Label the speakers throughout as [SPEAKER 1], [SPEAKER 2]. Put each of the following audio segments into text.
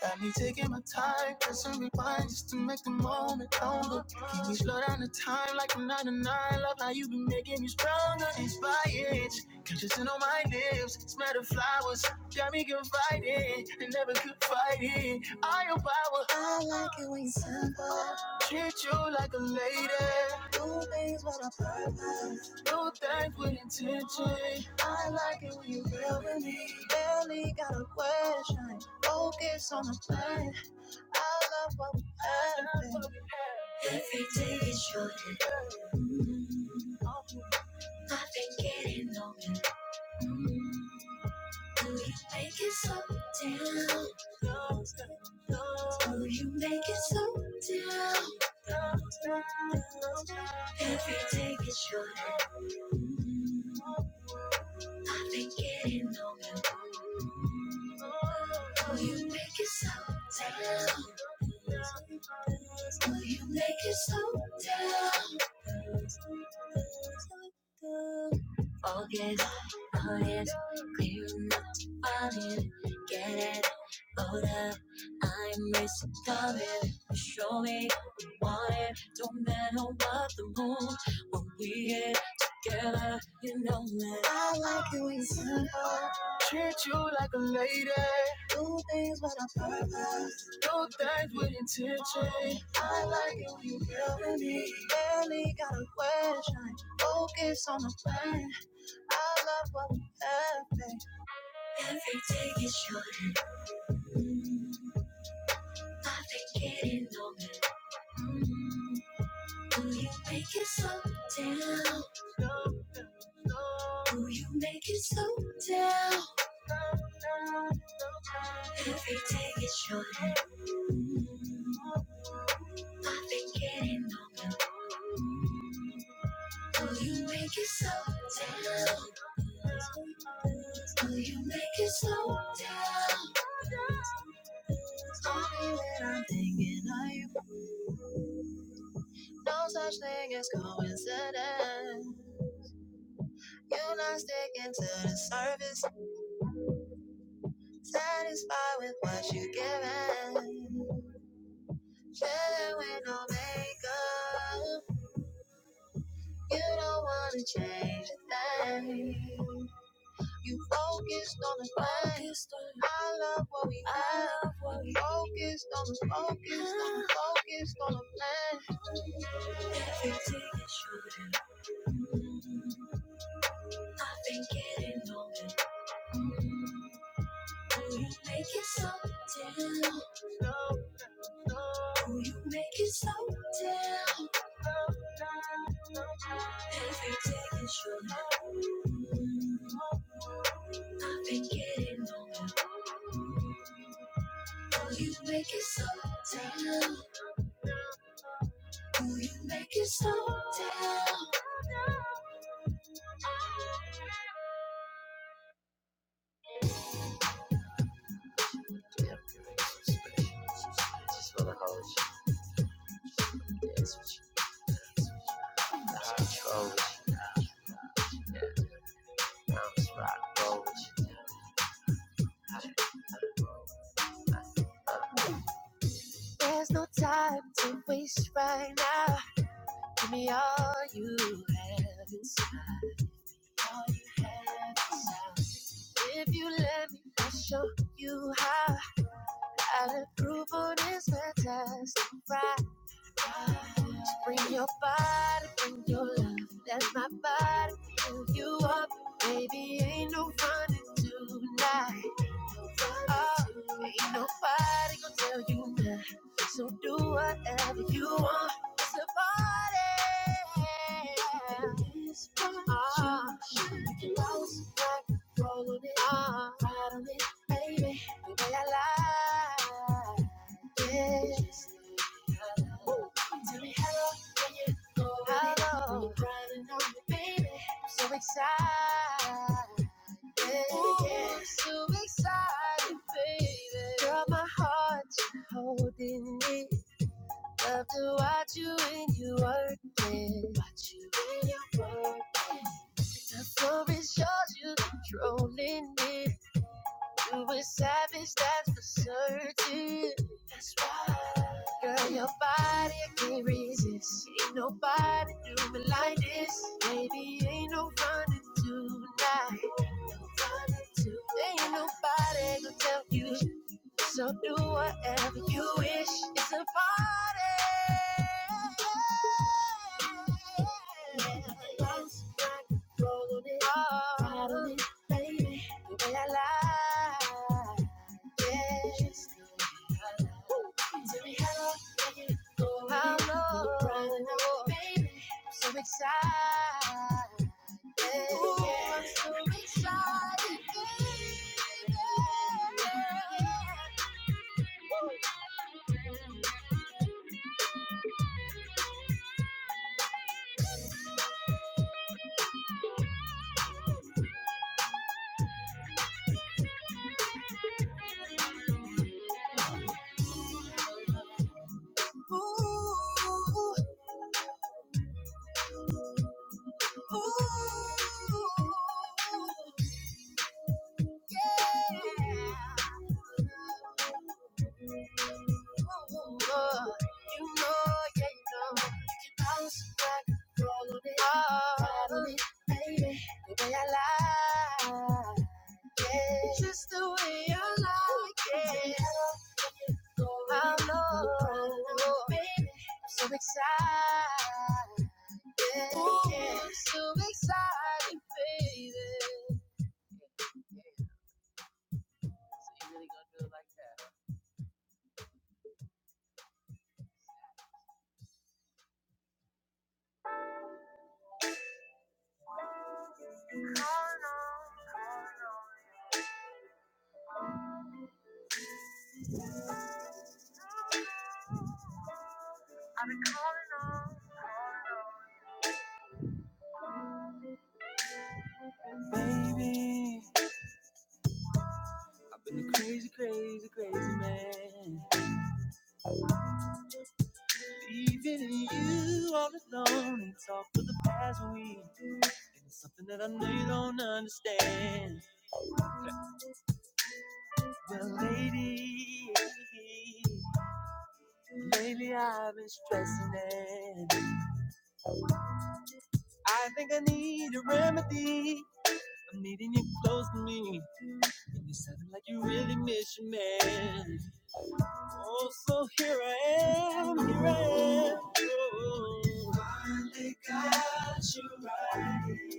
[SPEAKER 1] Got me taking my time, pressing rewind just to make the moment longer. We slow down the time like a nine to nine. Love how you been making me stronger, inspired. Kissing on my lips, smell the flowers. Got me confiding, and never could fight it. All your power. I like it when you are simple. Treat you like a lady. Do things with a purpose. Do things with intention. I like it when you are real with me. Barely got a question. Focus on the plan. I love what we have. Every day is short. I've been getting older. Mm-hmm. Do you make it so down? Do you make it so down? Every day is shorter. Been getting on the moon. Oh, you make it so down. Oh, you make it so down. Focus on it, clearing up on it, get it, hold up. I'm responding. Show me what you want it don't matter what the moon when we get Girl, you know that I like it when you are simple. Treat you like a lady. Do things with a purpose. Do things with intention. I like it when you feel with me. Barely got a question. Focus on the plan. I love what we have. babe. Every day is short. I've been getting on it. Do you make it slow down? Do you make it slow down? Every day is your I've been getting older. Do you make it slow down? Do you make it slow down? Only when I'm thinking of you. No such thing as coincidence. You're not sticking to the surface, satisfied with what you're giving. Chilling with no makeup, you don't wanna change a thing. You focused on the things. I love what we have. Focused on the focused on the focused on the plan. Everything is shooting. mm-hmm. I've been getting older. Mm-hmm. Will you make it so down. Will you make it so down. Every day is your night. I've been getting over. Will you make it so down. Will you make it so down. There's no time to waste right now. Give me all you have inside. All you have inside. If you let me, I'll show you how. How to groove on this fantastic ride. So bring your body, bring your love. Let my body fill you up. Baby, ain't no running tonight. Ain't nobody gonna tell you now. So do whatever you want. It's a party. This Ah. party goes like roll on it, Ah. ride on it, baby. The way I like it. Tell me hello when you go. Hello. When you're riding on me, baby. I'm so excited. Ooh, so excited, baby. Girl, my heart you are holding it. Love to watch you when you work it. Watch you when you work it. The floor is yours, you controlling it. You were savage, that's for certain. That's right. Girl, your body, I can't resist. Ain't nobody do me like this. Baby, ain't no running tonight. Ain't nobody gonna tell you. So do whatever you wish. It's a party. Yeah. Bounce, rock, roll on it. Oh. The way I lie, yes. Tell me how can you go? How low, baby? I'm so excited. Ooh, yeah. I'm so excited, baby. Yeah. Oh, you know, yeah, you know. Bounce all over, me, all over me. The way I lie, yeah. Just the way I like it. I know, baby. I'm so excited. Yeah. Ooh, yeah. I'm so excited, baby. So you really gonna do it like that? huh? Baby, crazy, crazy man. Even you all alone and talk for the past week. And it's something that I know you don't understand. The lady, lady, I've been stressing it. I think I need a remedy. I'm needing you close to me, and you sound like you really miss your man. Oh, so here I am, here I am. Oh, finally got you right.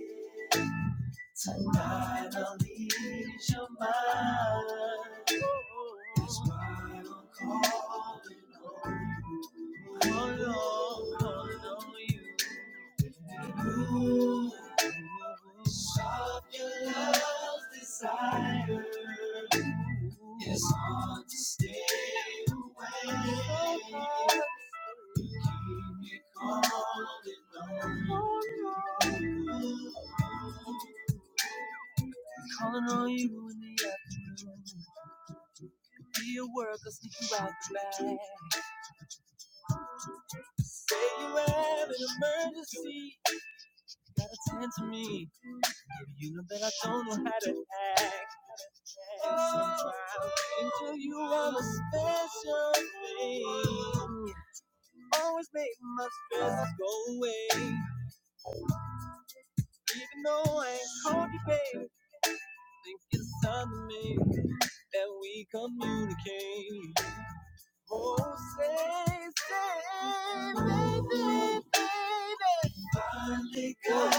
[SPEAKER 1] Tonight I'll Finally, your mind. That's why I'm calling. All Lord, you move, hard to stay away. calling on, you in the afternoon. Be a work, I'll sneak you out the back. Say you have an emergency, gotta tend to me. You know that I don't know how to act. Into you I'm a special thing. You Always make my stress go away. Even though I ain't called you, babe, think it's time to make that we communicate. Oh, say, say, baby, baby. Finally got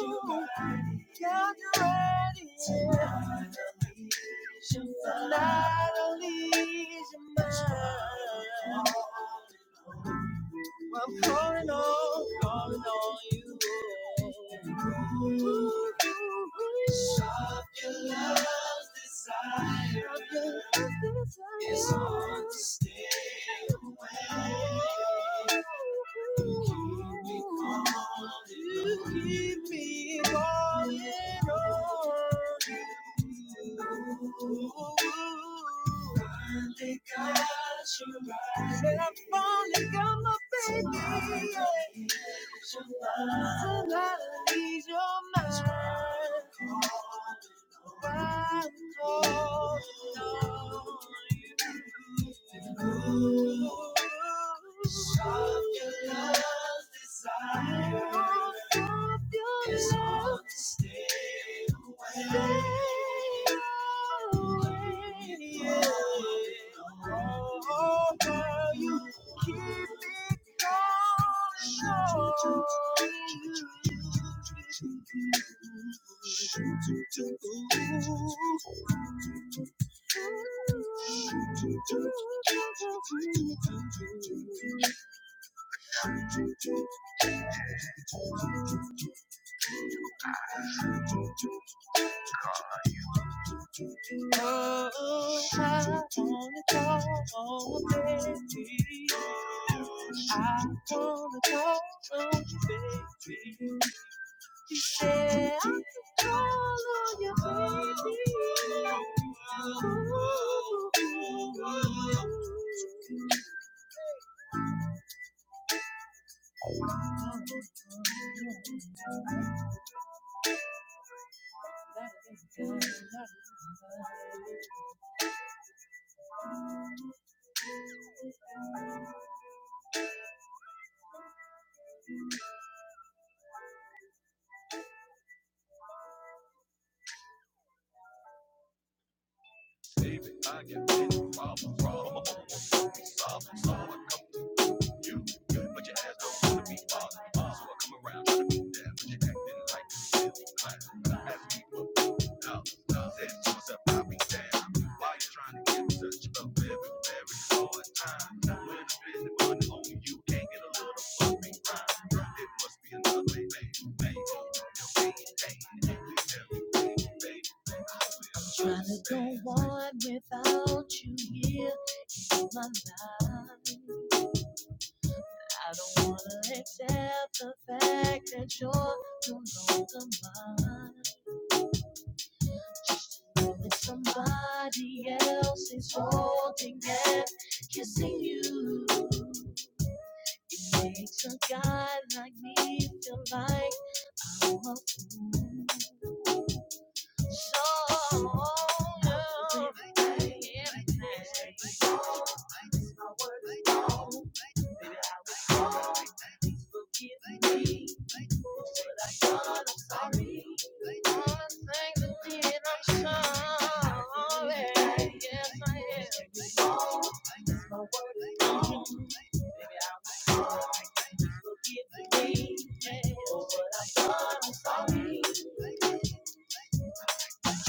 [SPEAKER 1] you ready, Got you ready. Tonight I'll you your mind. Tonight I'll ease your mind. Well, I'm calling on, calling on you. Ooh, ooh, ooh. Of your love's desire. Of your love's desire. It's hard to stay away. Keep me calling. you keep me falling over. Finally got you right. Said I finally got my baby. Yeah. Somebody ease your mind. I call on you. Shock your love's desire. Shock your It's hard to stay away. Away, oh, girl, you keep it going strong. Oh, I wanna go on all baby. I wanna talk on you, baby. You say I can call on you, baby. Ooh, ooh, ooh. Trying to go on without you here in my life. I don't wanna accept the fact that you're no longer mine. When somebody else is holding and kissing you, makes a guy like me feel like a song. Everything, everything. My word is Forgive me, but I'm sorry. All the things I did, I'm sorry. Yes, I am. It's My word is wrong. Forgive me, for what I've done. I'm sorry.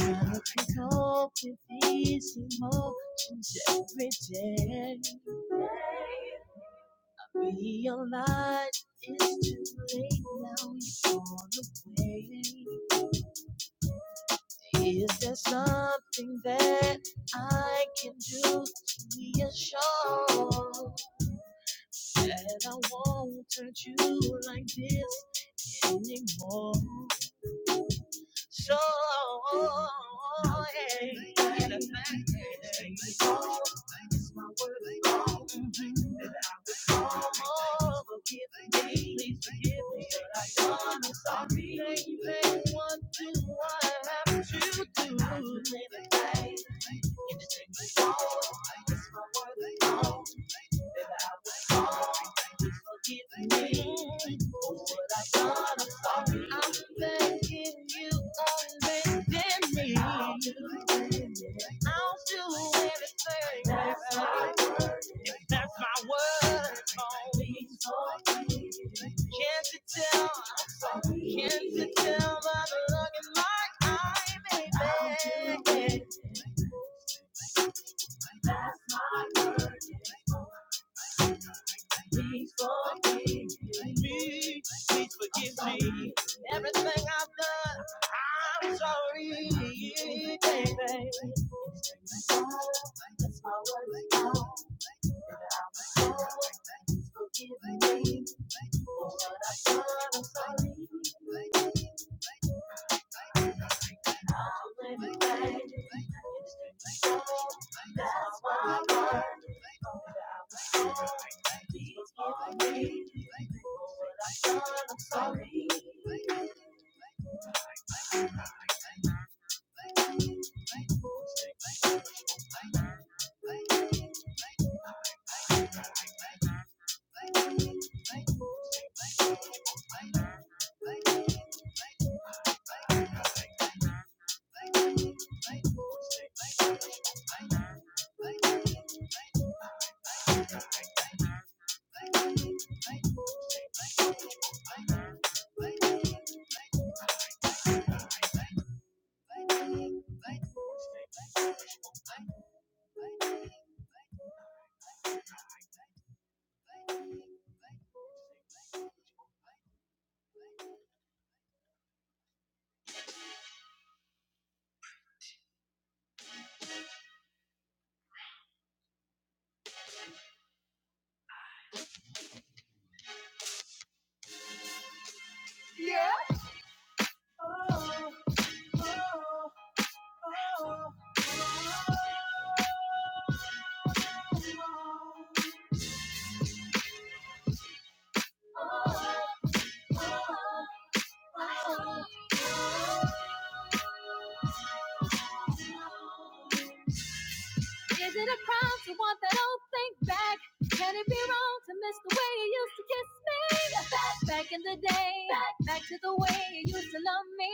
[SPEAKER 1] I can cope with these emotions every day. I Realize it's too late now, you're gone away. Is there something that I can do to reassure that I won't hurt you like this anymore? So hey, the fact that it makes my world that I was all forgive me please forgive me, but I done is sorry. Anything one do I have to Joy. Can't you tell by the look in my eye, baby? me. Please forgive me. Everything I've done, I'm sorry, baby. Yeah. Oh, oh, oh, oh. oh. Is it a crime to want that old thing back? Can it be wrong to miss the way you used to kiss me? Yes, Back, back in the day, back, back to the way you used to love me.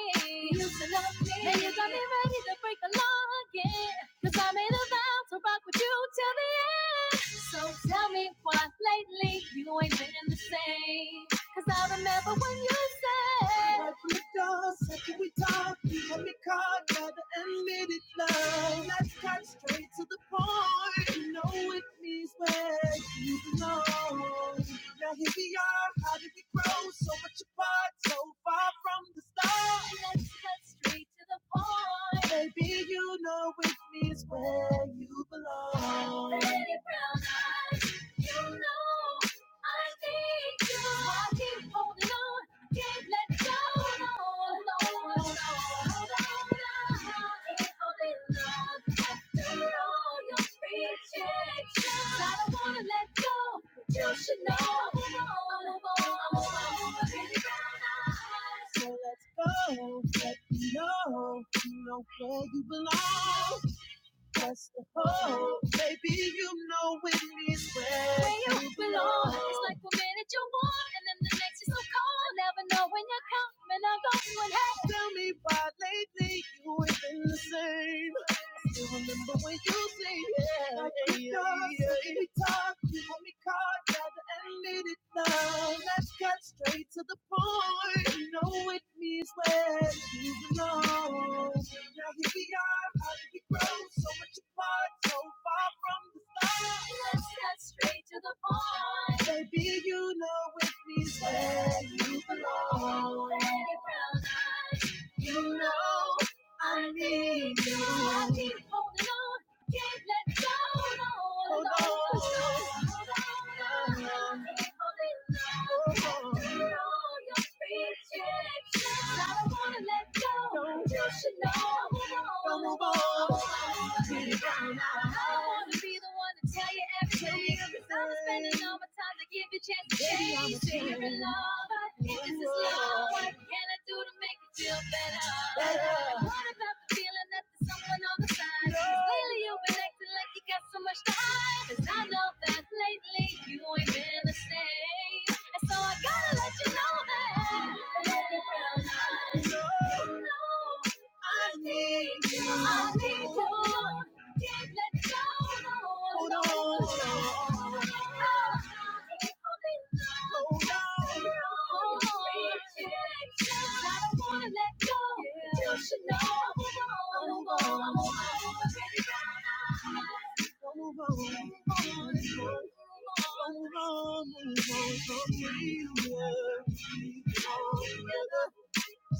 [SPEAKER 1] You used to love me. And you got me ready to break the law again. Cause I made a vow to rock with you till the end. So tell me why lately you ain't been the same. Cause I remember when you said, right from the door, said, can we talk? time. Let me caught by the unlimited love. Let's cut straight to the point. You know it means where you belong. Now here we are. How did we grow so much apart, so far from the start? Let's cut straight to the point. Baby, you know it means where you belong. Pretty brown eyes, you know I need you. Just walking, holding on. So let's go. know. You know where you belong. That's the hope. Baby, you know it is where, you belong. It's like one minute you're warm, and then the next you're so cold. Never know when you're coming or going. Hey, tell me why lately you ain't been the same. I Still remember when you say yeah. Let's cut straight to the point. You know it means where you belong. Now here we are, how did we grow so much apart, so far from the start? Let's cut straight to the point. Baby, you know it means where you belong. Any brown eyes, you know I need you. I keep holding on. Can't let go. Hold on. Hold on. Hold on. Hold on. Hold on. I don't wanna let go. No. You should know. Don't move on. I wanna be the one to tell you everything. 'Cause I'm spending all my time to give the chance to change. Say you're in love. This is love. What can I do to make it feel better? better. What about the feeling that there's someone on the side? No. 'Cause lately you've been acting like you got so much to hide. 'Cause I know that lately you ain't been the same. And so I gotta let you know that. Let it down. I know. I need you. I need you. Can't let go. Hold on. Hold on. Hold on. I don't wanna let go. You should know. Hold on. Hold on. Hold on. Hold on. Move on, move on, so we were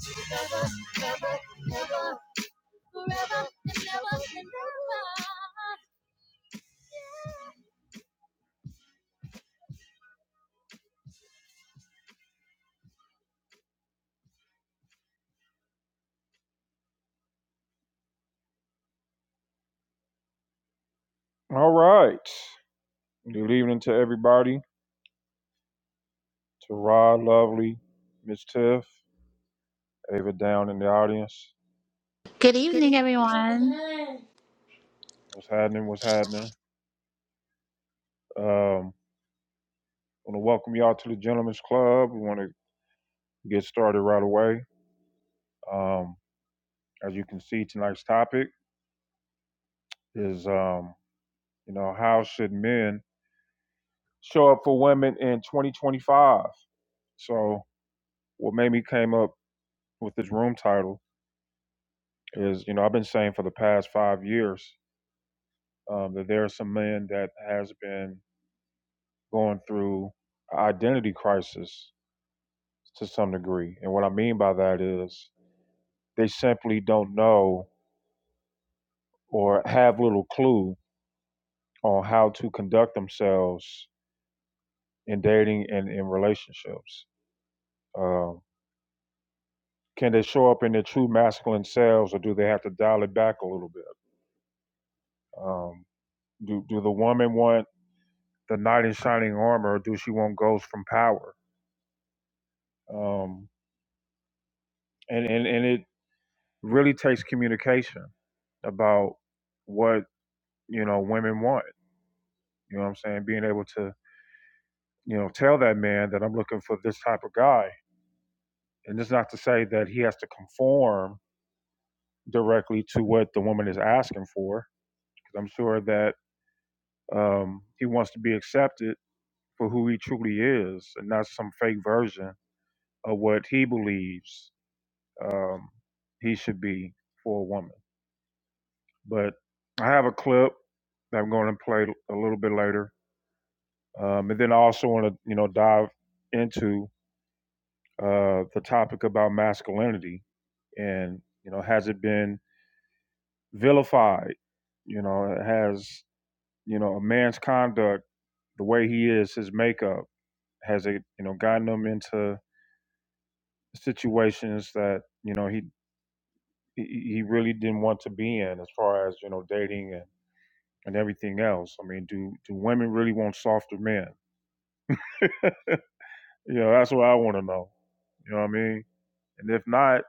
[SPEAKER 1] together, together, never, never, all right. Good evening to everybody. To Rod, Lovely, Miss Tiff, Ava down in the audience.
[SPEAKER 2] Good evening, everyone.
[SPEAKER 1] What's happening? What's happening? Um, want to welcome y'all to the Gentlemen's Club. We want to get started right away. Um, as you can see, tonight's topic is, um, you know, how should men show up for women in 2025? So, what made me came up with this room title is you know I've been saying for the past five years um, that there are some men that has been going through identity crisis to some degree, and what I mean by that is they simply don't know or have little clue on how to conduct themselves in dating and in relationships. Um, can they show up in their true masculine selves, or do they have to dial it back a little bit? Um, do do the woman want the knight in shining armor, or do she want ghosts from power? um, and and and it really takes communication about what you know women want. You know what I'm saying? Being able to you know tell that man that I'm looking for this type of guy, and it's not to say that he has to conform directly to what the woman is asking for, because I'm sure that um, he wants to be accepted for who he truly is, and not some fake version of what he believes um, he should be for a woman. But I have a clip that I'm going to play a little bit later, um, and then I also want to you know dive into uh, the topic about masculinity and you know has it been vilified? You know, has you know a man's conduct, the way he is, his makeup, has it you know gotten him into situations that you know he he he really didn't want to be in as far as you know dating and, and everything else i mean do do women really want softer men You know, that's what I want to know. You know what I mean? And if not,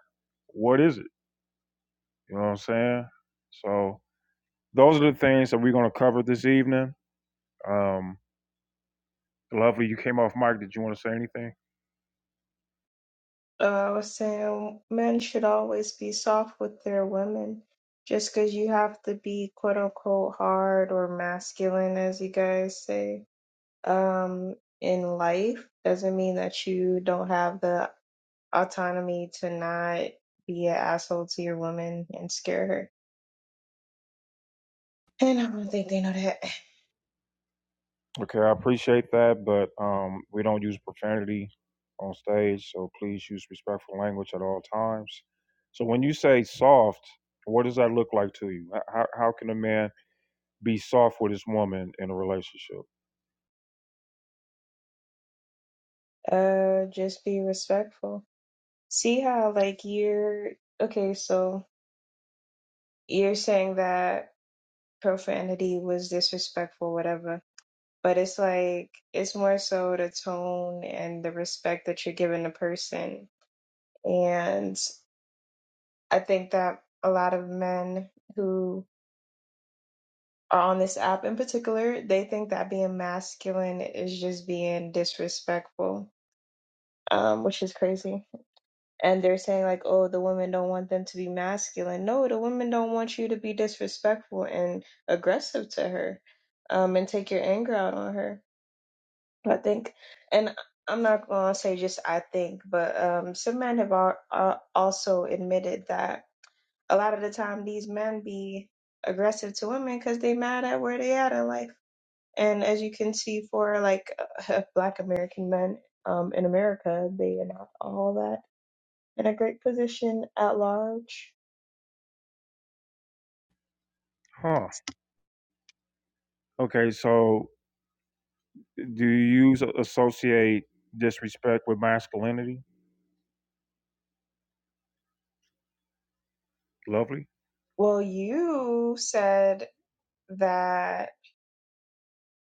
[SPEAKER 1] what is it? You know what I'm saying? So those are the things that we're going to cover this evening. Um, lovely, you came off mic. Did you want to say anything?
[SPEAKER 3] uh, I was saying men should always be soft with their women. Just 'cause you have to be quote unquote hard or masculine, as you guys say, um, in life doesn't mean that you don't have the autonomy to not be an asshole to your woman and scare her. And I don't think they know that.
[SPEAKER 1] Okay, I appreciate that, but um, we don't use profanity on stage, so please use respectful language at all times. So when you say soft, what does that look like to you? How how can a man be soft with his woman in a relationship?
[SPEAKER 3] Uh, just be respectful. See how like you're okay, so you're saying that profanity was disrespectful, whatever but it's like it's more so the tone and the respect that you're giving the person and i think that a lot of men who are on this app in particular they think that being masculine is just being disrespectful um, which is crazy and they're saying like oh the women don't want them to be masculine no the women don't want you to be disrespectful and aggressive to her um, and take your anger out on her I think, and I'm not going to say just I think, but um, some men have al- uh, also admitted that a lot of the time these men be aggressive to women because they mad at where they at in life. And as you can see, for like Black American men um, in America, they are not all that in a great position at large.
[SPEAKER 1] Huh. Okay, so Do you s- associate disrespect with masculinity? Lovely.
[SPEAKER 3] Well, you said that.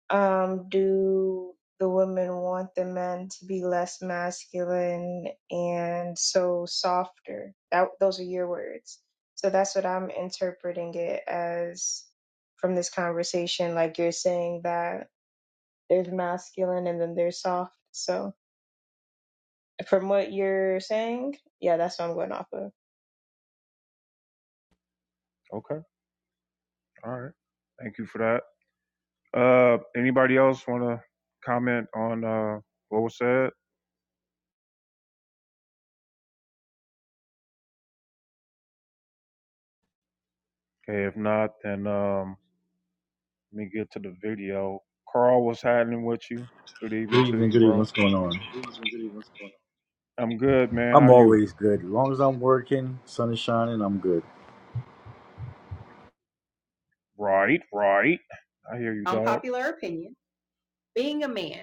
[SPEAKER 3] Um, do the women want the men to be less masculine and so softer? That those are your words. So that's what I'm interpreting it as from this conversation. Like you're saying that there's masculine and then there's soft. So from what you're saying, yeah, that's what I'm going off of.
[SPEAKER 1] Okay. All right. Thank you for that. Uh, anybody else want to comment on uh, what was said? Okay. If not, then um, let me get to the video. Carl, what's happening with you? Good evening
[SPEAKER 4] Good
[SPEAKER 1] to
[SPEAKER 4] evening,
[SPEAKER 1] you,
[SPEAKER 4] good evening.
[SPEAKER 1] bro.
[SPEAKER 4] What's going on?
[SPEAKER 1] I'm good, man.
[SPEAKER 4] I'm
[SPEAKER 1] How you?
[SPEAKER 4] always good. As long as I'm working, sun is shining, I'm good.
[SPEAKER 1] Right. Right. I hear you, dog. Unpopular dog. opinion. Being a man.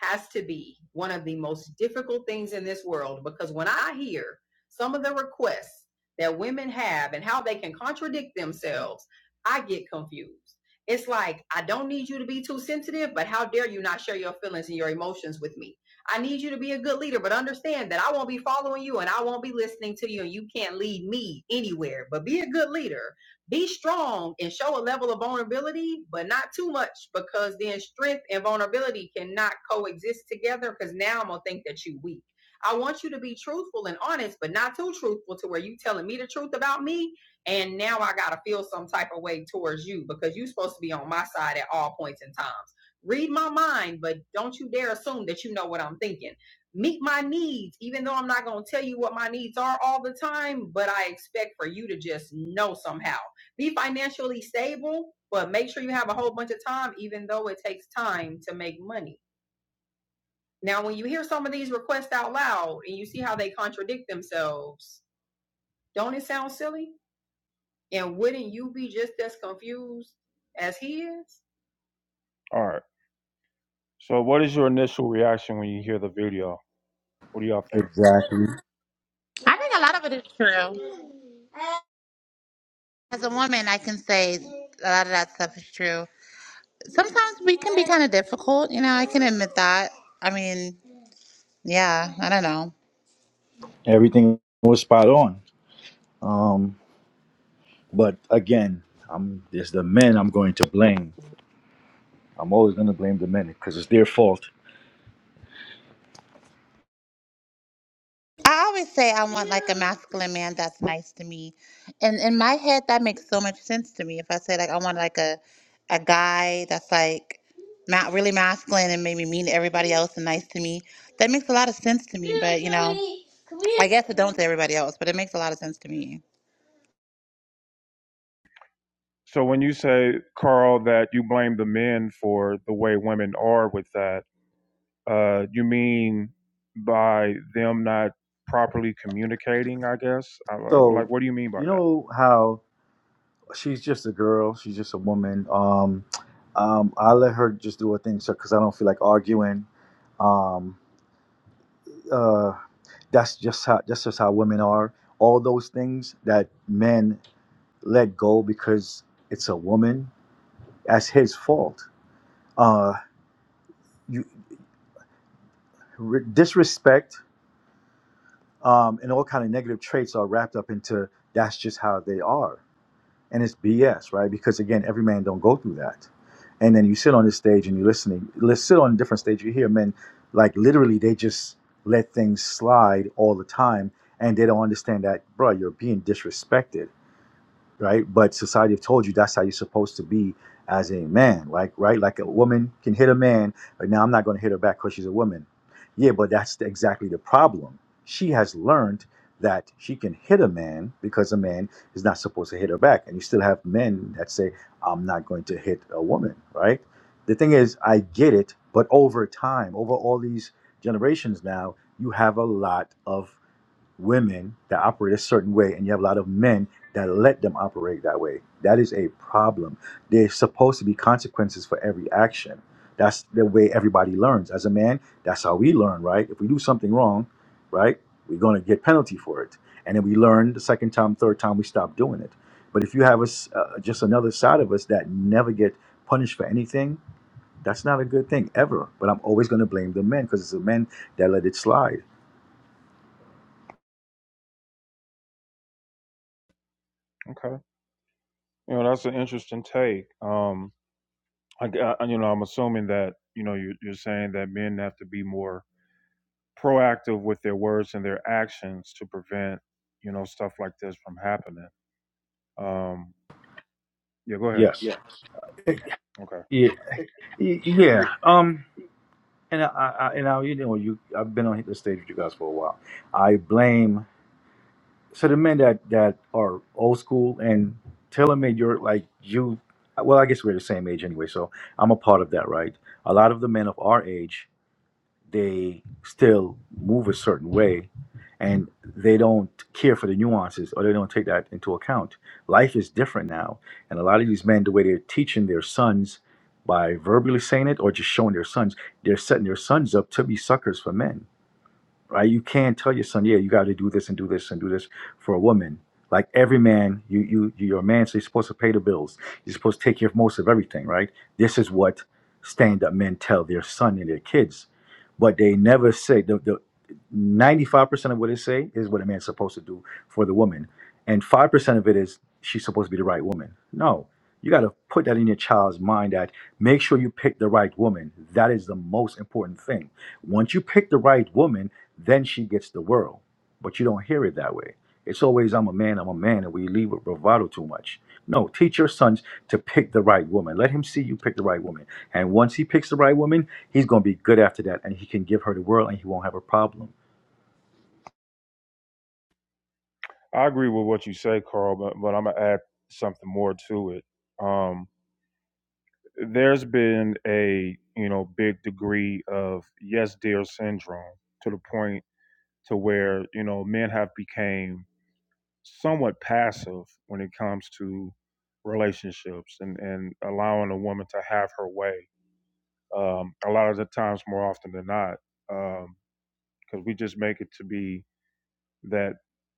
[SPEAKER 1] has to be one of the most difficult things in this world because when I hear some of the requests that women have and how they can contradict themselves, I get confused. It's like, I don't need you to be too sensitive, but how dare you not share your feelings and your emotions with me? I need you to be a good leader, but understand that I won't be following you and I won't be listening to you, and you can't lead me anywhere. But be a good leader be strong and show a level of vulnerability, but not too much because then strength and vulnerability cannot coexist together because now I'm going to think that you are weak. I want you to be truthful and honest, but not too truthful to where you telling me the truth about me. And now I got to feel some type of way towards you because you're supposed to be on my side at all points in times. Read my mind, but don't you dare assume that you know what I'm thinking meet my needs, even though I'm not going to tell you what my needs are all the time, but I expect for you to just know somehow be financially stable, but make sure you have a whole bunch of time, even though it takes time to make money. Now, when you hear some of these requests out loud and you see how they contradict themselves, don't it sound silly? And wouldn't you be just as confused as he is? All right. So, what is your initial reaction when you hear the video? What do y'all think?
[SPEAKER 4] Exactly.
[SPEAKER 2] I think a lot of it is true. As a woman, I can say a lot of that stuff is true. Sometimes we can be kind of difficult, you know, I can admit that. I mean, yeah, I don't know.
[SPEAKER 4] Everything was spot on. Um, but again, I'm it's the men I'm going to blame. I'm always going to blame the men because it's their fault.
[SPEAKER 2] I always say I want like a masculine man that's nice to me. And in my head that makes so much sense to me. If I say like I want like a a guy that's like not really masculine and maybe mean to everybody else and nice to me, that makes a lot of sense to me. But you know I guess it don't to everybody else, but it makes a lot of sense to me.
[SPEAKER 1] So, when you say, Carl, that you blame the men for the way women are with that, Uh, you mean by them not properly communicating? I guess. I,
[SPEAKER 4] So,
[SPEAKER 1] like, what do you mean by
[SPEAKER 4] you
[SPEAKER 1] that?
[SPEAKER 4] know how she's just a girl, she's just a woman. Um, um, I let her just do her thing, so because I don't feel like arguing. Um, uh, that's just how that's just how women are. All those things that men let go because it's a woman. That's his fault. Uh, you re- disrespect um, and all kind of negative traits are wrapped up into that's just how they are, and it's BS, right? Because again, every man don't go through that. And then you sit on this stage and you're listening. Let's sit on a different stage. You hear men like literally they just let things slide all the time, and they don't understand that, bro. You're being disrespected right? But society have told you that's how you're supposed to be as a man, like right? Like a woman can hit a man, but now I'm not going to hit her back because she's a woman. Yeah, but that's the- exactly the problem. She has learned that she can hit a man because a man is not supposed to hit her back, and you still have men that say I'm not going to hit a woman, right? The thing is, I get it, but over time, over all these generations now, you have a lot of women that operate a certain way and you have a lot of men that let them operate that way that is a problem there's supposed to be consequences for every action that's the way everybody learns as a man that's how we learn right if we do something wrong right we're going to get penalty for it and then we learn the second time third time we stop doing it but if you have us uh, just another side of us that never get punished for anything that's not a good thing ever but i'm always going to blame the men because it's the men that let it slide
[SPEAKER 1] Okay, you know, that's an interesting take. Um, I, g- I- you know, I'm assuming that you know you're, you're saying that men have to be more proactive with their words and their actions to prevent you know stuff like this from happening. Um, yeah, go ahead.
[SPEAKER 4] yes
[SPEAKER 1] Okay,
[SPEAKER 4] Yeah. Y- Yeah. Um. And I, I I- and I, you know, you I've been on this stage with you guys for a while. I blame so the men that that are old school and telling me you're like you. Well, I guess we're the same age anyway, so I'm a part of that, right? A lot of the men of our age they still move a certain way and they don't care for the nuances or they don't take that into account. Life is different now. And a lot of these men, the way they're teaching their sons by verbally saying it or just showing their sons, they're setting their sons up to be suckers for men right? You can't tell your son, yeah, you got to do this and do this and do this for a woman. Like every man, you you you- you're a man, so you're supposed to pay the bills. You're supposed to take care of most of everything, right? This is what stand-up men tell their son and their kids, but they never say the the. 95% of what they say is what a man's supposed to do for the woman. And 5% of it is she's supposed to be the right woman. No, you got to put that in your child's mind that make sure you pick the right woman. That is the most important thing once you pick the right woman, then she gets the world. But you don't hear it that way. It's always, I'm a man, I'm a man, and we leave with bravado too much. No, teach your sons to pick the right woman. Let him see you pick the right woman. And once he picks the right woman, he's going to be good after that, and he can give her the world, and he won't have a problem.
[SPEAKER 1] I agree with what you say, Carl, but but I'm gonna add something more to it. Um, there's been a you know big degree of yes dear syndrome to the point to where you know men have became somewhat passive when it comes to relationships and and allowing a woman to have her way um a lot of the times more often than not um because we just make it to be that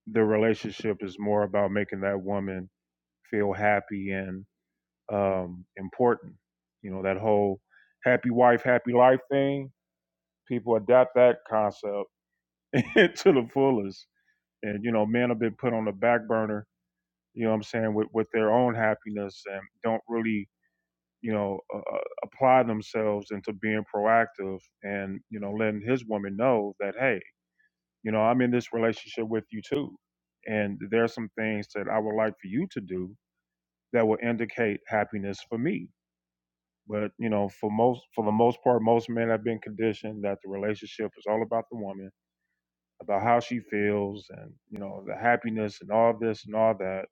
[SPEAKER 1] the relationship is more about making that woman feel happy and um, important. You know, that whole happy wife, happy life thing, people adopt that concept to the fullest. And, you know, men have been put on the back burner, you know what I'm saying, with, with their own happiness and don't really, you know, uh, uh, apply themselves into being proactive and, you know, letting his woman know that, hey, you know, I'm in this relationship with you too. And there are some things that I would like for you to do that will indicate happiness for me But you know, for most for the most part, most men have been conditioned that the relationship is all about the woman, about how she feels, and you know, the happiness and all this and all that.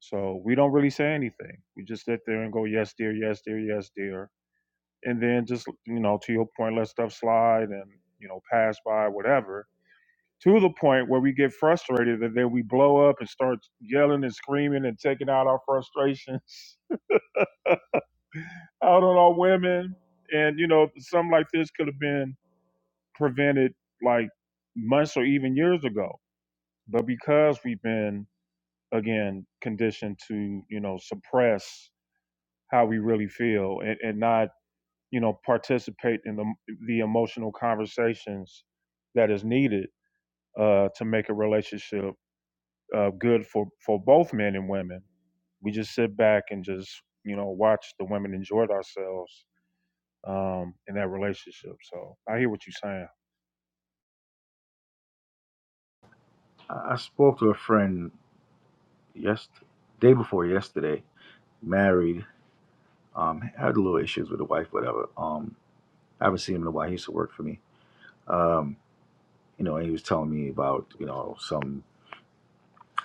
[SPEAKER 1] So we don't really say anything. We just sit there and go, yes, dear, yes, dear, yes, dear, and then just you know, to your point, let stuff slide and you know, pass by whatever. To the point where we get frustrated, and then we blow up and start yelling and screaming and taking out our frustrations out on our women. And you know, something like this could have been prevented like months or even years ago. But because we've been again conditioned to, you know, suppress how we really feel and, and not, you know, participate in the the emotional conversations that is needed uh, to make a relationship uh, good for for both men and women. We just sit back and just, you know, watch the women enjoy themselves um, in that relationship. So I hear what you're saying.
[SPEAKER 4] I I spoke to a friend yesterday, day before yesterday, married, um, had a little issues with the wife, whatever. Um, I haven't seen him in a while. He used to work for me. Um, you know, and he was telling me about, you know, some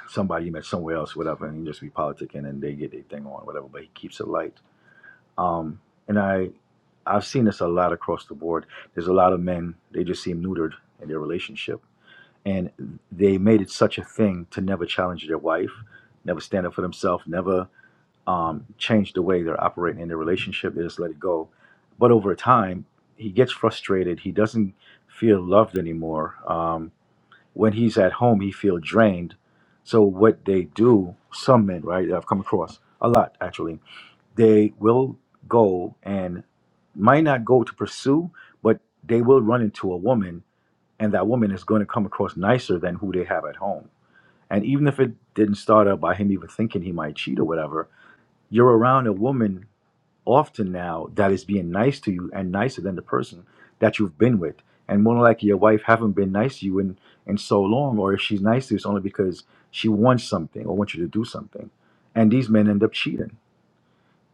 [SPEAKER 4] somebody you met somewhere else, whatever, and you just be politicking and they get their thing on, whatever, but he keeps it light. Um, and I, I've seen this a lot across the board. There's a lot of men, they just seem neutered in their relationship. And they made it such a thing to never challenge their wife, never stand up for themselves, never um, change the way they're operating in their relationship. They just let it go. But over time, he gets frustrated. He doesn't feel loved anymore. Um, when he's at home, he feel drained. So what they do, some men, right, I've come across a lot actually, they will go and might not go to pursue, but they will run into a woman, and that woman is going to come across nicer than who they have at home. And even if it didn't start out by him even thinking he might cheat or whatever, you're around a woman often now that is being nice to you and nicer than the person that you've been with. And more than likely your wife haven't been nice to you in, in so long, or if she's nice to you, it's only because she wants something or wants you to do something. And these men end up cheating.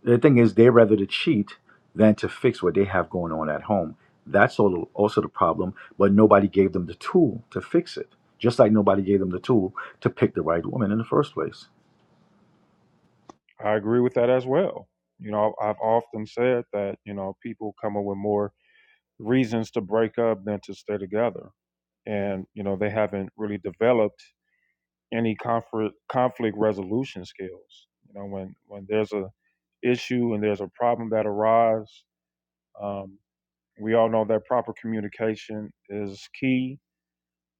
[SPEAKER 4] The thing is they rather to cheat than to fix what they have going on at home. That's also also the problem, but nobody gave them the tool to fix it. Just like nobody gave them the tool to pick the right woman in the first place.
[SPEAKER 1] I agree with that as well. You know, I've often said that, you know, people come up with more reasons to break up than to stay together. And, you know, they haven't really developed any conflict conflict resolution skills. You know, when, when there's a issue and there's a problem that arises, um, we all know that proper communication is key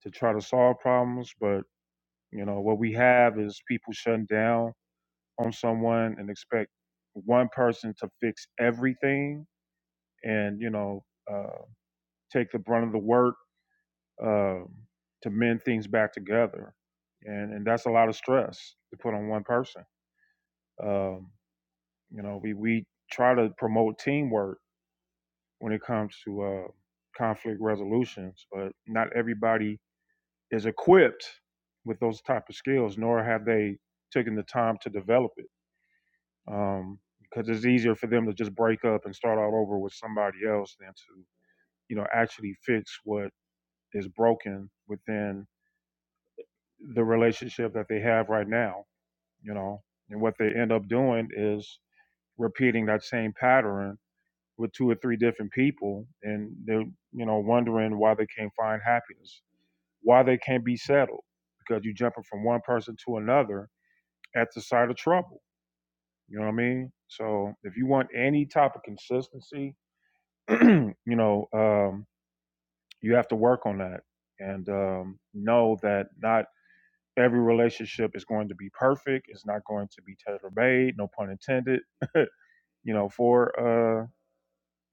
[SPEAKER 1] to try to solve problems. But, you know, what we have is people shutting down on someone and expect one person to fix everything and you know uh, take the brunt of the work um, to mend things back together and and that's a lot of stress to put on one person um, you know we we try to promote teamwork when it comes to uh, conflict resolutions but not everybody is equipped with those type of skills nor have they taken the time to develop it um, because it's easier for them to just break up and start all over with somebody else than to you know actually fix what is broken within the relationship that they have right now you know and what they end up doing is repeating that same pattern with two or three different people and they're you know wondering why they can't find happiness why they can't be settled because you're jumping from one person to another at the sight of trouble you know what i mean so if you want any type of consistency you know, um, you have to work on that and um, know that not every relationship is going to be perfect. It's not going to be tailor made, no pun intended. you know, for uh,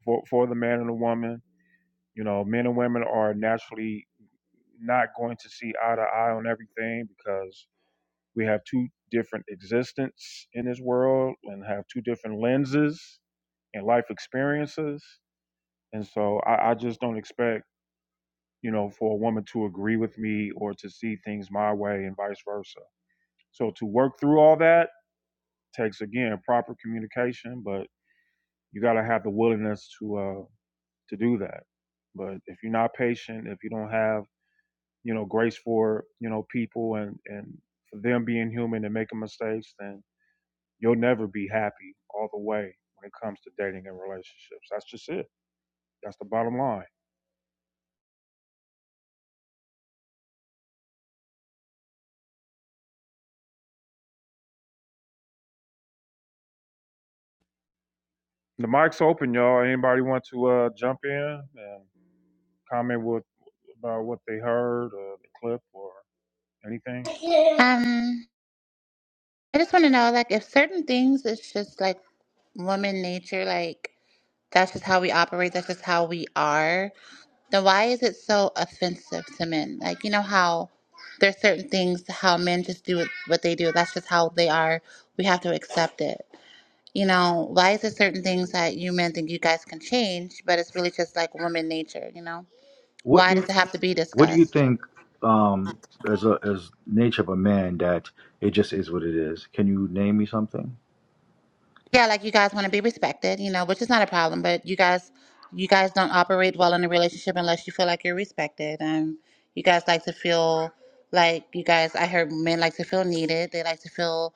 [SPEAKER 1] for for the man and the woman. You know, men and women are naturally not going to see eye to eye on everything because we have two different existence in this world and have two different lenses and life experiences. And so I, I just don't expect you know, for a woman to agree with me or to see things my way and vice versa. So to work through all that takes again proper communication, but you got to have the willingness to uh to do that. But if you're not patient, if you don't have, you know, grace for, you know, people and and for them being human and making mistakes, then you'll never be happy all the way when it comes to dating and relationships. That's just it. That's the bottom line. The mic's open, y'all. Anybody want to uh, jump in and comment with? about what they heard or the clip or anything?
[SPEAKER 2] Um I just wanna know like if certain things it's just like woman nature, like that's just how we operate, that's just how we are Then why is it so offensive to men? Like you know how there's certain things how men just do it- what they do. That's just how they are. We have to accept it. You know why is it certain things that you men think you guys can change, but it's really just like woman nature. You know
[SPEAKER 4] What
[SPEAKER 2] why
[SPEAKER 4] do you
[SPEAKER 2] does it have to be
[SPEAKER 4] What do you
[SPEAKER 2] discussed?
[SPEAKER 4] think, um, as a as nature of a man, that it just is what it is? Can you name me something?
[SPEAKER 2] Yeah, like you guys want to be respected. You know, which is not a problem, but you guys. You guys don't operate well in a relationship unless you feel like you're respected, and you guys like to feel like you guys. I heard men like to feel needed. They like to feel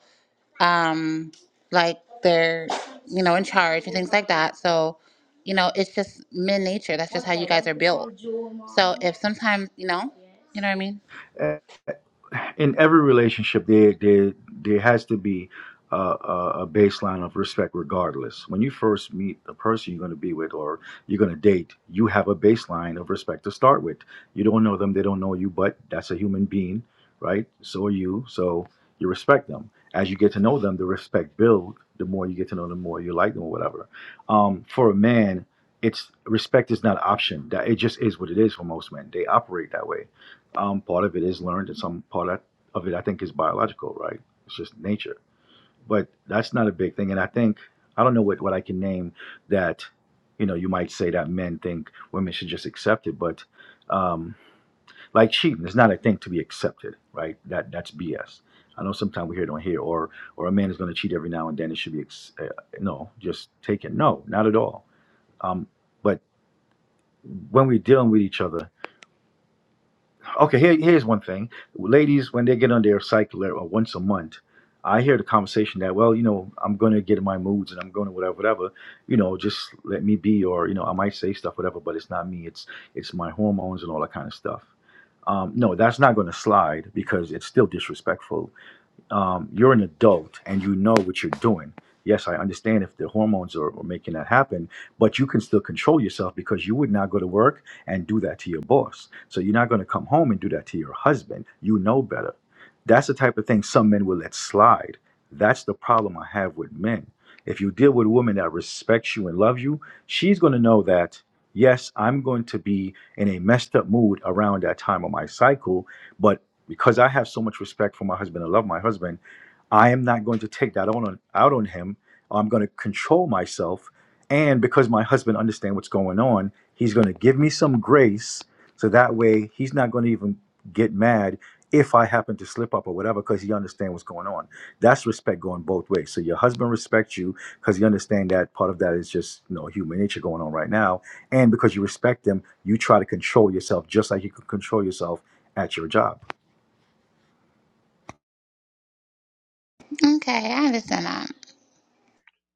[SPEAKER 2] um, like they're you know in charge and things like that. So you know it's just men nature. That's just how you guys are built. So if sometimes you know, you know what I mean.
[SPEAKER 4] in every relationship there there there has to be a, a, a baseline of respect regardless when you first meet the person you're going to be with or you're going to date you have a baseline of respect to start with you don't know them they don't know you but that's a human being right so are you so you respect them as you get to know them the respect build the more you get to know them the more you like them or whatever um, for a man it's respect is not an option that it just is what it is for most men they operate that way um, part of it is learned and some part of of it, I think, is biological, right? It's just nature. But that's not a big thing. And I think, I don't know what, what I can name that, you know, you might say that men think women should just accept it, but um, like cheating is not a thing to be accepted, right? That That's BS. I know sometimes we hear it on here, or or a man is going to cheat every now and then. It should be ex- uh, no, just taken. No, not at all. Um, but when we're dealing with each other, Okay, here, here's one thing. Ladies, when they get on their cycle or once a month, I hear the conversation that, well, you know, I'm going to get in my moods and I'm going to whatever, whatever, you know, just let me be. Or, you know, I might say stuff, whatever, but it's not me. It's it's my hormones and all that kind of stuff. Um, no, that's not going to slide because it's still disrespectful um, you're an adult and you know what you're doing. Yes, I understand if the hormones are, are making that happen, but you can still control yourself because you would not go to work and do that to your boss. So you're not going to come home and do that to your husband. You know better. That's the type of thing some men will let slide. That's the problem I have with men. If you deal with a woman that respects you and loves you, she's going to know that, yes, I'm going to be in a messed up mood around that time of my cycle, but because I have so much respect for my husband and love my husband, I am not going to take that on, out on him. I'm going to control myself. And because my husband understands what's going on, he's going to give me some grace. So that way he's not going to even get mad if I happen to slip up or whatever because he understands what's going on. That's respect going both ways. So your husband respects you because he understands that part of that is just you know human nature going on right now. And because you respect him, you try to control yourself just like you can control yourself at your job.
[SPEAKER 2] Okay, I understand that.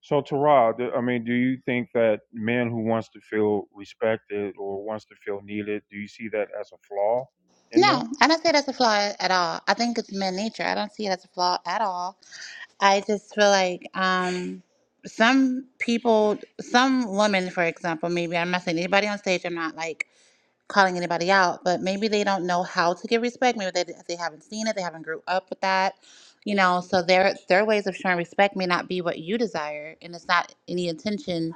[SPEAKER 1] So, Tara, I mean, do you think that men who wants to feel respected or wants to feel needed, do you see that as a flaw in them?
[SPEAKER 2] No, I don't say that's a flaw at all. I think it's men nature. I don't see it as a flaw at all. I just feel like um, some people, some women, for example, maybe I'm not saying anybody on stage. I'm not like calling anybody out, but maybe they don't know how to give respect. Maybe they they haven't seen it, they haven't grew up with that, you know. So their their ways of showing respect may not be what you desire, and it's not any intention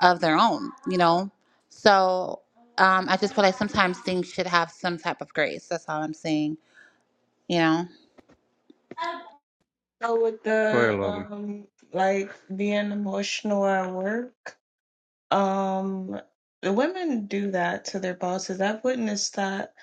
[SPEAKER 2] of their own, you know. So um, I just feel like sometimes things should have some type of grace. That's all I'm saying, you know.
[SPEAKER 3] So with
[SPEAKER 1] Go
[SPEAKER 3] the
[SPEAKER 1] ahead, lovely.
[SPEAKER 3] um like being emotional at work. Um, the women do that to their bosses. I've witnessed that,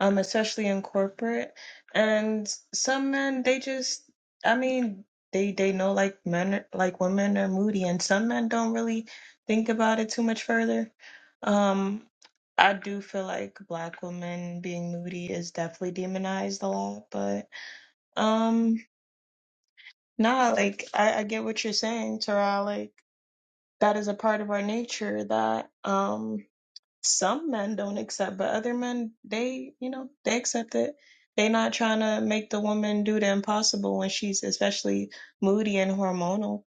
[SPEAKER 3] um, especially in corporate. And some men, they just, I mean, they they know like men, are- like women are moody, and some men don't really think about it too much further. Um, I do feel like black women being moody is definitely demonized a lot, but um, nah, like I, I get what you're saying, Tara. Like that is a part of our nature that um some men don't accept, but other men they you know they accept it. They not trying to make the woman do the impossible when she's especially moody and hormonal.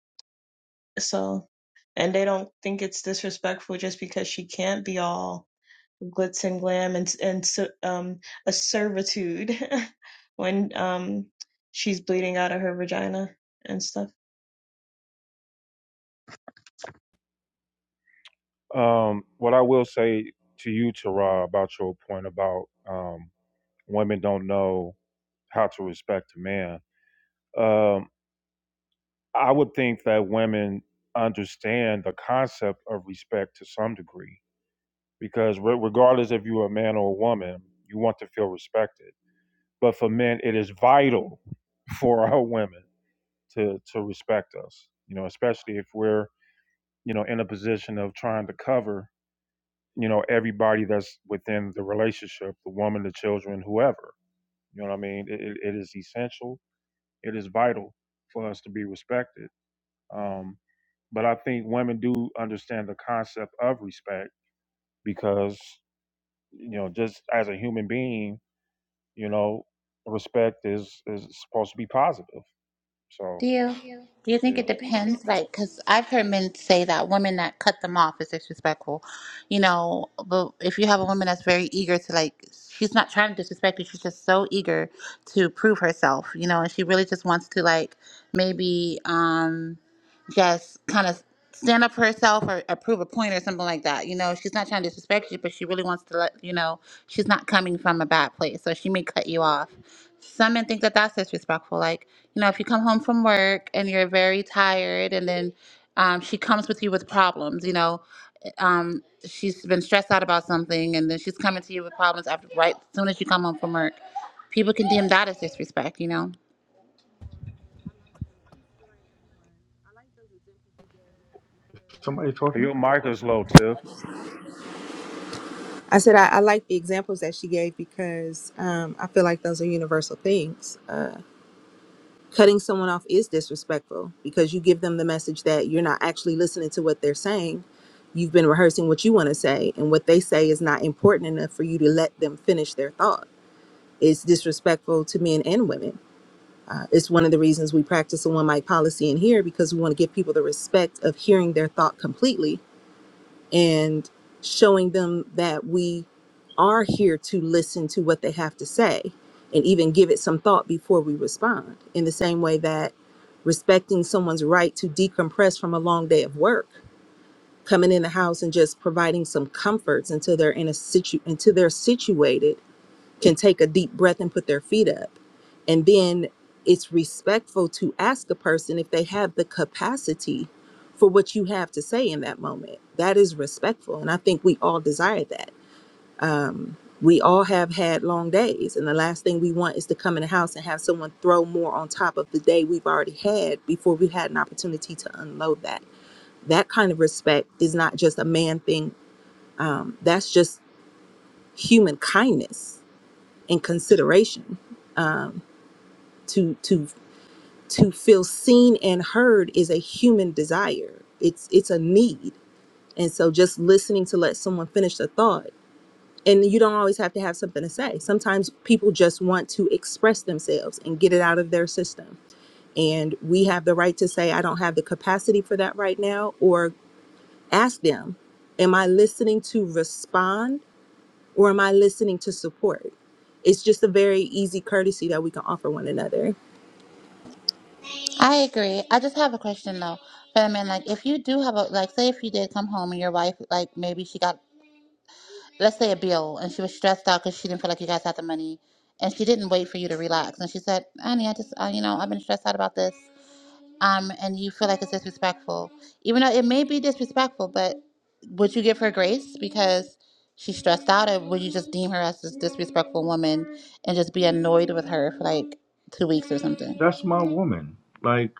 [SPEAKER 3] So, and they don't think it's disrespectful just because she can't be all glitz and glam and and so- um a servitude when um she's bleeding out of her vagina and stuff.
[SPEAKER 1] Um, what I will say to you, Tara, about your point about um, women don't know how to respect a man, um, I would think that women understand the concept of respect to some degree. because re- regardless if you're a man or a woman, you want to feel respected. But for men, it is vital for our women to to respect us. You know, especially if we're you know in a position of trying to cover you know everybody that's within the relationship, the woman, the children, whoever. You know what I mean? It, it is essential. It is vital for us to be respected. Um, but I think women do understand the concept of respect because you know just as a human being you know, respect is is supposed to be positive.
[SPEAKER 2] Do
[SPEAKER 1] So
[SPEAKER 2] you
[SPEAKER 1] Yeah.
[SPEAKER 2] do you think
[SPEAKER 1] yeah,
[SPEAKER 2] it depends? Like, because I've heard men say that women that cut them off is disrespectful, you know. But if you have a woman that's very eager to like, she's not trying to disrespect you. She's just so eager to prove herself, you know, and she really just wants to like maybe um just kind of stand up for herself or, or prove a point or something like that. You know, she's not trying to disrespect you, but she really wants to let you know she's not coming from a bad place, so she may cut you off. Some men think that that's disrespectful, like you know, if you come home from work and you're very tired, and then um, she comes with you with problems, you know, um, she's been stressed out about something, and then she's coming to you with problems after right soon as you come home from work. People condemn that as disrespect, you know.
[SPEAKER 4] somebody talking.
[SPEAKER 1] your mic is low, Tiff.
[SPEAKER 5] I said I, I like the examples that she gave because um, I feel like those are universal things. Uh, cutting someone off is disrespectful because you give them the message that you're not actually listening to what they're saying. You've been rehearsing what you want to say, and what they say is not important enough for you to let them finish their thought. It's disrespectful to men and women. Uh, it's one of the reasons we practice a one mic policy in here because we want to give people the respect of hearing their thought completely and showing them that we are here to listen to what they have to say and even give it some thought before we respond. In the same way that respecting someone's right to decompress from a long day of work, coming in the house and just providing some comforts until they're in a situ until they're situated can take a deep breath and put their feet up. And then it's respectful to ask a person if they have the capacity for what you have to say in that moment. That is respectful. And I think we all desire that. Um, we all have had long days. And the last thing we want is to come in the house and have someone throw more on top of the day we've already had before we had an opportunity to unload that. That kind of respect is not just a man thing, um, that's just human kindness and consideration um, to to to feel seen and heard is a human desire it's it's a need and so just listening to let someone finish the thought and you don't always have to have something to say sometimes people just want to express themselves and get it out of their system and we have the right to say i don't have the capacity for that right now or ask them am i listening to respond or am i listening to support it's just a very easy courtesy that we can offer one another
[SPEAKER 2] I agree. I just have a question though. But I mean, like, if you do have a like, say if you did come home and your wife, like, maybe she got, let's say, a bill, and she was stressed out because she didn't feel like you guys had the money, and she didn't wait for you to relax, and she said, "Honey, I just, uh, you know, I've been stressed out about this." um, and you feel like it's disrespectful, even though it may be disrespectful, but would you give her grace because she's stressed out, or would you just deem her as this disrespectful woman and just be annoyed with her for like two weeks or something?
[SPEAKER 4] That's my woman. Like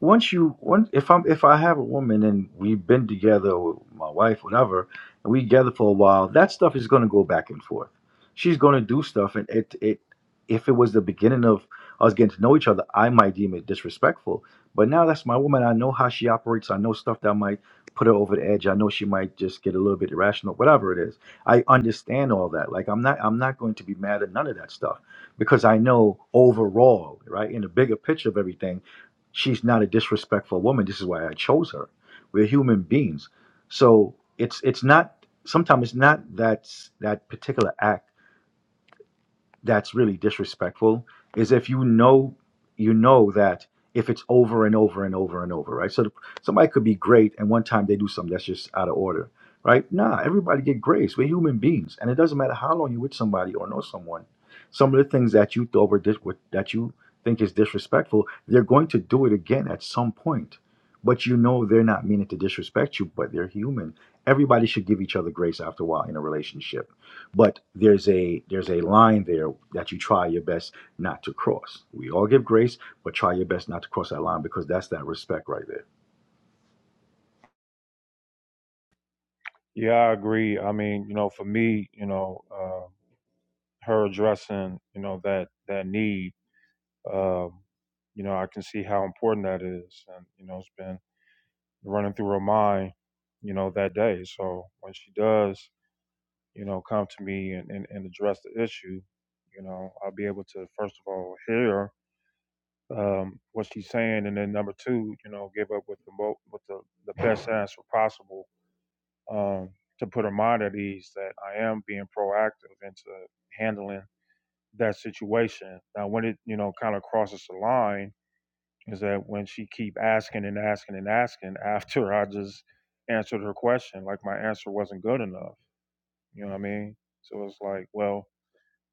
[SPEAKER 4] once you once if I'm if I have a woman and we've been together or my wife, whatever, and we together for a while, that stuff is gonna go back and forth. She's gonna do stuff and it it if it was the beginning of us getting to know each other, I might deem it disrespectful. But now that's my woman. I know how she operates. I know stuff that might put her over the edge. I know she might just get a little bit irrational, whatever it is. I understand all that. Like I'm not I'm not going to be mad at none of that stuff because I know overall, right, in the bigger picture of everything she's not a disrespectful woman. This is why I chose her. We're human beings. So it's it's not sometimes it's not that that particular act that's really disrespectful is if you know you know that if it's over and over and over and over, right? So the, somebody could be great, and one time they do something that's just out of order, right? Nah, everybody get grace. We're human beings, and it doesn't matter how long you're with somebody or know someone. Some of the things that you thought were, dis- were that you think is disrespectful, they're going to do it again at some point. But you know they're not meaning to disrespect you, but they're human. Everybody should give each other grace after a while in a relationship but there's a there's a line there that you try your best not to cross we all give grace but try your best not to cross that line because that's that respect right there
[SPEAKER 1] Yeah, I agree. I mean, you know, for me, you know, uh, her addressing, you know, that that need, um, you know, I can see how important that is, and you know, it's been running through her mind, you know, that day. So when she does, you know, come to me and, and, and address the issue, you know, I'll be able to, first of all, hear um, what she's saying. And then number two, you know, give up with the, mo- with the, the best answer possible um, to put her mind at ease that I am being proactive into handling that situation. Now, when it, you know, kind of crosses the line is that when she keep asking and asking and asking after I just answered her question, like my answer wasn't good enough. You know what I mean? So it's like, well,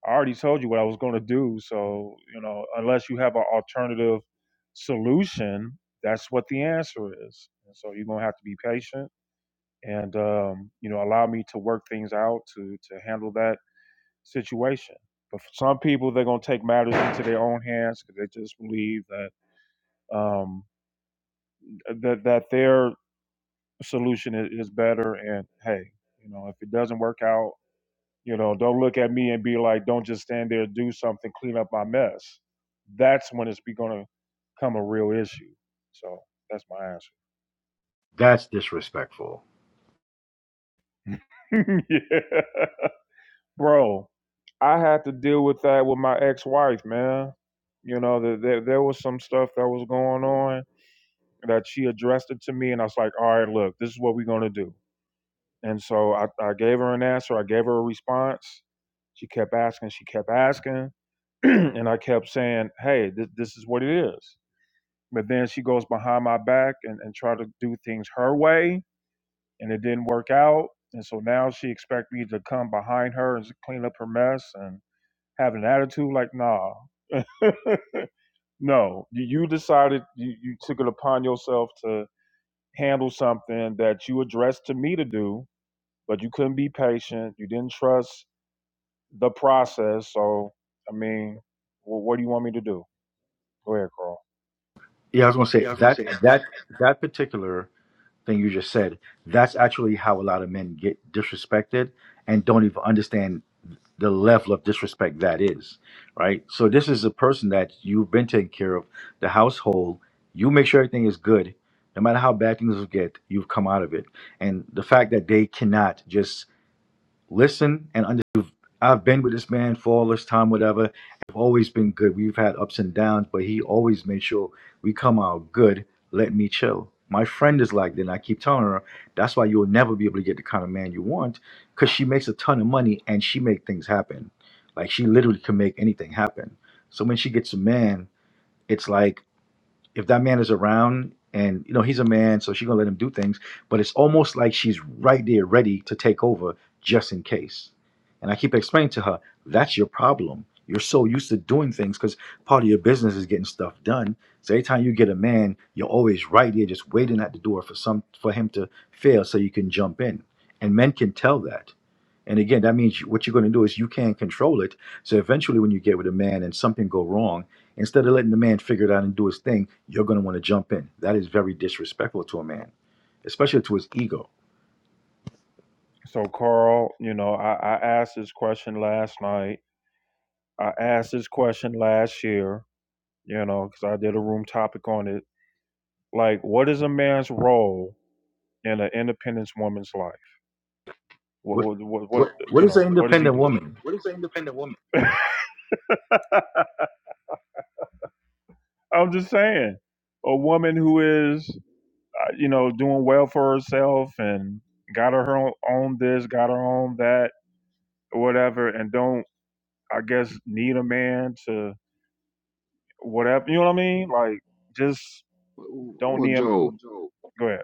[SPEAKER 1] I already told you what I was going to do. So, you know, unless you have an alternative solution, that's what the answer is. And so you're going to have to be patient and, um, you know, allow me to work things out to, to handle that situation. But for some people, they're going to take matters into their own hands because they just believe that, um, that, that their solution is better. And hey, you know, if it doesn't work out, You know, don't look at me and be like, don't just stand there, do something, clean up my mess. That's when it's be going to come a real issue. So that's my
[SPEAKER 4] that's disrespectful
[SPEAKER 1] answer. yeah. Bro, I had to deal with that with my ex wife, man. You know, that there, there was some stuff that was going on that she addressed it to me, and I was like, all right, look, this is what we're going to do. And so I, I gave her an answer. I gave her a response. She kept asking. She kept asking. and I kept saying, hey, this, this is what it is. But then she goes behind my back and, and try to do things her way. And it didn't work out. And so now she expect me to come behind her and clean up her mess and have an attitude like, nah, no, you, you decided you, you took it upon yourself to handle something that you addressed to me to do, but you couldn't be patient. You didn't trust the process. So, I mean, wh- what do you want me to do? Go ahead, Carl.
[SPEAKER 4] Yeah, I was gonna say that that that particular thing you just said. That's actually how a lot of men get disrespected and don't even understand the level of disrespect that is, right? So this is a person that you've been taking care of, the household. You make sure everything is good, no matter how bad things will get. You've come out of it, and the fact that they cannot just listen and understand. I've been with this man for all this time, whatever. I've always been good. We've had ups and downs, but he always made sure we come out good. Let me chill. My friend is like that, and I keep telling her that's why you'll never be able to get the kind of man you want, because she makes a ton of money and she make things happen. Like she literally can make anything happen. So when she gets a man, it's like if that man is around and you know he's a man so she's gonna let him do things but it's almost like she's right there ready to take over just in case and i keep explaining to her that's your problem you're so used to doing things because part of your business is getting stuff done so every time you get a man you're always right there just waiting at the door for some for him to fail so you can jump in and men can tell that and again that means what you're going to do is you can't control it so eventually, when you get with a man and something go wrong, instead of letting the man figure it out and do his thing, you're going to want to jump in. That is very disrespectful to a man, especially to his ego.
[SPEAKER 1] So, Carl, you know, I, I asked this question last night. I asked this question last year, you know, because I did a room topic on it. Like, what is a man's role in an independent woman's life? What,
[SPEAKER 4] What
[SPEAKER 1] what, what, what
[SPEAKER 4] what what
[SPEAKER 1] you
[SPEAKER 4] is
[SPEAKER 1] know,
[SPEAKER 4] an
[SPEAKER 1] what does he
[SPEAKER 4] independent
[SPEAKER 1] do?
[SPEAKER 4] woman?
[SPEAKER 1] I'm just saying, a woman who is, uh, you know, doing well for herself and got her own, own this, got her own that, whatever, and don't I guess need a man to whatever. You know what I mean? Like just don't
[SPEAKER 6] Well,
[SPEAKER 1] need. him.
[SPEAKER 6] Joe,
[SPEAKER 1] Go ahead.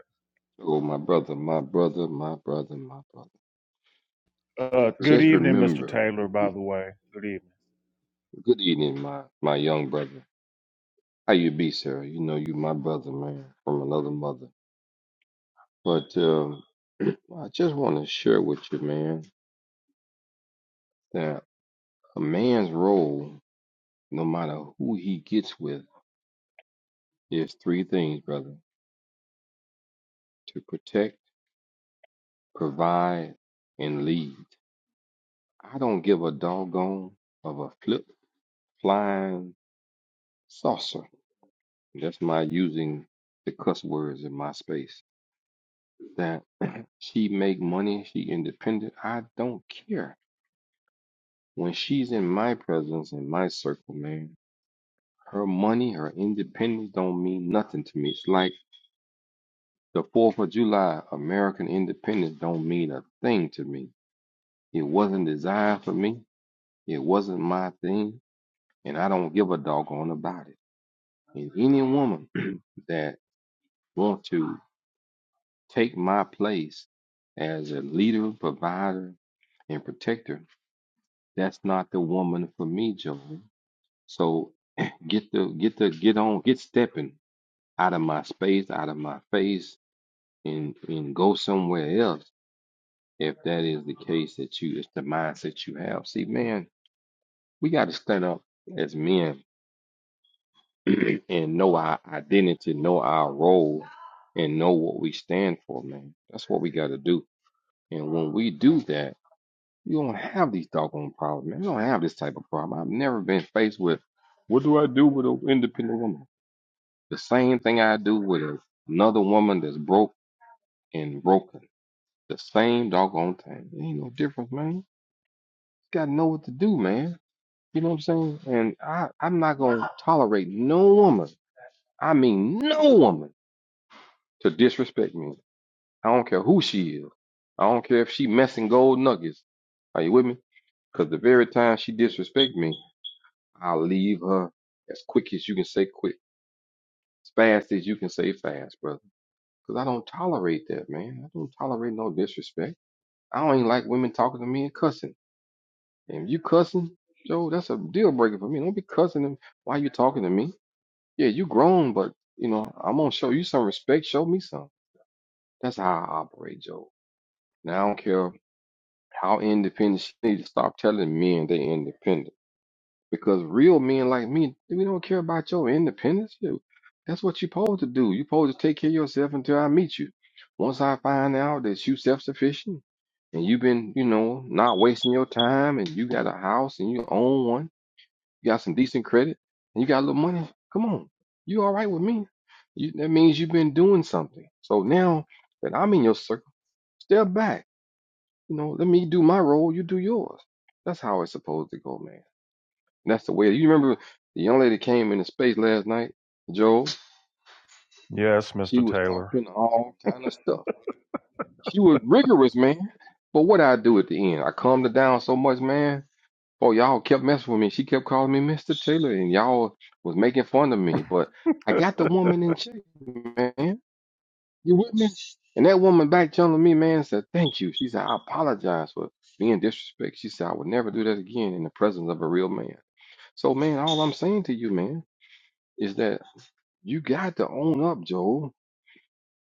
[SPEAKER 6] Joe, my brother, my brother, my brother, my brother.
[SPEAKER 1] Uh, good
[SPEAKER 6] Just
[SPEAKER 1] evening, Mr.
[SPEAKER 6] remember,
[SPEAKER 1] Taylor. By the way, good evening.
[SPEAKER 6] good evening, my my young brother. How you be, sir? You know you my brother, man, from another mother. But um, I just want to share with you, man, that a man's role, no matter who he gets with, is three things, brother: to protect, provide, and lead. I don't give a doggone of a flip flying saucer That's my using the cuss words in my space. That she make money, she independent. I don't care. When she's in my presence, in my circle, man, her money, her independence don't mean nothing to me. It's like the Fourth of July, American independence don't mean a thing to me. It wasn't designed for me. It wasn't my thing, and I don't give a doggone about it. And any woman that want to. Take my place as a leader, provider, and protector. That's not the woman for me, Joey. So get the get the get on get stepping out of my space, out of my face, and and go somewhere else if that is the case that you it's the mindset you have. See, man, we got to stand up as men and know our identity, know our role, and know what we stand for, man. That's what we got to do. And when we do that You don't have these doggone problems, man. You don't have this type of problem. I've never been faced with what do I do with an independent woman? The same thing I do with a- another woman that's broke and broken. The same doggone thing. There ain't no difference, man. You gotta know what to do, man. You know what I'm saying? And I, I'm not gonna tolerate no woman, I mean no woman, to disrespect me. I don't care who she is. I don't care if she messing gold nuggets. Are you with me? Because the very time she disrespect me. I'll leave her as quick as you can say quick, as fast as you can say fast, brother. Because I don't tolerate that, man. I don't tolerate no disrespect. I don't even like women talking to me and cussing. And if you cussing, Joe, that's a deal breaker for me. Don't be cussing them while you talking to me. Yeah, you grown, but you know, I'm gonna show you some respect. Show me some. That's how I operate, Joe. Now I don't care how independent she need to stop telling men they independent. Because real men like me, we don't care about your independence. You- That's what you're supposed to do. You're supposed to take care of yourself until I meet you. Once I find out that you self-sufficient and you've been, you know, not wasting your time and you got a house and you own one, you got some decent credit and you got a little money, come on. You all right with me. You, that means you've been doing something. So now that I'm in your circle, step back. You know, let me do my role, you do yours. That's how it's supposed to go, man. And That's the way. You remember the young lady came into space last night, Joel.
[SPEAKER 1] Yes,
[SPEAKER 6] She
[SPEAKER 1] Mr.
[SPEAKER 6] was
[SPEAKER 1] Taylor.
[SPEAKER 6] talking all kind of stuff. She was rigorous, man. But what I do at the end, I calmed her down so much, man. Oh, y'all kept messing with me. She kept calling me Mr. Taylor, and y'all was making fun of me. But I got the woman in check, man. You with me? And that woman back telling me, man, said, thank you. She said, I apologize for being disrespect. She said, I would never do that again in the presence of a real man. So, man, all I'm saying to you, man, is that You got to own up, Joel,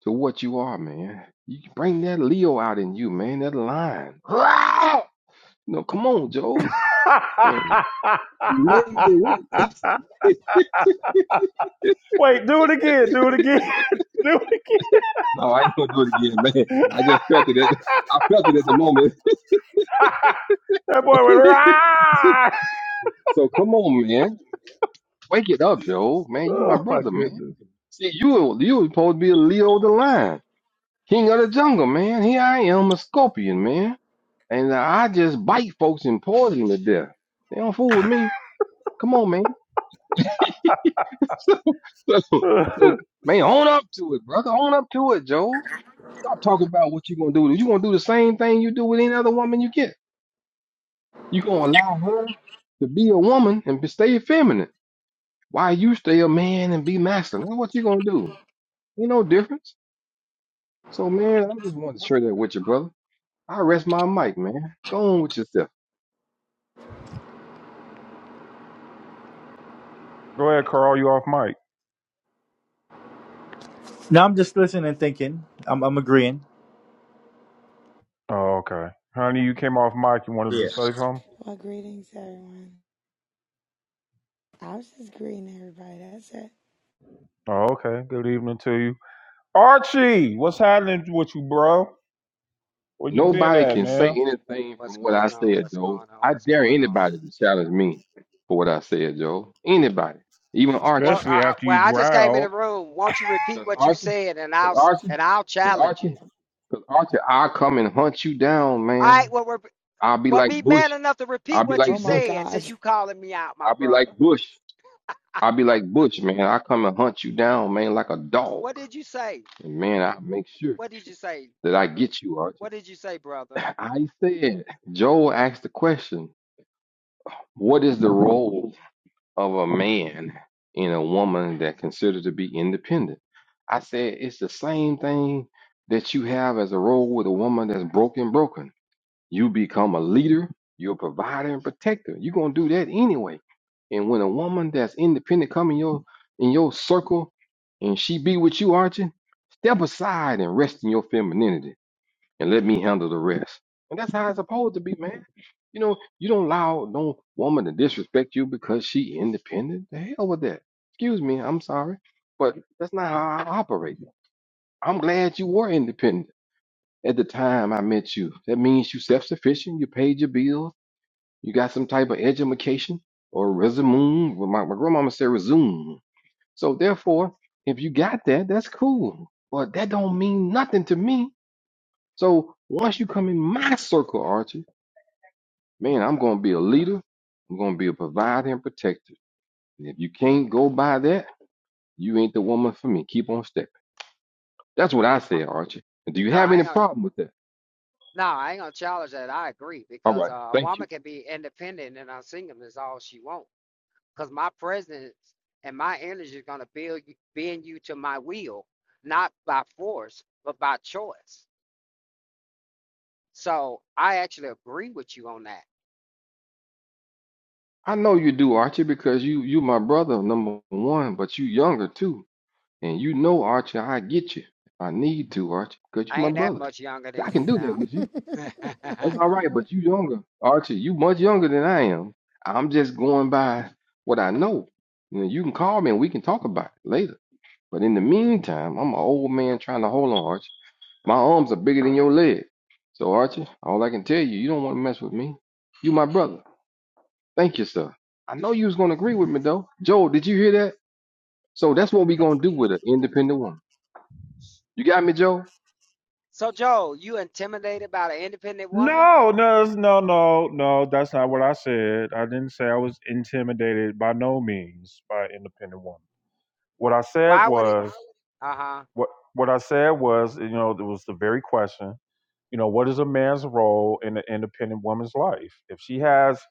[SPEAKER 6] to what you are, man. You can bring that Leo out in you, man, that lion. No, come on, Joel. And make it work.
[SPEAKER 1] Wait, do it again. Do it again. do it again.
[SPEAKER 6] No, I ain't gonna do it again, man. I just felt it at I felt it at the moment.
[SPEAKER 1] That boy went right.
[SPEAKER 6] so come on, man. Wake it up, Joel. Man, you my
[SPEAKER 1] Oh my
[SPEAKER 6] brother, man.
[SPEAKER 1] goodness.
[SPEAKER 6] See, you you was supposed to be a Leo the lion, king of the jungle, man. Here I am, a scorpion, man. And I just bite folks and poison them to death. They don't fool with me. Come on, man. so, so, so,
[SPEAKER 1] Go
[SPEAKER 6] man, own up to it, brother. Own up to it, Joe. Stop talking about what you're gonna do. you gonna do the same thing you do with any other woman you get. you gonna allow her to be a woman and be, stay feminine. Why you stay a man and be masculine? That's what you are gonna do. Ain't no difference. So, man, I'm just wanting to share that with you, brother. I rest my mic, man. Go on with yourself.
[SPEAKER 1] ahead, Carl. You off mic?
[SPEAKER 4] Now I'm just listening and thinking. I'm, I'm agreeing.
[SPEAKER 1] Oh, okay. Honey, you came off mic. You wanted
[SPEAKER 4] Yeah,
[SPEAKER 1] to say something?
[SPEAKER 7] Well, greetings, everyone. I was just greeting everybody. That's it.
[SPEAKER 1] Oh, okay. Good evening to you. Archie, what's happening with you, bro? Where you been
[SPEAKER 6] Nobody
[SPEAKER 1] at,
[SPEAKER 6] can say
[SPEAKER 1] man?
[SPEAKER 6] anything
[SPEAKER 8] What's
[SPEAKER 6] from what I
[SPEAKER 8] going on?
[SPEAKER 6] said,
[SPEAKER 8] What's
[SPEAKER 6] Joe.
[SPEAKER 8] going on?
[SPEAKER 6] I
[SPEAKER 8] What's
[SPEAKER 6] dare
[SPEAKER 8] going on?
[SPEAKER 6] anybody to challenge me for what I said, Joe. Anybody, even Archie.
[SPEAKER 8] Well,
[SPEAKER 1] Especially
[SPEAKER 8] uh,
[SPEAKER 1] after you
[SPEAKER 8] well, I just came in the
[SPEAKER 1] growled.
[SPEAKER 8] room. Won't you repeat
[SPEAKER 6] Cause
[SPEAKER 8] what you
[SPEAKER 6] Archie,
[SPEAKER 8] said, and I'll
[SPEAKER 6] cause Archie,
[SPEAKER 8] and I'll
[SPEAKER 6] cause
[SPEAKER 8] challenge
[SPEAKER 6] Archie,
[SPEAKER 8] you.
[SPEAKER 6] cause Archie, I'll come and hunt you down,
[SPEAKER 8] All right.
[SPEAKER 6] man.
[SPEAKER 8] Well, rep-
[SPEAKER 6] I'll be
[SPEAKER 8] well,
[SPEAKER 6] like
[SPEAKER 8] be
[SPEAKER 6] Bush.
[SPEAKER 8] man enough to
[SPEAKER 6] I'll
[SPEAKER 8] repeat
[SPEAKER 6] be
[SPEAKER 8] what you
[SPEAKER 7] Oh
[SPEAKER 6] like
[SPEAKER 7] my
[SPEAKER 6] Bush.
[SPEAKER 8] said,
[SPEAKER 7] God.
[SPEAKER 8] since you calling me out, my
[SPEAKER 6] I'll be
[SPEAKER 8] brother.
[SPEAKER 6] like Bush. I'll be like Bush, man. I come and hunt you down, man, like a dog.
[SPEAKER 8] What did you say?
[SPEAKER 6] And man, I make sure
[SPEAKER 8] What did you say,
[SPEAKER 6] that I
[SPEAKER 8] brother?
[SPEAKER 6] get you, Archie.
[SPEAKER 8] What did you say, brother?
[SPEAKER 6] I said, Joe asked the question, what is the role? of a man in a woman that considered to be independent. I said it's the same thing that you have as a role with a woman that's broken, broken. You become a leader, you're a provider and protector. You're gonna do that anyway. And when a woman that's independent come in your in your circle and she be with you, Archie, step aside and rest in your femininity and let me handle the rest. And that's how it's supposed to be, man. You know, you don't allow no woman to disrespect you because she independent. The hell with that. Excuse me, I'm sorry, but that's not how I operate. I'm glad you were independent at the time I met you. That means you self-sufficient. You paid your bills. You got some type of education or resume. Well, My, my grandmama said resume. So therefore, if you got that, that's cool. But that don't mean nothing to me so once you come in my circle, Archie, man, I'm going to be a leader. I'm going to be a provider and protector. And if you can't go by that, you ain't the woman for me. Keep on stepping. That's what I
[SPEAKER 8] Uh,
[SPEAKER 6] say, Archie. And do you
[SPEAKER 8] no,
[SPEAKER 6] have
[SPEAKER 8] I
[SPEAKER 6] any
[SPEAKER 8] ain't gonna.
[SPEAKER 6] problem with that?
[SPEAKER 8] No, I ain't gonna challenge that. I agree
[SPEAKER 6] All
[SPEAKER 8] because
[SPEAKER 6] right.
[SPEAKER 8] uh, a
[SPEAKER 6] Thank you.
[SPEAKER 8] woman can be independent and a singleness all she wants. because my presence and my energy is going to build you, bend you to my will, not by force, but by choice. So I actually agree with you on that.
[SPEAKER 6] I know you do, Archie, because you you my brother number one, but you younger too. And you know, Archie, I get you. I need to, Archie, because you
[SPEAKER 8] I
[SPEAKER 6] my
[SPEAKER 8] ain't that
[SPEAKER 6] brother.
[SPEAKER 8] much younger
[SPEAKER 6] So
[SPEAKER 8] than
[SPEAKER 6] I can
[SPEAKER 8] you
[SPEAKER 6] do that
[SPEAKER 8] now.
[SPEAKER 6] with you. That's all right, but you younger, Archie. You much younger than I am. I'm just going by what I know. You know, you can call me and we can talk about it later. But in the meantime, I'm an old man trying to hold on, Archie. My arms are bigger than your leg. So, Archie, all I can tell you, you don't want to mess with me. You my brother. Thank you, sir. I know you was gonna agree with me though. Joe, did you hear that? So that's what we gonna do with an independent woman. You got me, Joe?
[SPEAKER 8] so Joe, you intimidated by an independent woman?
[SPEAKER 1] No, no, it's- no, no, no. That's not what I said. I didn't say I was intimidated by no means by an independent woman. What I said
[SPEAKER 8] Why would it?
[SPEAKER 1] was
[SPEAKER 8] Uh huh.
[SPEAKER 1] what what I said was, you know, it was the very question. You know, what is a man's role in an independent woman's life? If she has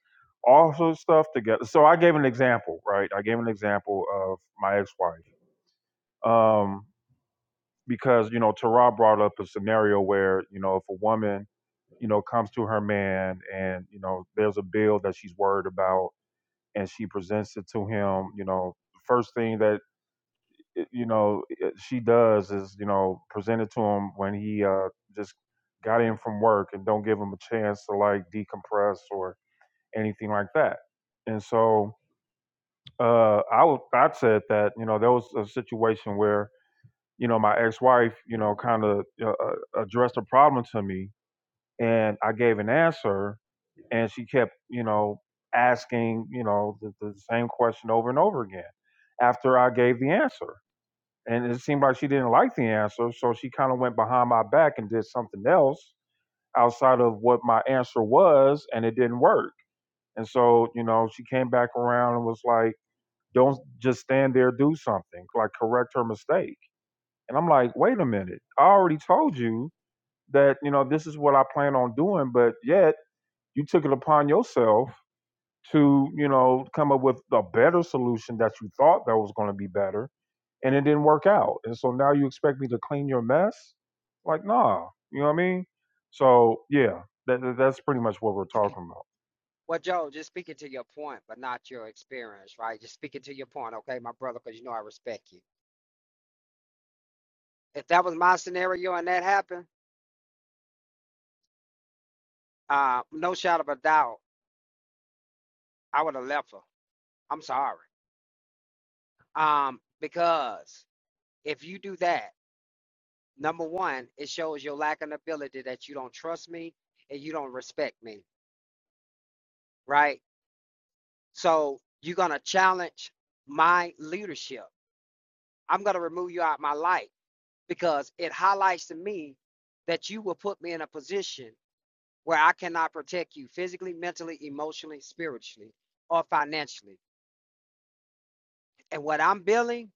[SPEAKER 1] all her stuff together. So I gave an example, right? I gave an example of my ex-wife. Um, because you know Tara brought up a scenario where you know if a woman you know comes to her man and you know there's a bill that she's worried about and she presents it to him you know the first thing that eh, you know eh, she does is you know present it to him when he uh just got in from work and don't give him a chance to like decompress or anything like that and so uh i would i said that you know there was a situation where you know, my ex-wife, you know, kind of uh, uh, addressed a problem to me, and I gave an answer, and she kept, you know, asking, you know, the, the same question over and over again after I gave the answer, and it seemed like she didn't like the answer, so she kind of went behind my back and did something else outside of what my answer was, and it didn't work. And so, you know, she came back around and was like, "Don't just stand there, do something, like correct her mistake." And I'm like, wait a minute, I already told you that, you know, this is what I plan on doing, but yet you took it upon yourself to, you know, come up with a better solution that you thought that was going to be better and it didn't work out. And so now you expect me to clean your mess? Like, nah, you know what I mean? So, yeah, that, that- that's pretty much what we're talking about.
[SPEAKER 8] Well, Joe, just speaking to your point, but not your experience, right? Just speaking to your point, okay, my brother, because you know I respect you. If that was my scenario and that happened, uh, no shadow of a doubt, I would have left her. I'm sorry. Um, because if you do that, number one, it shows your lack of ability that you don't trust me and you don't respect me, right? So you're gonna challenge my leadership. I'm gonna remove you out of my life because it highlights to me that you will put me in a position where I cannot protect you physically, mentally, emotionally, spiritually, or financially. And what I'm building,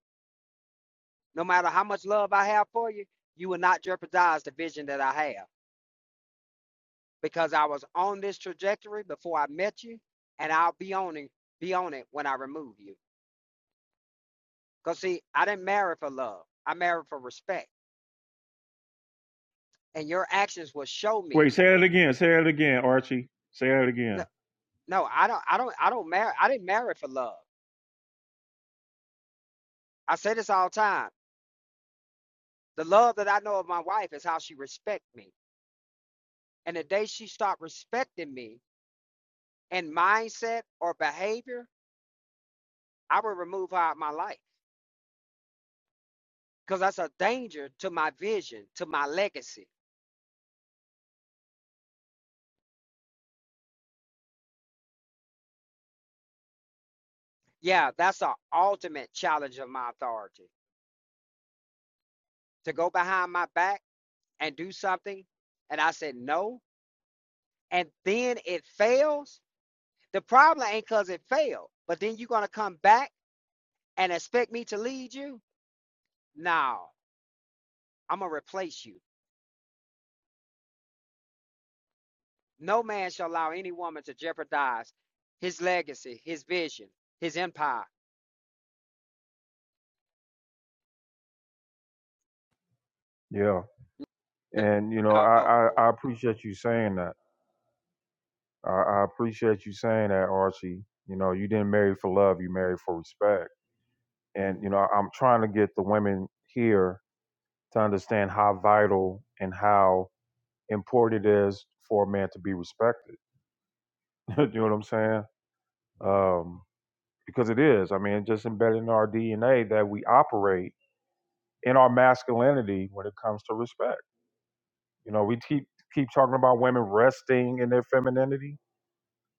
[SPEAKER 8] no matter how much love I have for you, you will not jeopardize the vision that I have. because I was on this trajectory before I met you, and I'll be on it, be on it when I remove you. Cause see, I didn't marry for love. I married for respect, and your actions will show me.
[SPEAKER 1] Wait, say it again. Say it again, Archie. Say it
[SPEAKER 8] No,
[SPEAKER 1] again.
[SPEAKER 8] no, I don't, I don't, I don't marry. I didn't marry for love. I say this all the time. The love that I know of my wife is how she respects me, and the day she stopped respecting me in mindset or behavior, I will remove her out of my life. Cause that's a danger to my vision, to my legacy Yeah, that's the ultimate challenge of my authority to go behind my back and do something. And I said no. And then it fails. The problem ain't because it failed, but then you're going to come back and expect me to lead you? No, I'm going to replace you. No man shall allow any woman to jeopardize his legacy, his vision, his empire.
[SPEAKER 1] Yeah.
[SPEAKER 8] No.
[SPEAKER 1] And, you know,
[SPEAKER 8] no.
[SPEAKER 1] I, I, I appreciate you saying that. I, I appreciate you saying that, Archie. You know, you didn't marry for love, you married for respect. And, you know, I'm trying to get the women here to understand how vital and how important it is for a man to be respected. you know what I'm saying? Um, because it is. I mean, just embedded in our DNA that we operate in our masculinity when it comes to respect. You know, we keep keep talking about women resting in their femininity.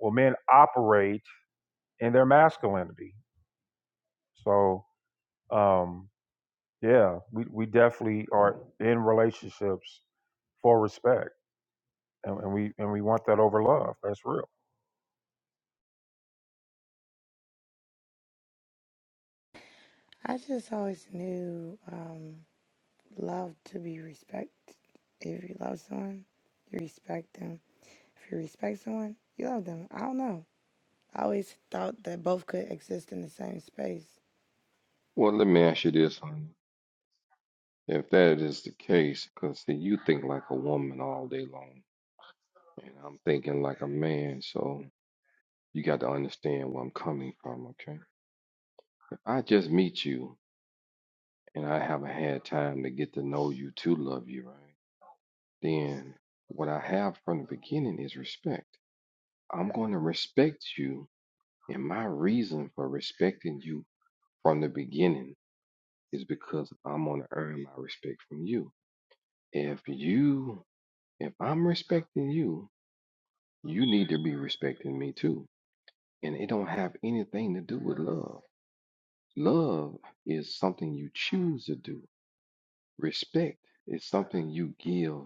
[SPEAKER 1] Well, men operate in their masculinity. So um, yeah, we, we definitely are in relationships for respect, and, and we and we want that over love. That's real.
[SPEAKER 7] I just always knew um, love to be respect. If you love someone, you respect them. If you respect someone, you love them. I don't know. I always thought that both could exist in the same space.
[SPEAKER 6] Well, let me ask you this, honey. If that is the case, because see, you think like a woman all day long. and I'm thinking like a man. So you got to understand where I'm coming from, okay? If I just meet you and I haven't had time to get to know you to love you, right? Then what I have from the beginning is respect. I'm going to respect you, and my reason for respecting you from the beginning is because I'm going to earn my respect from you. If you, if I'm respecting you, you need to be respecting me too. And it don't have anything to do with love Love is something you choose to do. Respect is something you give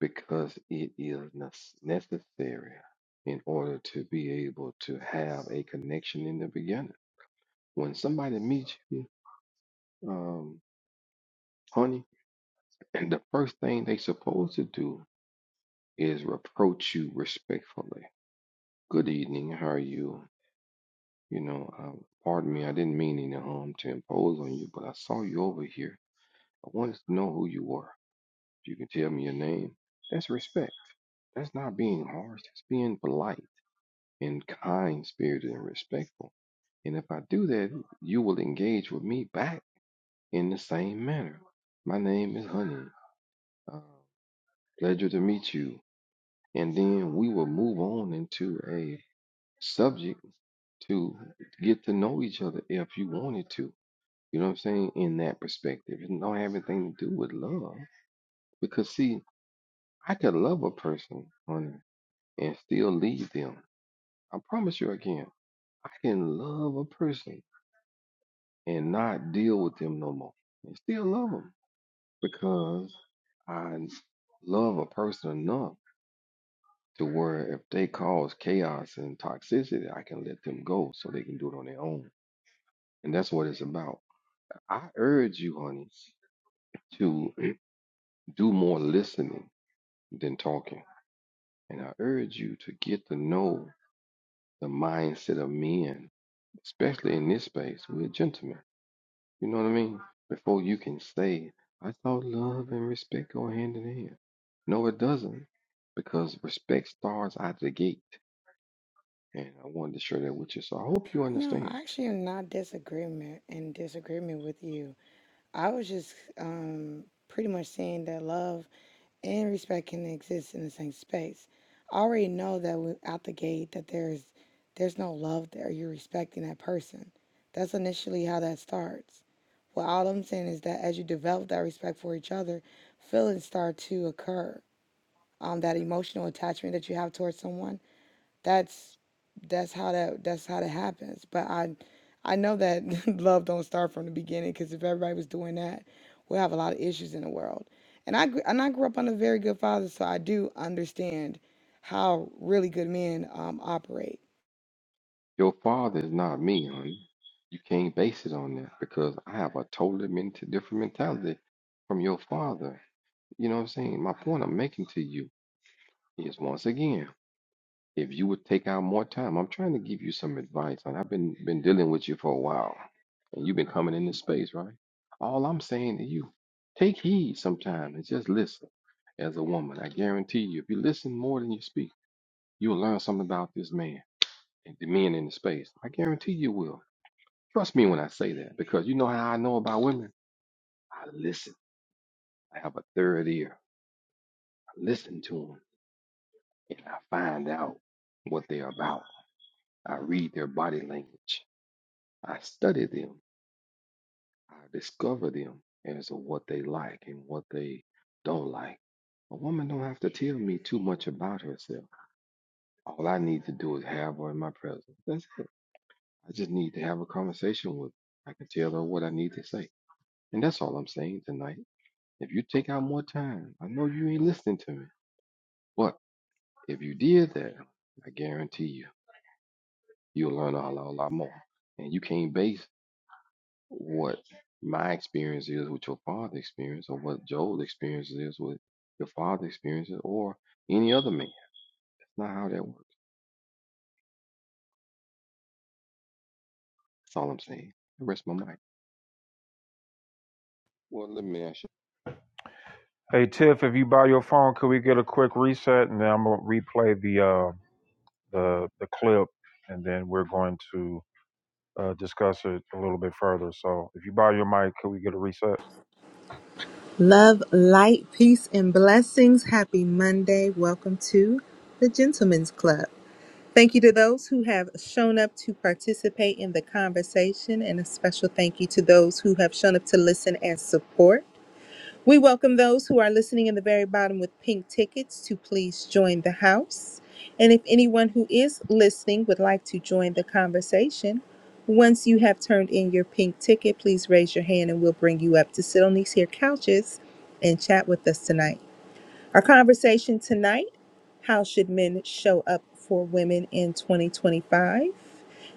[SPEAKER 6] because it is nes- necessary in order to be able to have a connection in the beginning. When somebody meets you, um, honey, and the first thing they supposed to do is reproach you respectfully. Good evening, how are you? You know, uh, pardon me, I didn't mean any harm to impose on you, but I saw you over here. I wanted to know who you were. If you can tell me your name, that's respect. That's not being harsh. That's being polite and kind spirited and respectful. And if I do that, you will engage with me back in the same manner. My name is Honey. Uh, pleasure to meet you. And then we will move on into a subject to get to know each other if you wanted to. You know what I'm saying? In that perspective, it don't have anything to do with love. Because see, I could love a person, honey, and still lead them. I promise you again, I can love a person and not deal with them no more and still love them because I love a person enough to where if they cause chaos and toxicity, I can let them go so they can do it on their own. And that's what it's about. I urge you, honey, to do more listening than talking. And I urge you to get to know the mindset of men, especially in this space. We're gentlemen You know what I mean? Before you can say, I thought love and respect go hand in hand. No, it doesn't, because respect starts out the gate. And I wanted to share that with you. So I hope you
[SPEAKER 7] No,
[SPEAKER 6] understand.
[SPEAKER 7] I actually am not disagreement in disagreement with you. I was just um, pretty much saying that love and respect can exist in the same space. I already know that when- out the gate that there's there's no love there. You're respecting that person. That's initially how that starts. Well, all I'm saying is that as you develop that respect for each other, feelings start to occur. Um, that emotional attachment that you have towards someone that's that's how that that's how that happens. But I I know that love don't start from the beginning because if everybody was doing that, we'll have a lot of issues in the world. And I gr- and I grew up under very good fathers, so I do understand how really good men um, operate
[SPEAKER 6] Your father is not me, honey. You can't base it on that because I have a totally ment- different mentality from your father. You know what I'm saying? My point I'm making to you is once again. If you would take out more time, I'm trying to give you some advice, and I've been been dealing with you for a while, and you've been coming in this space, right? All I'm saying to you, take heed sometime and just listen. As a woman, I guarantee you, if you listen more than you speak, you'll learn something about this man and the men in the space. I guarantee you will. Trust me when I say that, because you know how I know about women. I listen. I have a third ear. I listen to them, and I find out what they're about. I read their body language. I studied them. I discovered them as to what they like and what they don't like. A woman don't have to tell me too much about herself. All I need to do is have her in my presence. That's it. I just need to have a conversation with her. I can tell her what I need to say. And that's all I'm saying tonight. If you take out more time, I know you ain't listening to me. But if you did that, I guarantee you, you'll learn a lot, a lot more. And you can't base what my experience is with your father experience or what Joel's experience is with your father experiences or any other man. It's not how that works. That's all I'm saying. I rest my mic.
[SPEAKER 1] Hey Tiff, if you buy your phone, could we get a quick reset, and then I'm gonna replay the uh, the the clip, and then we're going to uh, discuss it a little bit further. So, if you buy your mic, could we get a reset?
[SPEAKER 5] Love, light, peace, and blessings. Happy Monday. Welcome to the Gentlemen's Club. Thank you to those who have shown up to participate in the conversation, and a special thank you to those who have shown up to listen and support. We welcome those who are listening in the very bottom with pink tickets to please join the house. And if anyone who is listening would like to join the conversation, once you have turned in your pink ticket, please raise your hand and we'll bring you up to sit on these here couches and chat with us tonight. Our conversation tonight How should men show up for women in 2025?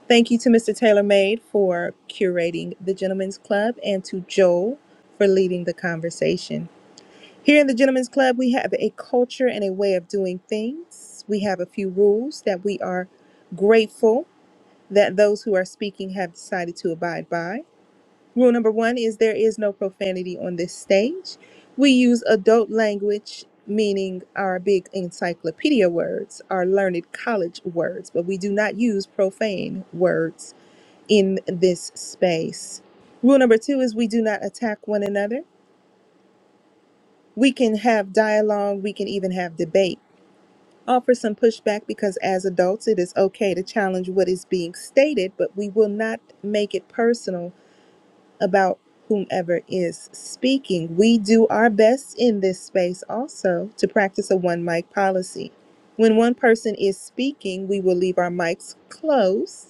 [SPEAKER 5] Thank you to Mr. TaylorMade for curating the Gentlemen's Club and to Joel for leading the conversation. Here in the Gentlemen's Club, we have a culture and a way of doing things. We have a few rules that we are grateful that those who are speaking have decided to abide by. Rule number one is there is no profanity on this stage. We use adult language, meaning our big encyclopedia words, our learned college words, but we do not use profane words in this space. Rule number two is we do not attack one another. We can have dialogue, we can even have debate offer some pushback because as adults it is okay to challenge what is being stated but we will not make it personal about whomever is speaking we do our best in this space also to practice a one mic policy when one person is speaking we will leave our mics closed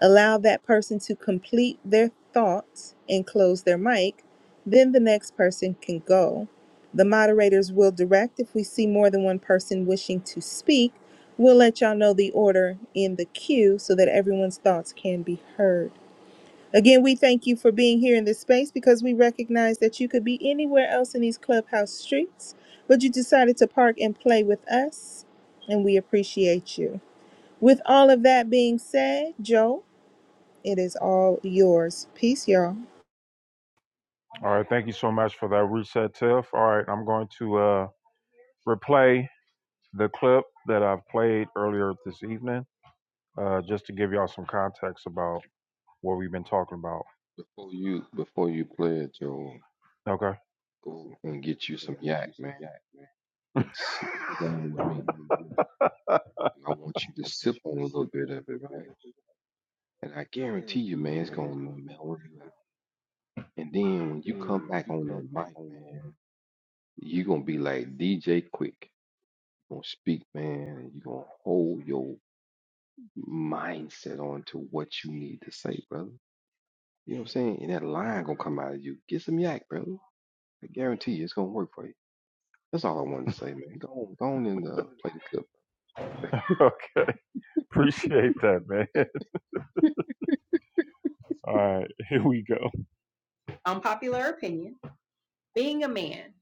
[SPEAKER 5] allow that person to complete their thoughts and close their mic, then the next person can go. The moderators will direct if we see more than one person wishing to speak. We'll let y'all know the order in the queue so that everyone's thoughts can be heard. Again, we thank you for being here in this space because we recognize that you could be anywhere else in these clubhouse streets, but you decided to park and play with us, and we appreciate you. With all of that being said, Joe. It is all yours. Peace, y'all.
[SPEAKER 1] All right, thank you so much for that reset, Tiff. All right, I'm going to. Uh, replay the clip that I've played earlier this evening, uh, just to give y'all some context about what we've been talking about.
[SPEAKER 6] Before you before you play it, Joel,
[SPEAKER 1] Okay.
[SPEAKER 6] go and get you some yak, man, and sit, sit down with me. And I want you to sip on a little bit of it, right? And I guarantee you, man, it's gonna melt you out. And then when you come back on that mic, man, you're gonna be like DJ Quick. gonna speak, man, and you're gonna hold your mindset on to what you need to say, brother. You know what I'm saying? And that line gonna come out of you. Get some yak, brother. I guarantee you it's gonna work for you. That's all I wanted to say, man. Go on, go on and uh, play the clip.
[SPEAKER 1] Okay. Appreciate that, man. All right. Here we go. Unpopular opinion. being a man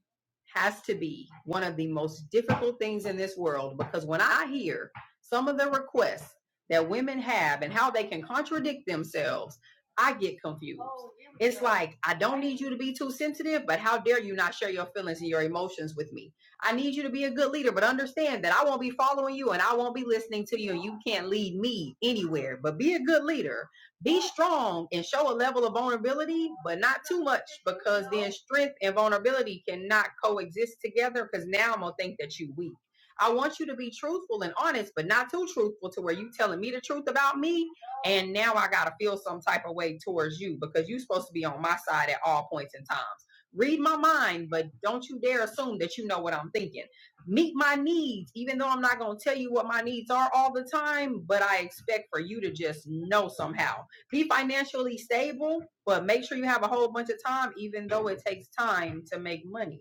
[SPEAKER 1] has to be one of the most difficult things in this world because when I hear some of the requests that women have and how they can contradict themselves, I get confused. Oh, it's go. like, I don't need you to be too sensitive, but how dare you not share your feelings and your emotions with me? I need you to be a good leader, but understand that I won't be following you and I won't be listening to you, and you can't lead me anywhere. But be a good leader be strong and show a level of vulnerability, but not too much, because then strength and vulnerability cannot coexist together. Because now I'm gonna think that you weak. I want you to be truthful and honest, but not too truthful to where you telling me the truth about me, and now I gotta feel some type of way towards you because you're supposed to be on my side at all points in times. Read my mind, but don't you dare assume that you know what I'm thinking. Meet my needs, even though I'm not gonna tell you what my needs are all the time, but I expect for you to just know somehow be financially stable, but make sure you have a whole bunch of time, even though it takes time to make money.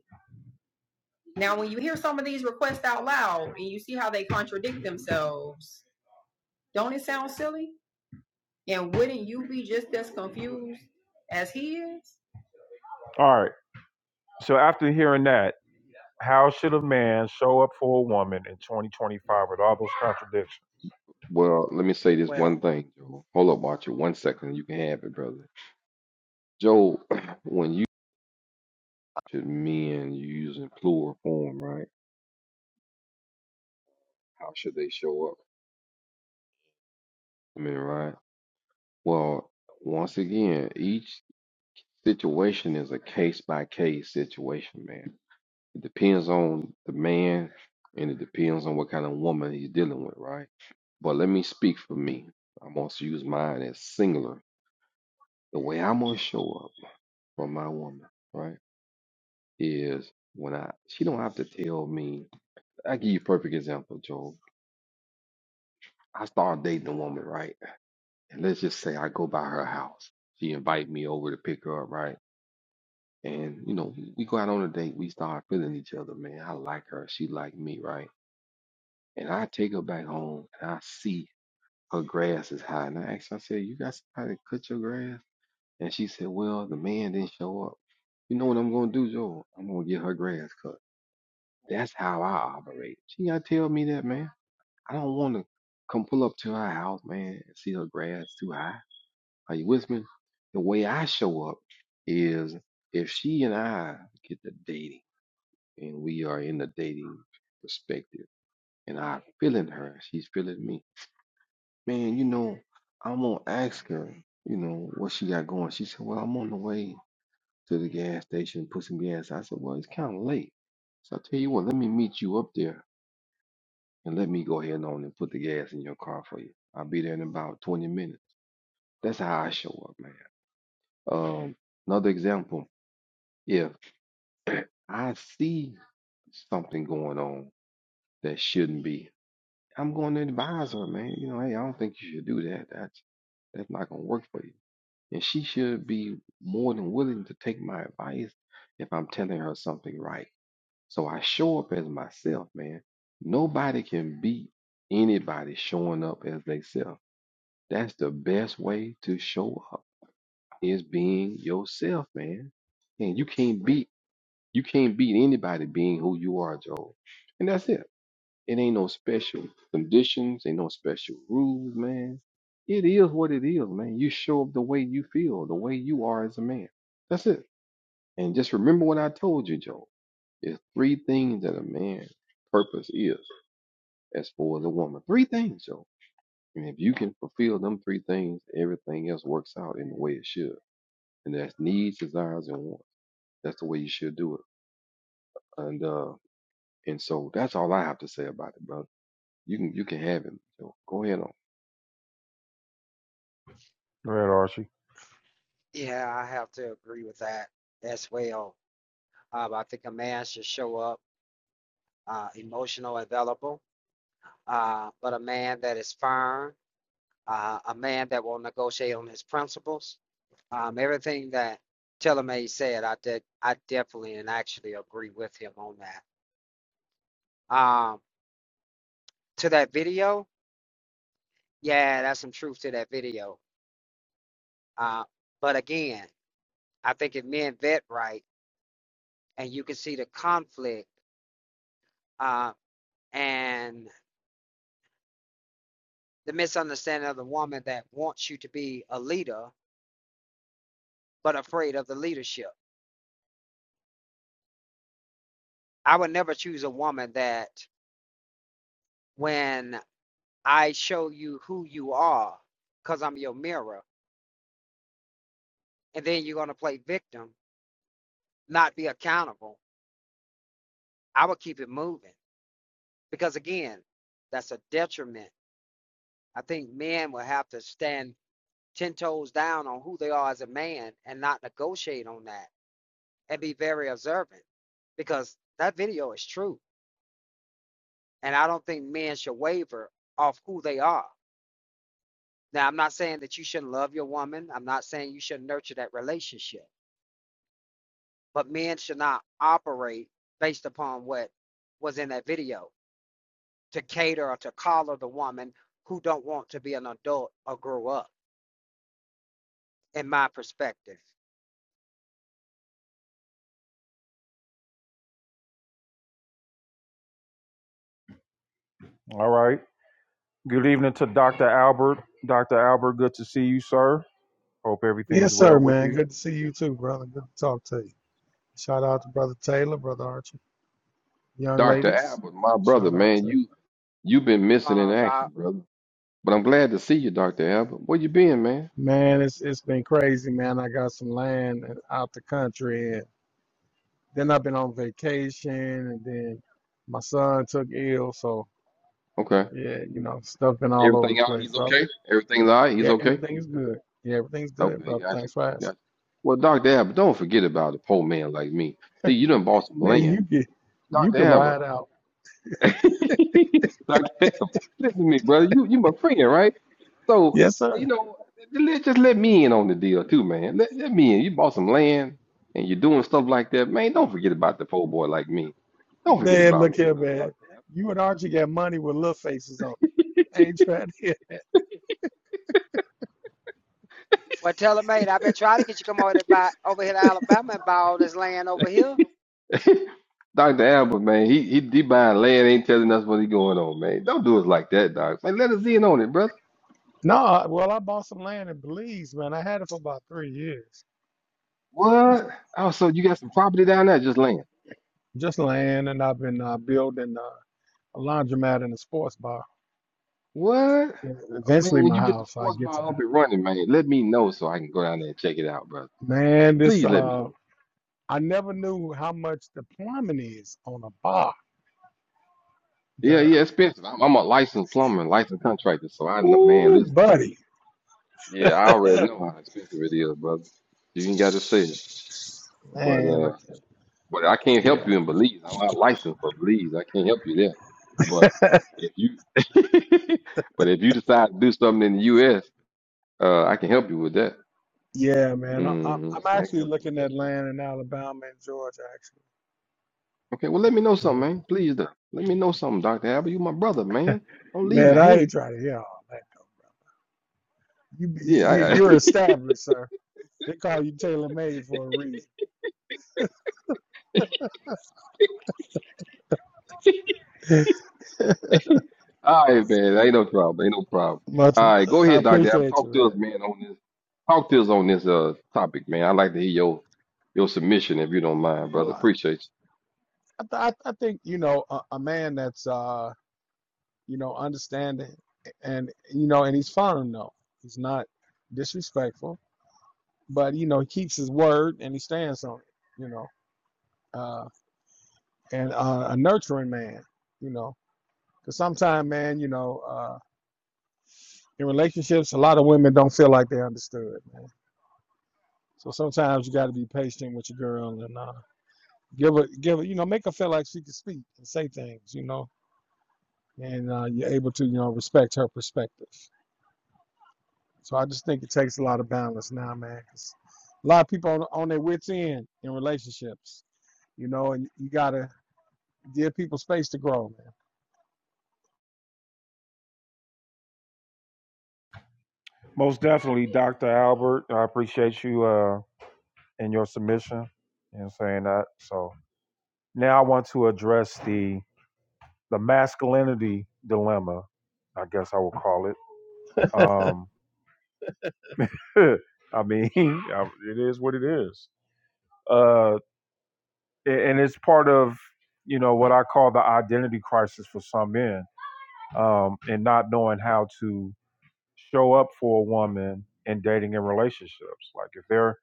[SPEAKER 1] Now, when you hear some of these requests out loud and you see how they contradict themselves, don't it sound silly? And wouldn't you be just as confused as he is? All right. So after hearing that, how should a man show up for a woman in 2025 with all those contradictions?
[SPEAKER 6] Well, let me say this
[SPEAKER 8] Well,
[SPEAKER 6] one thing, Joe. Hold up, Archer. One second, you can have it, brother. Joe, when you to men you using plural form, right? How should they show up? I mean, right? Well, once again, each situation is a case by case situation, man. It depends on the man and it depends on what kind of woman he's dealing with, right? But let me speak for me. I'm going to use mine as singular. The way I'm going to show up for my woman, right, is when I, she don't have to tell me. I give you a perfect example, Joe. I start dating a woman, right? And let's just say I go by her house. She invite me over to pick her up, right? And you know, we go out on a date, we start feeling each other, man. I like her, she like me, right? And I take her back home and I see her grass is high. And I asked her, I said, You got somebody to cut your grass? And she said, Well, the man didn't show up. You know what I'm gonna do, Joe? I'm gonna get her grass cut. That's how I operate. She gotta tell me that, man. I don't wanna come pull up to her house, man, and see her grass too high. Are you with me? The way I show up is if she and I get to dating. and we are in the dating perspective. And I feeling her, she's feeling me. Man, you know, I'm gonna ask her, you know, what she got going. She said, Well, I'm on the way to the gas station, put some gas. I said, Well, it's kinda late. So I tell you what, let me meet you up there and let me go ahead on and put the gas in your car for you. I'll be there in about twenty minutes. That's how I show up, man. Um, another example, if I see something going on that shouldn't be, I'm going to advise her, man. You know, hey, I don't think you should do that. That's that's not gonna work for you. And she should be more than willing to take my advice if I'm telling her something right. So I show up as myself, man. Nobody can beat anybody showing up as they self. That's the best way to show up is being yourself, man. And you can't beat you can't beat anybody being who you are, Joe. And that's it. It ain't no special conditions, ain't no special rules, man. It is what it is, man. You show up the way you feel, the way you are as a man. That's it. And just remember what I told you, Joe. There's three things that a man's purpose is as far as a woman. Three things, Joe. And if you can fulfill them three things, everything else works out in the way it should. And that's needs, desires, and wants. That's the way you should do it. And uh and so that's all I have to say about it, brother. You can you can have it, Joe. Go ahead on.
[SPEAKER 1] Go ahead, Archie.
[SPEAKER 8] yeah, I have to agree with that as well. Um, I think a man should show up uh, emotional, available, uh, but a man that is firm, uh, a man that will negotiate on his principles. Um, everything that Tillermay said, I did, I definitely and actually agree with him on that. Um, to that video, yeah, that's some truth to that video. Uh, but again, I think if men vet right, and you can see the conflict uh, and the misunderstanding of the woman that wants you to be a leader but afraid of the leadership I would never choose a woman that when I show you who you are, because I'm your mirror, and then you're going to play victim, not be accountable. I would keep it moving because, again, that's a detriment. I think men will have to stand 10 toes down on who they are as a man and not negotiate on that and be very observant because that video is true. And I don't think men should waver off who they are. Now, I'm not saying that you shouldn't love your woman. I'm not saying you shouldn't nurture that relationship. But men should not operate based upon what was in that video to cater or to collar the woman who don't want to be an adult or grow up, in my perspective.
[SPEAKER 1] All right. Good evening to Dr. Albert. Dr. Albert, good to see you, sir. Hope everything
[SPEAKER 9] Yes,
[SPEAKER 1] is
[SPEAKER 9] sir,
[SPEAKER 1] well with
[SPEAKER 9] man.
[SPEAKER 1] you.
[SPEAKER 9] Good to see you too, brother. Good to talk to you. Shout out to Brother Taylor, Brother Archie. Young
[SPEAKER 6] Dr.
[SPEAKER 9] ladies,
[SPEAKER 6] Albert, my brother,
[SPEAKER 9] shout out
[SPEAKER 6] man,
[SPEAKER 9] to you.
[SPEAKER 6] you you've been
[SPEAKER 8] What's
[SPEAKER 6] missing
[SPEAKER 8] going
[SPEAKER 6] in
[SPEAKER 8] on,
[SPEAKER 6] action,
[SPEAKER 8] Doc?
[SPEAKER 6] brother. But I'm glad to see you, Dr. Albert. Where you been, man?
[SPEAKER 9] Man, it's it's been crazy, man. I got some land and- out the country and then I've been on vacation and then my son took ill, so
[SPEAKER 6] Okay.
[SPEAKER 9] yeah, you know, stuff been all over the
[SPEAKER 6] Everything all right?
[SPEAKER 9] place,
[SPEAKER 6] He's
[SPEAKER 9] brother.
[SPEAKER 6] okay? Everything's all right? He's
[SPEAKER 9] Yeah,
[SPEAKER 6] okay?
[SPEAKER 9] everything is good. Yeah, everything's good,
[SPEAKER 6] Okay,
[SPEAKER 9] brother.
[SPEAKER 6] gotcha.
[SPEAKER 9] Thanks for asking.
[SPEAKER 6] Gotcha. Well, Dr. Albert, don't forget about a poor man like me. See, you done bought some
[SPEAKER 9] Man,
[SPEAKER 6] land.
[SPEAKER 9] you can you
[SPEAKER 6] Dr.
[SPEAKER 9] can
[SPEAKER 6] Albert.
[SPEAKER 9] ride out.
[SPEAKER 6] Dr. Albert, listen to me, brother. You you my friend, right? So,
[SPEAKER 9] Yes,
[SPEAKER 6] you
[SPEAKER 9] sir.
[SPEAKER 6] know, let, just let me in on the deal too, man. Let, let me in. You bought some land and you're doing stuff like that, man. Don't forget about the poor boy like me. Don't forget
[SPEAKER 9] Man,
[SPEAKER 6] about
[SPEAKER 9] look
[SPEAKER 6] me,
[SPEAKER 9] here,
[SPEAKER 6] uh, Dr.
[SPEAKER 9] man. You and Archie got money with little faces on. I ain't trying to hear.
[SPEAKER 8] Well, tell her, mate, I've been trying to get you to come over here by over here to Alabama and buy all this land over here.
[SPEAKER 6] Albert. Dr. Albert, man, he, he he buying land, ain't telling us what he going on, man. Don't do us like that, Doc. Man, let us in on it, brother.
[SPEAKER 9] No, well, I bought some land in Belize, man. I had it for about three years,
[SPEAKER 6] What? Oh, so you got some property down there, just land.
[SPEAKER 9] just land, and I've been uh, building uh, a laundromat and a sports bar.
[SPEAKER 6] What?
[SPEAKER 9] E-
[SPEAKER 6] Man,
[SPEAKER 9] Eventually,
[SPEAKER 6] when
[SPEAKER 9] my
[SPEAKER 6] you get the
[SPEAKER 9] house. I
[SPEAKER 6] sports
[SPEAKER 9] get to
[SPEAKER 6] bar up
[SPEAKER 9] that.
[SPEAKER 6] and running, man, let me know so I can go down there and check it out, brother.
[SPEAKER 9] Man, this
[SPEAKER 6] Please let me know.
[SPEAKER 9] uh, I never knew how much the plumbing is on a bar.
[SPEAKER 6] Yeah,
[SPEAKER 9] The
[SPEAKER 6] yeah, expensive. I'm, I'm a licensed plumber and licensed contractor, so I know, man,
[SPEAKER 9] ooh,
[SPEAKER 6] listen to me.
[SPEAKER 9] buddy.
[SPEAKER 6] Yeah, I already know how expensive it is, brother. You ain't got to say it. But
[SPEAKER 9] Man, look
[SPEAKER 6] uh,
[SPEAKER 9] at
[SPEAKER 6] but I can't help
[SPEAKER 9] yeah,
[SPEAKER 6] you in Belize. I'm not licensed for Belize. I can't help you there. But if you, but if you decide to do something in the U.S., uh, I can help you with that.
[SPEAKER 9] yeah, man. I, I'm
[SPEAKER 6] hmm
[SPEAKER 9] I'm
[SPEAKER 6] I can
[SPEAKER 9] actually
[SPEAKER 6] help you with
[SPEAKER 9] looking at
[SPEAKER 6] that, man.
[SPEAKER 9] land in Alabama and Georgia, actually.
[SPEAKER 6] Okay, well, let me know something,
[SPEAKER 9] Yeah.
[SPEAKER 6] man. Please, though. Let me know something, Dr. Albert. You my brother, man. Don't leave
[SPEAKER 9] Man,
[SPEAKER 6] me
[SPEAKER 9] I ain't
[SPEAKER 6] hanging.
[SPEAKER 9] trying to hear all that. You, you
[SPEAKER 6] Yeah,
[SPEAKER 9] you're established, sir. They call you Taylor made for a reason.
[SPEAKER 6] All right, man. Ain't no problem. Ain't no problem.
[SPEAKER 9] Much,
[SPEAKER 6] All right, go
[SPEAKER 9] I
[SPEAKER 6] ahead, Doctor. Ab.
[SPEAKER 9] appreciate you,
[SPEAKER 6] Talk to
[SPEAKER 9] man.
[SPEAKER 6] us, man, on this. Talk to us on this uh topic, man. I'd like to hear your your submission if you don't mind, brother.
[SPEAKER 9] Well, I
[SPEAKER 6] Appreciate you.
[SPEAKER 9] I, I think you know a, a man that's uh you know understanding and you know and he's firm though. He's not disrespectful, but you know he keeps his word and he stands on it. You know, uh, and uh, a nurturing man. You know, because sometimes, man, you know, uh, in relationships, a lot of women don't feel like they're understood. man. So sometimes you got to be patient with your girl and uh, give her, give her, you know, make her feel like she can speak and say things, you know, and uh, you're able to, you know, respect her perspective. So I just think it takes a lot of balance now, man. 'cause a lot of people on, on their wits end in relationships, you know, and you gotta give people space to grow, man.
[SPEAKER 1] Most definitely, Dr. Albert. I appreciate you uh, and your submission and saying that. So now I want to address the the masculinity dilemma. I guess I will call it. Um, I mean, it is what it is, uh, and it's part of you know what I call the identity crisis for some men, um, and not knowing how to show up for a woman in dating and relationships. Like if they're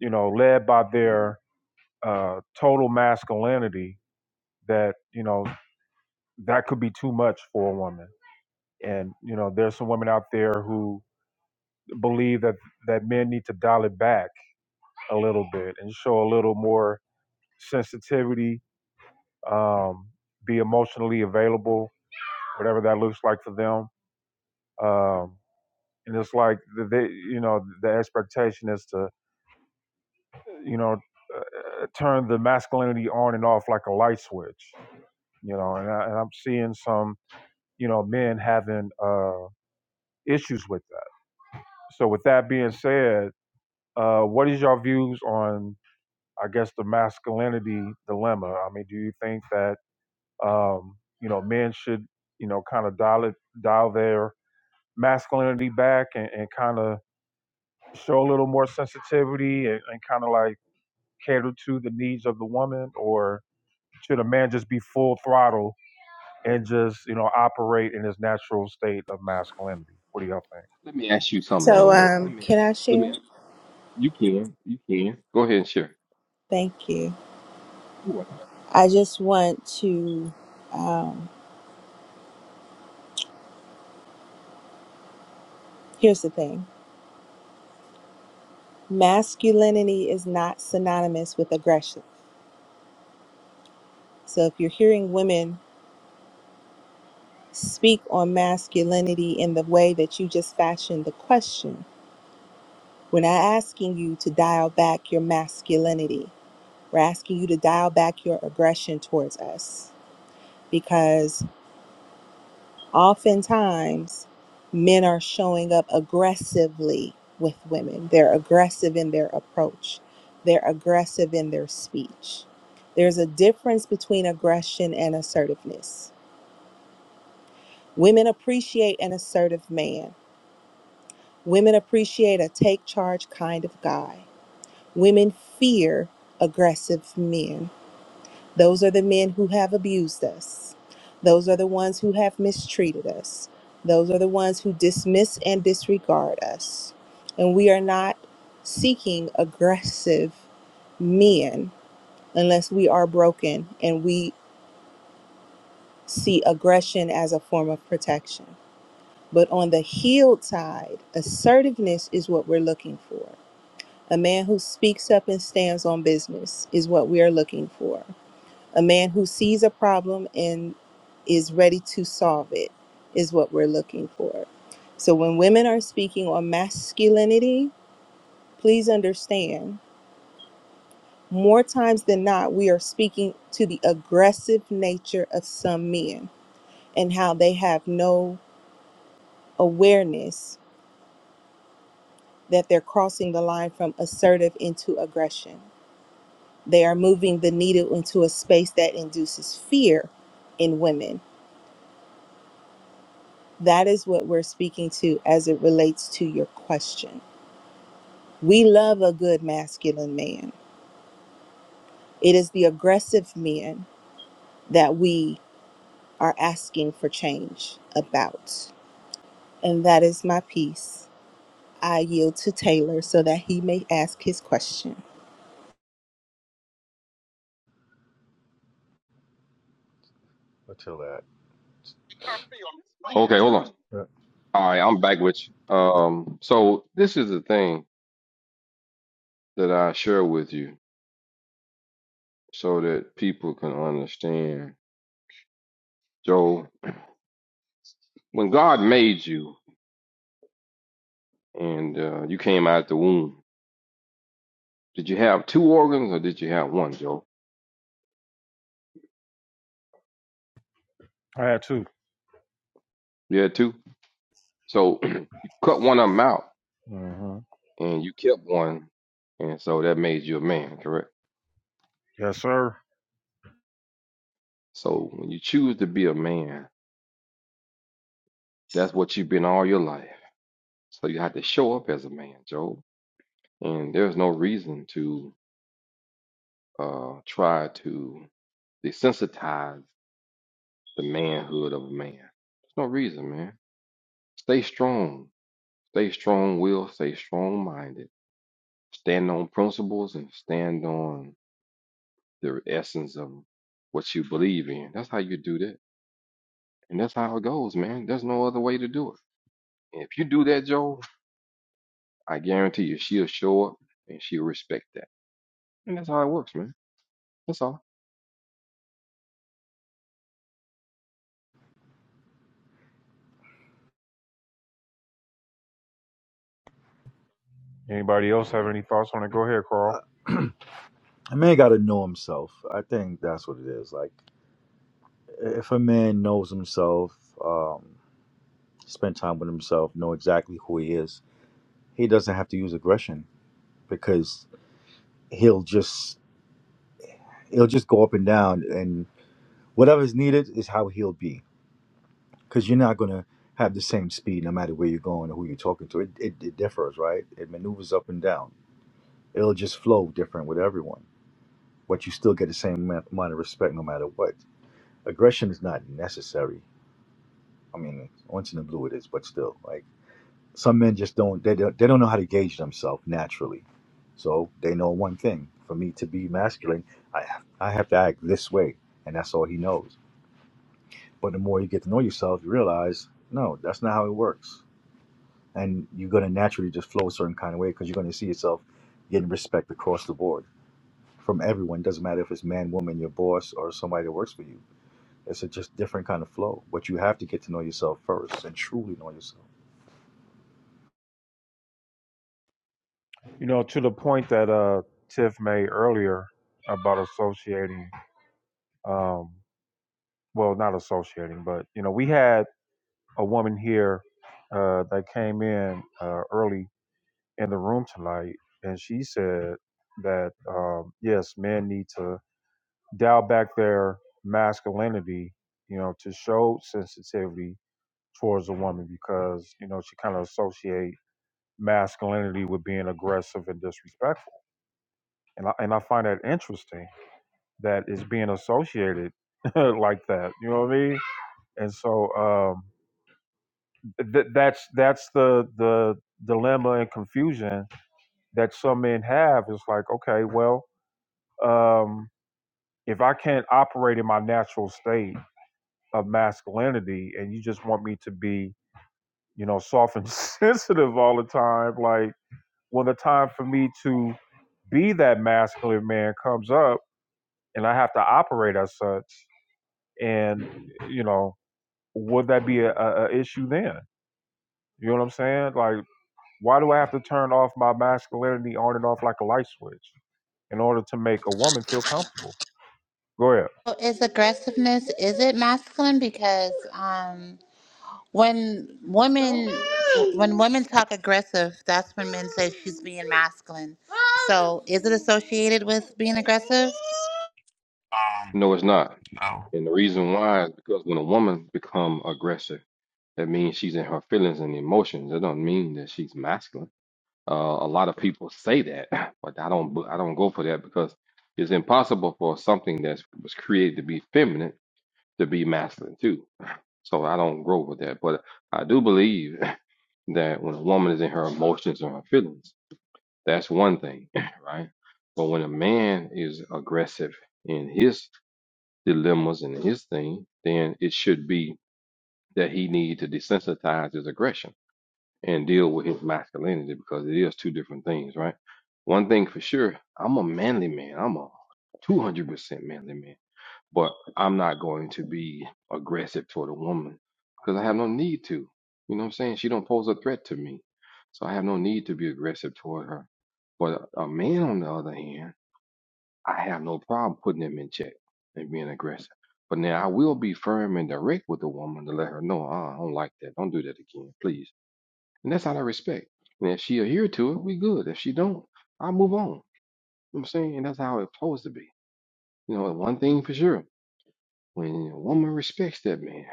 [SPEAKER 1] you know led by their uh, total masculinity that you know that could be too much for a woman and you know there's some women out there who believe that that men need to dial it back a little bit and show a little more sensitivity um, be emotionally available whatever that looks like for them um, and it's like they you know the expectation is to you know uh, turn the masculinity on and off like a light switch you know and, I, and i'm seeing some you know, men having uh, issues with that. So, with that being said, uh, what is your views on, I guess, the masculinity dilemma? I mean, do you think that um, you know men should, you know, kind of dial it, dial their masculinity back and, and kind of show a little more sensitivity and, and kind of like cater to the needs of the woman, or should a man just be full throttle and just you know operate in his natural state of masculinity? What do y'all think?
[SPEAKER 6] Let me ask you something,
[SPEAKER 5] So,
[SPEAKER 6] Joel. Let
[SPEAKER 5] um,
[SPEAKER 6] me
[SPEAKER 5] can I
[SPEAKER 6] let me
[SPEAKER 5] share?
[SPEAKER 6] you can. You can. Go ahead and share.
[SPEAKER 5] Thank you.
[SPEAKER 6] You're welcome.
[SPEAKER 5] I just want to. Um, here's the thing masculinity is not synonymous with aggression. So, if you're hearing women speak on masculinity in the way that you just fashioned the question, we're not asking you to dial back your masculinity. We're asking you to dial back your aggression towards us because. Oftentimes, men are showing up aggressively with women. They're aggressive in their approach, they're aggressive in their speech. There's a difference between aggression and assertiveness. Women appreciate an assertive man, women appreciate a take charge kind of guy. Women fear aggressive men Those are the men who have abused us. Those are the ones who have mistreated us. Those are the ones who dismiss and disregard us. And we are not seeking aggressive men unless we are broken and we see aggression as a form of protection. But on the healed side, assertiveness is what we're looking for. A man who speaks up and stands on business is what we are looking for. A man who sees a problem and is ready to solve it is what we're looking for. So when women are speaking on masculinity, please understand more times than not, we are speaking to the aggressive nature of some men and how they have no awareness that they're crossing the line from assertive into aggression. They are moving the needle into a space that induces fear in women That is what we're speaking to as it relates to your question. We love a good masculine man. It is the aggressive men that we are asking for change about. And that is my piece. I yield to Taylor so that he may ask his question.
[SPEAKER 4] until that.
[SPEAKER 6] Okay, hold on. All right, I'm back with you. Um, so this is the thing that I share with you so that people can understand. Joel, when God made you and uh, you came out the womb. Did you have two organs or did you have one, Joe?
[SPEAKER 1] I had two.
[SPEAKER 6] You had two. So you cut one of them out
[SPEAKER 1] hmm
[SPEAKER 6] and you kept one. And so that made you a man, correct?
[SPEAKER 1] Yes, sir.
[SPEAKER 6] So when you choose to be a man, that's what you've been all your life. So you have to show up as a man, Joe. And there's no reason to uh, try to desensitize the manhood of a man. There's no reason, man. Stay strong. Stay strong willed, stay strong minded. Stand on principles and stand on the essence of what you believe in. That's how you do that. And that's how it goes, man. There's no other way to do it. And if you do that, Joe, I guarantee you she'll show up and she'll respect that. And that's how it works, man. That's all.
[SPEAKER 1] Anybody else have any thoughts on it? Go ahead, Carl.
[SPEAKER 4] Uh, A man got to know himself. I think that's what it is. Like, if a man knows himself, um, spend time with himself, know exactly who he is, he doesn't have to use aggression because he'll just it'll just go up and down and whatever's needed is how he'll be because you're not going to have the same speed no matter where you're going or who you're talking to it, it, it differs right it maneuvers up and down it'll just flow different with everyone but you still get the same ma- amount of respect no matter what aggression is not necessary i mean once in a blue it is but still like some men just don't they don't, they don't know how to gauge themselves naturally so they know one thing for me to be masculine i, I have to act this way and that's all he knows But the more you get to know yourself, you realize, no, that's not how it works. And you're going to naturally just flow a certain kind of way because you're going to see yourself getting respect across the board from everyone. Doesn't matter if it's man, woman, your boss, or somebody that works for you. It's a just different kind of flow. But you have to get to know yourself first and truly know yourself.
[SPEAKER 1] You know, to the point that uh, Tiff made earlier about associating, um, well, not associating, but, you know, we had a woman here uh, that came in uh, early in the room tonight, and she said that, um, yes, men need to dial back their masculinity, you know, to show sensitivity towards a woman because, you know, she kind of associate masculinity with being aggressive and disrespectful. And I, and I find that interesting that it's being associated like that. You know what I mean? And so um, th- that's that's the the dilemma and confusion that some men have. It's like, okay, well, um, if I can't operate in my natural state of masculinity, and you just want me to be, you know, soft and sensitive all the time, like. when the time for me to be that masculine man comes up and I have to operate as such, and you know, would that be a, a, a issue then? You know what I'm saying? Like, why do I have to turn off my masculinity on and off like a light switch in order to make a woman feel comfortable? Go ahead.
[SPEAKER 2] So Is aggressiveness is it masculine? Because um, when women when women talk aggressive, that's when men say she's being masculine. So is it associated with being aggressive?
[SPEAKER 10] Um,
[SPEAKER 6] No, it's not.
[SPEAKER 10] no.
[SPEAKER 6] And the reason why is because when a woman become aggressive, that means she's in her feelings and emotions. That don't mean that she's masculine. Uh, a lot of people say that, but I don't. I don't go for that because it's impossible for something that was created to be feminine to be masculine too. So I don't grow with that. But I do believe that when a woman is in her emotions or her feelings, that's one thing, right? But when a man is aggressive in his dilemmas and his thing, then it should be that he need to desensitize his aggression and deal with his masculinity because it is two different things, right? One thing for sure, I'm a manly man. I'm a 200% manly man but I'm not going to be aggressive toward a woman because I have no need to. You know what I'm saying? She don't pose a threat to me, so I have no need to be aggressive toward her. But a a man, on the other hand, I have no problem putting him in check and being aggressive. But now I will be firm and direct with the woman to let her know, uh, I don't like that. Don't do that again, please. And that's out of respect. And if she adhere to it, we good. If she don't, I move on. You know what I'm saying? And that's how it's supposed to be. You know, one thing for sure. When a woman respects that man,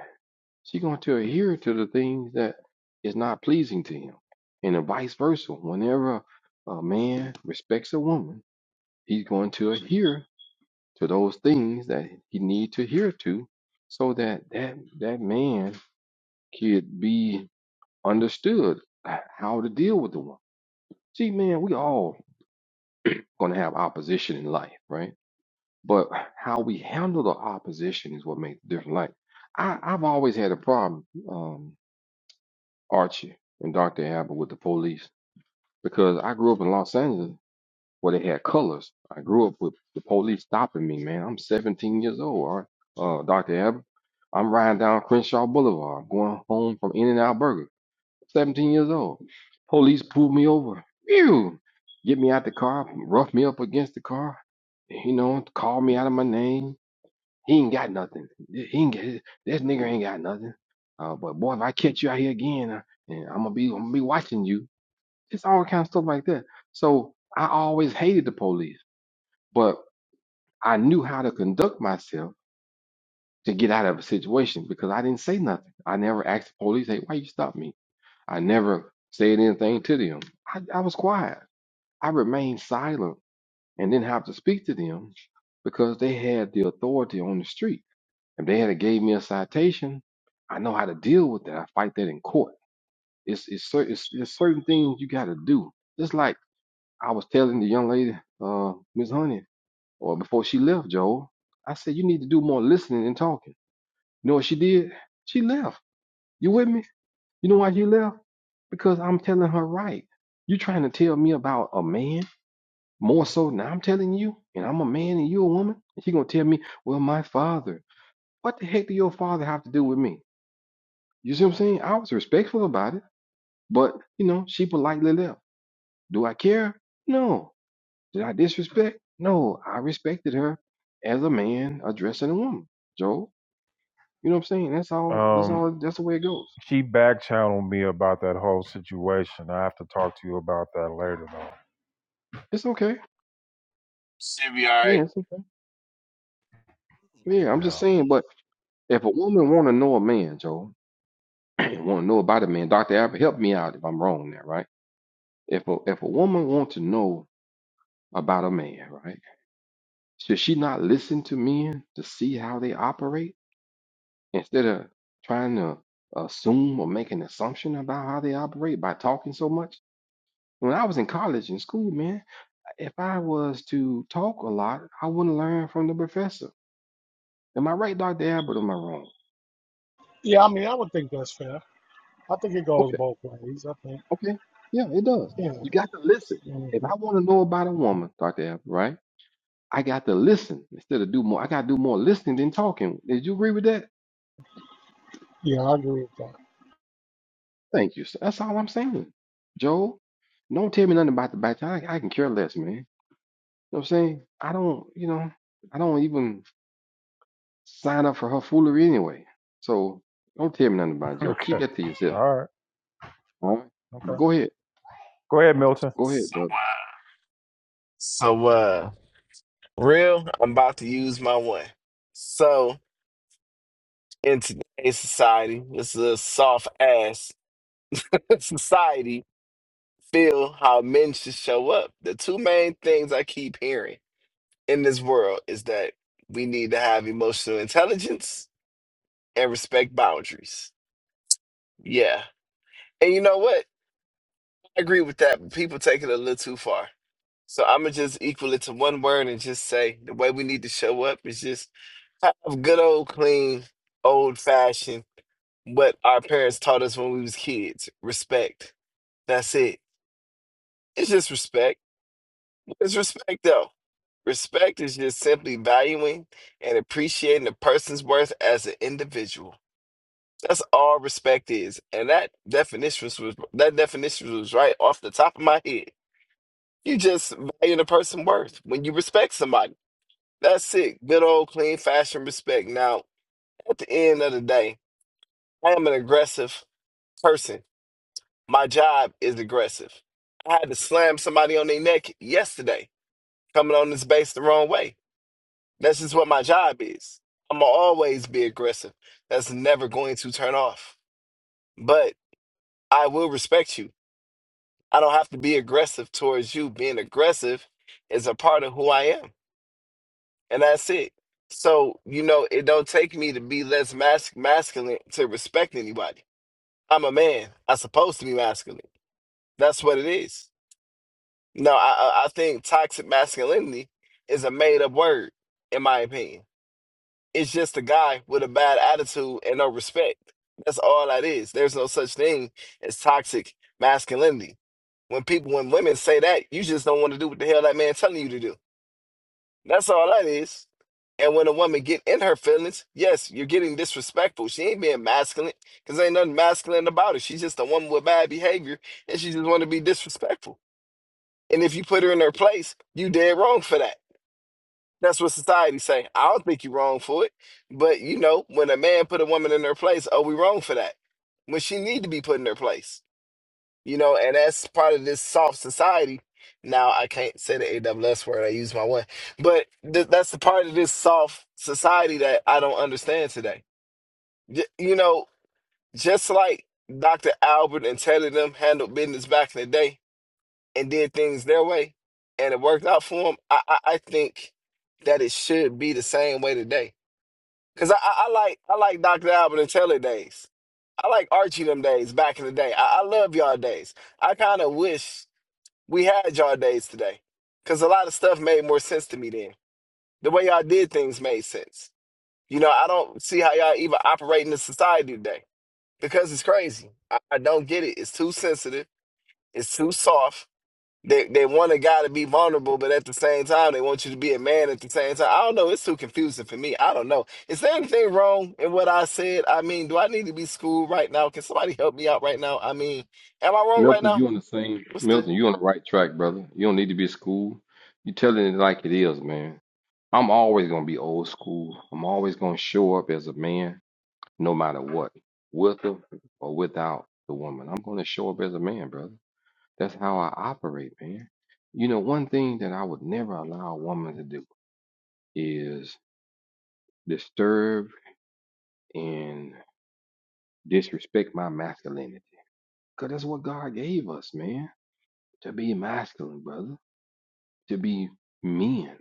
[SPEAKER 6] she's going to adhere to the things that is not pleasing to him. And vice versa. Whenever a man respects a woman, he's going to adhere to those things that he need to adhere to so that that, that man could be understood how to deal with the woman. See, man, we all going to have opposition in life, right? but how we handle the opposition is what makes the difference. Like I, I've always had a problem, um, Archie and Dr. Abbott with the police because I grew up in Los Angeles where they had colors. I grew up with the police stopping me, man. I'm 17 years old, all right? Uh, Dr. Abbott, I'm riding down Crenshaw Boulevard. I'm going home from In n Out Burger. 17 years old. Police pulled me over. Phew! Get me out the car, rough me up against the car, you know, call me out of my name he ain't got nothing. He ain't got, this nigga ain't got nothing. Uh, but boy, if I catch you out here again, uh, and I'm gonna be, I'm gonna be watching you. It's all kind of stuff like that. So I always hated the police, but I knew how to conduct myself to get out of a situation because I didn't say nothing. I never asked the police, "Hey, why you stop me?" I never said anything to them. I, I was quiet. I remained silent and didn't have to speak to them because they had the authority on the street. If they had a gave me a citation, I know how to deal with that. I fight that in court. It's it's, cer- it's, it's certain things you got to do. Just like I was telling the young lady, uh, Miss Honey, or before she left, Joel, I said you need to do more listening and talking. You know what she did? She left. You with me? You know why she left? Because I'm telling her right. You trying to tell me about a man more so than I'm telling you, and I'm a man and you a woman, and she gonna tell me, well, my father. What the heck do your father have to do with me? You see what I'm saying? I was respectful about it, but you know, she politely left. Do I care? No. Did I disrespect? No. I respected her as a man addressing a woman, Joe. You know what I'm saying? That's all that's
[SPEAKER 1] Um,
[SPEAKER 6] all that's the way it goes.
[SPEAKER 1] she back channeled me about that whole situation. I have to talk to you about that later.
[SPEAKER 6] It's okay. Yeah,
[SPEAKER 10] Right.
[SPEAKER 6] it's okay. Yeah, I'm just
[SPEAKER 1] Yeah.
[SPEAKER 6] saying, but if a woman wanna know a man, Joe, wanna know about a man, Dr. Albert, help me out if I'm wrong there, right? If a if a woman wants to know about a man, right? Should she not listen to men to see how they operate? instead of trying to assume or make an assumption about how they operate by talking so much. When I was in college and school, man, if I was to talk a lot, I wouldn't learn from the professor. Am I right, Dr. Albert? or Am I wrong?
[SPEAKER 9] Yeah, I mean, I would think that's fair. I think it goes
[SPEAKER 6] Okay,
[SPEAKER 9] both ways. I think,
[SPEAKER 6] okay. Yeah, it does.
[SPEAKER 9] yeah,
[SPEAKER 6] You got to listen. If
[SPEAKER 9] mhm.
[SPEAKER 6] I want to know about a woman, Dr. Albert, right? I got to listen instead of do more. I got to do more listening than talking. Did you agree with that?
[SPEAKER 9] yeah, I agree with that.
[SPEAKER 6] Thank you. sir. That's all I'm saying. Joel, don't tell me nothing about the back. I, I can care less, man. know what I'm saying? I don't, you know, I don't even sign up for her foolery anyway. So don't tell me nothing about it, Joe. Keep
[SPEAKER 1] okay.
[SPEAKER 6] that to yourself.
[SPEAKER 1] All right.
[SPEAKER 6] All right. But
[SPEAKER 1] Okay.
[SPEAKER 6] go ahead.
[SPEAKER 1] Go ahead, Milton.
[SPEAKER 6] Go ahead,
[SPEAKER 10] So,
[SPEAKER 6] brother.
[SPEAKER 10] uh, so, uh, real, I'm about to use my one. So, in today's society, this is a soft ass society. Feel how men should show up. The two main things I keep hearing in this world is that we need to have emotional intelligence and respect boundaries. Yeah. And you know what? I agree with that, but people take it a little too far. So I'm gonna just equal it to one word and just say the way we need to show up is just have good old clean, old fashioned what our parents taught us when we was kids. Respect. That's it. It's just respect. It's respect though. Respect is just simply valuing and appreciating a person's worth as an individual. That's all respect is. And that definition was that definition was right off the top of my head. You just value the person's worth when you respect somebody. That's it. Good old clean fashion respect. Now, at the end of the day, I am an aggressive person. My job is aggressive. I had to slam somebody on their neck yesterday, coming on this base the wrong way. That's just what my job is. I'm gonna always be aggressive. That's never going to turn off. But I will respect you. I don't have to be aggressive towards you. Being aggressive is a part of who I am. and that's it. So you know, it don't take me to be less mas- masculine to respect anybody. I'm a man. I'm supposed to be masculine. That's what it is. No, I I I think toxic masculinity is a made up word, in my opinion. It's just a guy with a bad attitude and no respect. That's all that is. There's no such thing as toxic masculinity. When people, when women say that, you just don't want to do what the hell that man telling you to do. That's all that is. And when a woman get in her feelings, yes, you're getting disrespectful. She ain't being masculine because ain't nothing masculine about it. She's just a woman with bad behavior and she just want to be disrespectful. And if you put her in her place, you dead wrong for that. That's what society say. I don't think you wrong for it. But you know, when a man put a woman in her place, oh, we wrong for that. When she need to be put in her place. You know, and that's part of this soft society. Now I can't say the AWS word. I use my one, but th- that's the part of this soft society that I don't understand today. J- you know, just like Dr. Albert and Teddy them handled business back in the day and did things their way, and it worked out for them. I, I, I think that it should be the same way today. Cause I, I, I like I like Dr. Albert and Taylor days. I like Archie them days back in the day. I, I love y'all days. I kind of wish we had y'all days today because a lot of stuff made more sense to me then. The way y'all did things made sense. You know, I don't see how y'all even operate in the society today because it's crazy. I, I don't get it. It's too sensitive. It's too soft. They they want a guy to be vulnerable, but at the same time, they want you to be a man at the same time. I don't know. It's too confusing for me. I don't know. Is there anything wrong in what I said? I mean, do I need to be schooled right now? Can somebody help me out right now? I mean, am I wrong right
[SPEAKER 6] Milton,
[SPEAKER 10] now?
[SPEAKER 6] you on the same
[SPEAKER 10] What's the
[SPEAKER 6] Milton, you on the right track, brother. You don't need to be at school. You telling it like it is, man. I'm always gonna be old school. I'm always gonna show up as a man, no matter what. With her or without the woman. I'm gonna show up as a man, brother. That's how I operate, man. You know, one thing that I would never allow a woman to do is disturb and disrespect my masculinity. Because that's what God gave us, man, to be masculine, brother, to be men.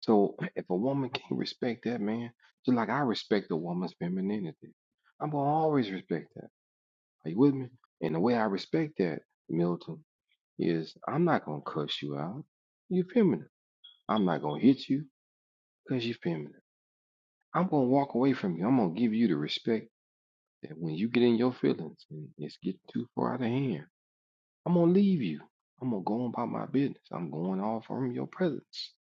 [SPEAKER 6] So if a woman can't respect that, man, just like I respect a woman's femininity, I'm going to always respect that. Are you with me? And the way I respect that, Milton, is I'm not going to cuss you out. You're feminine. I'm not going to hit you because you're feminine. I'm going to walk away from you. I'm going to give you the respect that when you get in your feelings and it's getting too far out of hand, I'm gonna leave you. I'm gonna go on about my business. I'm going off from your presence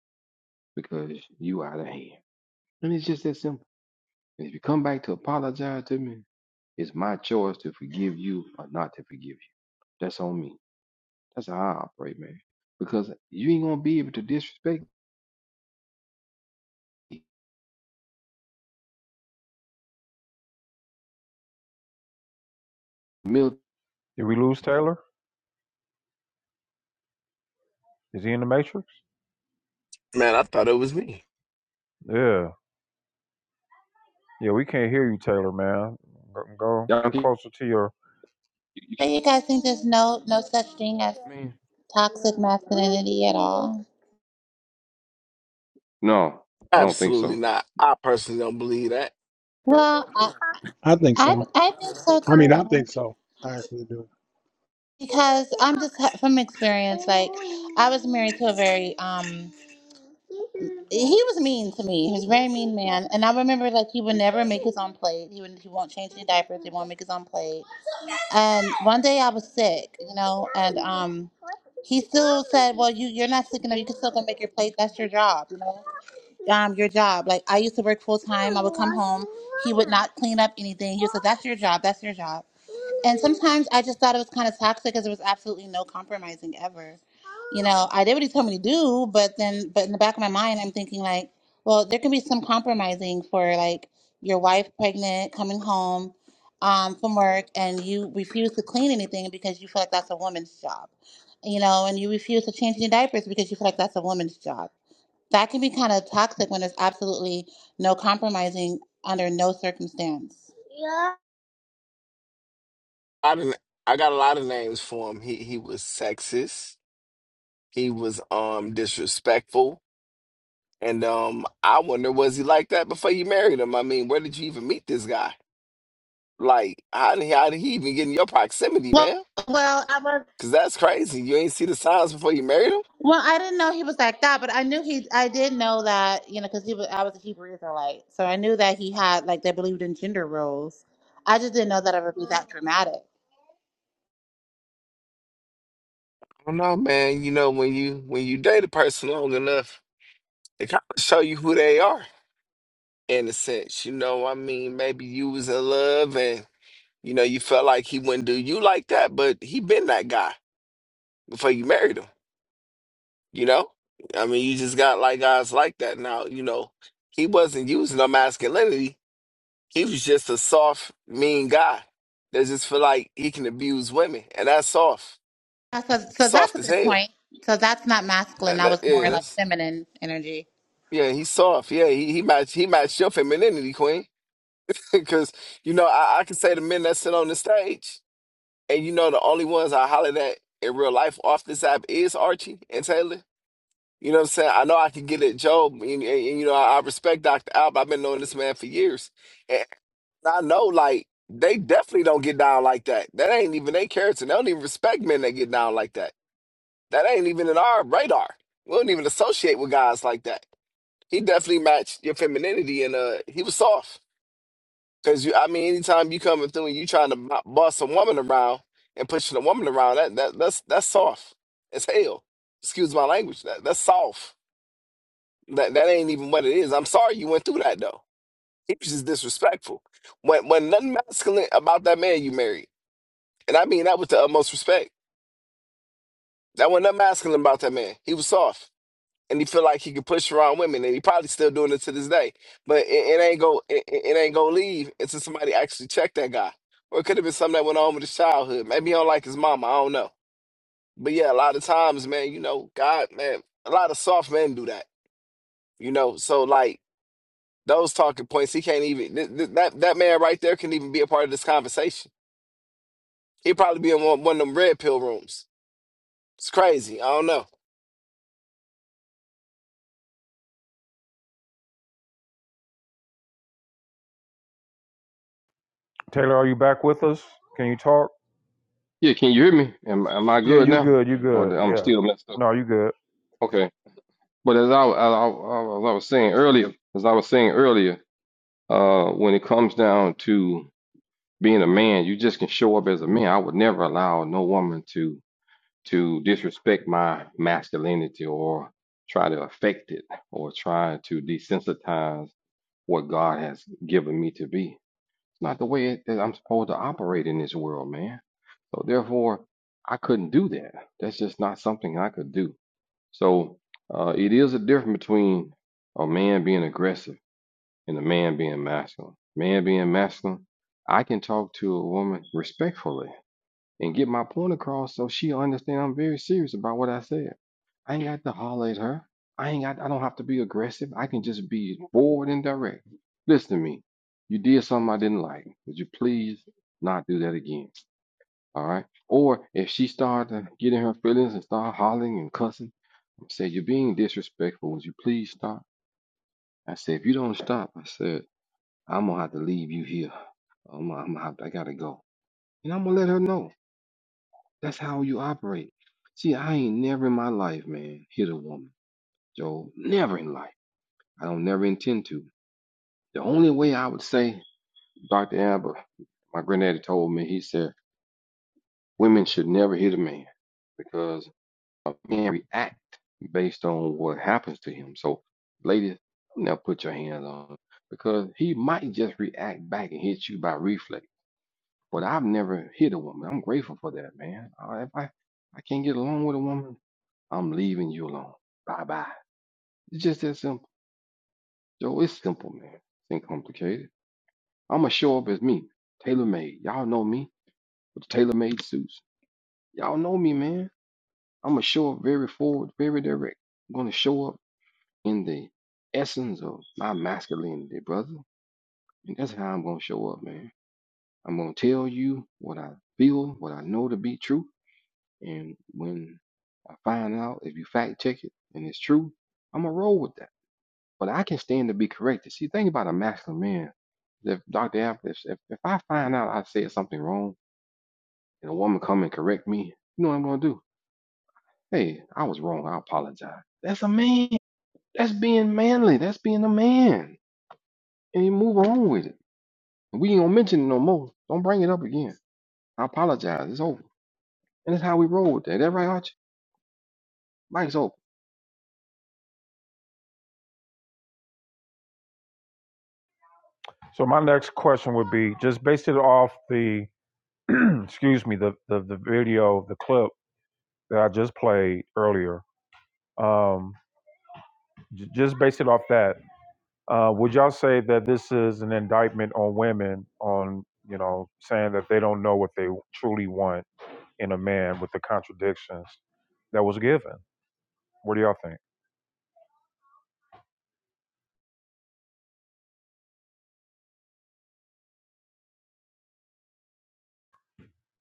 [SPEAKER 6] because you out of hand. And it's just that simple. And if you come back to apologize to me, it's my choice to forgive you or not to forgive you. That's on me. That's how I operate, man. Because you ain't gonna be able to disrespect me. Mil-
[SPEAKER 1] Did we lose Taylor? Is he in the matrix?
[SPEAKER 10] man? I thought it was me.
[SPEAKER 1] Yeah, yeah, we can't hear you, Taylor, man. Go, go
[SPEAKER 6] y'all
[SPEAKER 1] get
[SPEAKER 6] can-
[SPEAKER 1] closer to your.
[SPEAKER 6] you- you-
[SPEAKER 2] But you guys think there's no no such thing as
[SPEAKER 6] man.
[SPEAKER 2] toxic masculinity at all?
[SPEAKER 6] No, I don't think
[SPEAKER 10] Absolutely
[SPEAKER 6] so.
[SPEAKER 10] not. I personally don't believe that.
[SPEAKER 2] Well, I,
[SPEAKER 9] I think
[SPEAKER 2] I,
[SPEAKER 9] so.
[SPEAKER 2] I think so
[SPEAKER 9] I mean, I
[SPEAKER 2] too.
[SPEAKER 9] think so. I actually do.
[SPEAKER 2] Because I'm just ha- from experience, like I was married to a very um, he was mean to me. He was a very mean man, and I remember like he would never make his own plate. He would he won't change any diapers. He won't make his own plate. And one day I was sick, you know, and um, he still said, "Well, you you're not sick enough. You can still go make your plate. That's your job, you know." um, your job. Like I used to work full time. I would come home. He would not clean up anything. He was like, "That's your job. That's your job." And sometimes I just thought it was kind of toxic because there was absolutely no compromising ever. You know, I did what he told me to do, but then, but in the back of my mind, I'm thinking like, well, there can be some compromising for like your wife pregnant, coming home um, from work, and you refuse to clean anything because you feel like that's a woman's job. You know, and you refuse to change any diapers because you feel like that's a woman's job that can be kind of toxic when there's absolutely no compromising under no circumstance. Yeah.
[SPEAKER 10] I didn't. I got a lot of names for him. He he was sexist. He was um disrespectful, and um I wonder was he like that before you married him? I mean, where did you even meet this guy? Like, how did he, how did he even get in your proximity,
[SPEAKER 2] Well,
[SPEAKER 10] man?
[SPEAKER 2] well, I was.
[SPEAKER 10] Cause that's crazy. You ain't see the signs before you married him.
[SPEAKER 2] Well, I didn't know he was like that, but I knew he. I did know that you know because he was. I was a Hebrew Israelite, so I knew that he had like they believed in gender roles. I just didn't know that it would be that dramatic.
[SPEAKER 10] I don't know, man. You know when you when you date a person long enough, it kind of show you who they are in a sense. You know, I mean, maybe you was in love and You know, you felt like he wouldn't do you like that, but he been that guy before you married him, you know? I mean, you just got like guys like that now, you know. He wasn't using no masculinity. He was just a soft, mean guy that just feel like he can abuse women. And that's soft.
[SPEAKER 2] Uh, So, so that's
[SPEAKER 10] Soft
[SPEAKER 2] a
[SPEAKER 10] as
[SPEAKER 2] good
[SPEAKER 10] hell.
[SPEAKER 2] point. So that's not masculine.
[SPEAKER 10] That,
[SPEAKER 2] That
[SPEAKER 10] that
[SPEAKER 2] was more like
[SPEAKER 10] is.
[SPEAKER 2] feminine energy.
[SPEAKER 10] Yeah, he's soft. Yeah, he he matched he matched your femininity, Queen. Cause you know, I, I can say the men that sit on the stage. And you know, the only ones I hollered at in real life off this app is Archie and Taylor. You know what I'm saying? I know I can get at Joe. and, and- and, you know, I, I respect Dr. Alb. I've been knowing this man for years. And I know, like, they definitely don't get down like that. That ain't even their character. They don't even respect men that get down like that. That ain't even in our radar. We don't even associate with guys like that. He definitely matched your femininity, and uh, he was soft. Cause you, I mean, anytime you coming through and you trying to bo- boss a woman around and pushing a woman around, that that that's that's soft as hell. Excuse my language. That that's soft. That that ain't even what it is. I'm sorry you went through that though. He was just disrespectful. When when nothing masculine about that man you married, and I mean that with the utmost respect. That wasn't nothing masculine about that man. He was soft. and he feel like he could push around women, and he probably still doing it to this day. But it, it ain't go it, it ain't gonna leave until somebody actually check that guy. Or it could have been something that went on with his childhood. Maybe he don't like his mama. I don't know. But yeah, a lot of times, man, you know, God, man, a lot of soft men do that. You know, so like those talking points, he can't even th- th- that that man right there can even be a part of this conversation. He'd probably be in one, one of them red pill rooms. It's crazy. I don't know.
[SPEAKER 1] Taylor, are you back with us? Can you talk?
[SPEAKER 6] Yeah, can you hear me? Am, am I
[SPEAKER 1] Yeah,
[SPEAKER 6] good
[SPEAKER 1] you
[SPEAKER 6] now?
[SPEAKER 1] good. You
[SPEAKER 6] Or
[SPEAKER 1] good.
[SPEAKER 6] I'm
[SPEAKER 1] Yeah.
[SPEAKER 6] still messed up?
[SPEAKER 1] No, you good.
[SPEAKER 6] Okay. But as I, I, I- as I was saying earlier, as I was saying earlier, uh, when it comes down to being a man, you just can show up as a man. I would never allow no woman to to disrespect my masculinity or try to affect it or try to desensitize what God has given me to be. It's not the way it, that I'm supposed to operate in this world, man. So therefore, I couldn't do that. That's just not something I could do. So uh, it is a difference between a man being aggressive and a man being masculine. Man being masculine, I can talk to a woman respectfully and get my point across so she'll understand I'm very serious about what I said. I ain't got to holler at her. I ain't got I don't have to be aggressive. I can just be forward and direct. Listen to me. You did something I didn't like. Would you please not do that again? All right. Or if she started getting her feelings and start hollering and cussing said, You're being disrespectful. Would you please stop? I said, If you don't stop, I said, I'm going to have to leave you here. I'm, I'm, I, I got to go. And I'm going to let her know. That's how you operate. See, I ain't never in my life, man, hit a woman, Joe. Never in life. I don't never intend to. The only way I would say, Dr. Amber, my granddaddy told me, he said, women should never hit a man because and react based on what happens to him. So, ladies, now put your hands on him because he might just react back and hit you by reflex. But I've never hit a woman. I'm grateful for that, man. Uh, If I, I can't get along with a woman, I'm leaving you alone. Bye bye. It's just that simple. Joe, it's simple, man. It ain't complicated. I'ma show up as me, tailor made. Y'all know me with the tailor made suits. Y'all know me, man. I'ma show up very forward, very direct. I'm gonna show up in the essence of my masculinity, brother. And that's how I'm gonna show up, man. I'm gonna tell you what I feel, what I know to be true, and when I find out if you fact check it and it's true, I'm gonna roll with that. But I can stand to be corrected. See, think about a masculine man. If Dr. Apple, if, if if I find out I said something wrong and a woman come and correct me, you know what I'm gonna do? Hey, I was wrong. I apologize. That's a man. That's being manly. That's being a man. And you move on with it. We ain't gonna mention it no more. Don't bring it up again. I apologize. It's over. And that's how we roll with that. That right, Archie? Mike's over.
[SPEAKER 1] So my next question would be just based it off the, excuse me, the the, the video, the clip that I just played earlier. Um, j- just based it off that, uh, would y'all say that this is an indictment on women on you know saying that they don't know what they truly want in a man with the contradictions that was given? What do y'all think?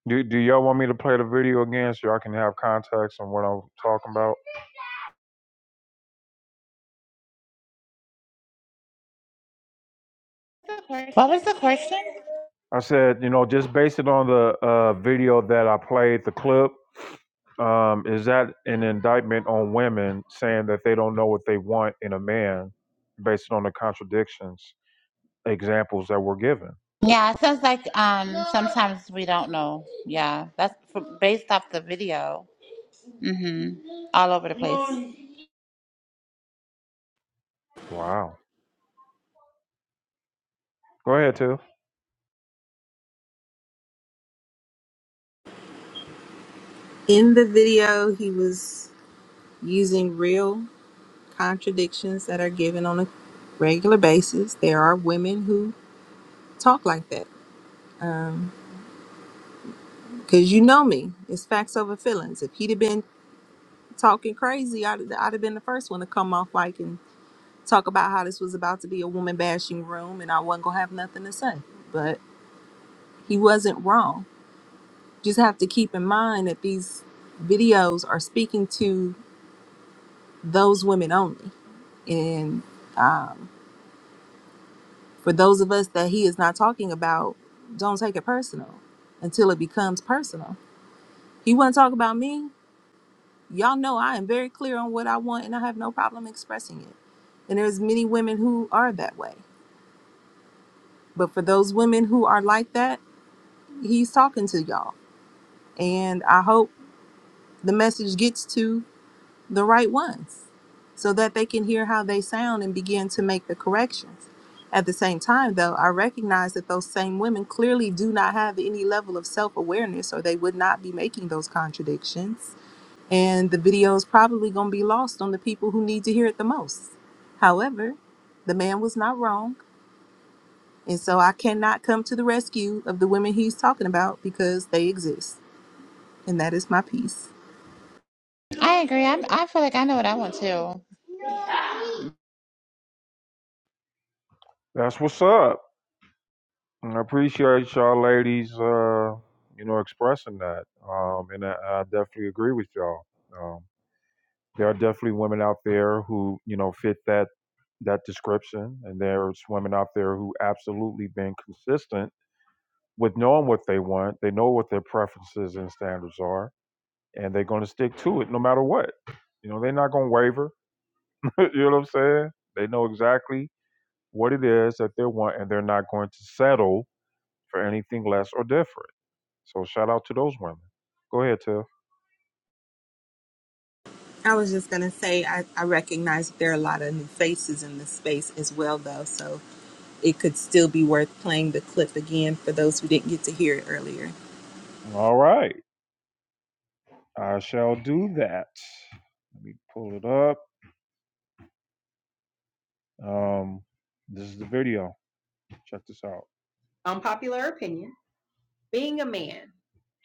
[SPEAKER 1] Do Do y'all want me to play the video again so y'all can have context on what I'm talking about?
[SPEAKER 2] What was the question?
[SPEAKER 1] I said, you know, just based it on the uh, video that I played, the clip. Um, is that an indictment on women saying that they don't know what they want in a man based on the contradictions examples that were given?
[SPEAKER 2] Yeah, it sounds like um sometimes we don't know. Yeah, that's from, based off the video. Mhm. All over the place.
[SPEAKER 1] Wow. Go ahead, Tiff.
[SPEAKER 5] In the video, he was using real contradictions that are given on a regular basis. There are women who talk like that. Because you know me, it's facts over feelings. If he'd have been talking crazy, I'd, I'd have been the first one to come off like and talk about how this was about to be a woman bashing room and I wasn't going to have nothing to say. But he wasn't wrong. Just have to keep in mind that these videos are speaking to those women only. And um, for those of us that he is not talking about, don't take it personal until it becomes personal. He wasn't talking about me. Y'all know I am very clear on what I want and I have no problem expressing it. And there's many women who are that way. But for those women who are like that, he's talking to y'all. And I hope the message gets to the right ones so that they can hear how they sound and begin to make the corrections. At the same time, though, I recognize that those same women clearly do not have any level of self awareness or they would not be making those contradictions and the video is probably going to be lost on the people who need to hear it the most. However, the man was not wrong, and so I cannot come to the rescue of the women he's talking about because they exist, and that is my piece.
[SPEAKER 2] I agree. I I feel like I know what I want too.
[SPEAKER 1] That's what's up. And I appreciate y'all ladies, uh, you know, expressing that. Um, and I, I definitely agree with y'all. Um. there are definitely women out there who you know fit that that description and there's women out there who absolutely been consistent with knowing what they want they know what their preferences and standards are and they're going to stick to it no matter what you know they're not going to waver you know what i'm saying they know exactly what it is that they want and they're not going to settle for anything less or different so shout out to those women go ahead tiff
[SPEAKER 5] I was just gonna say I, I recognize that there are a lot of new faces in this space as well though, so it could still be worth playing the clip again for those who didn't get to hear it earlier.
[SPEAKER 1] all right i shall do that let me pull it up Um, this is the video. Check this out. Unpopular opinion being a man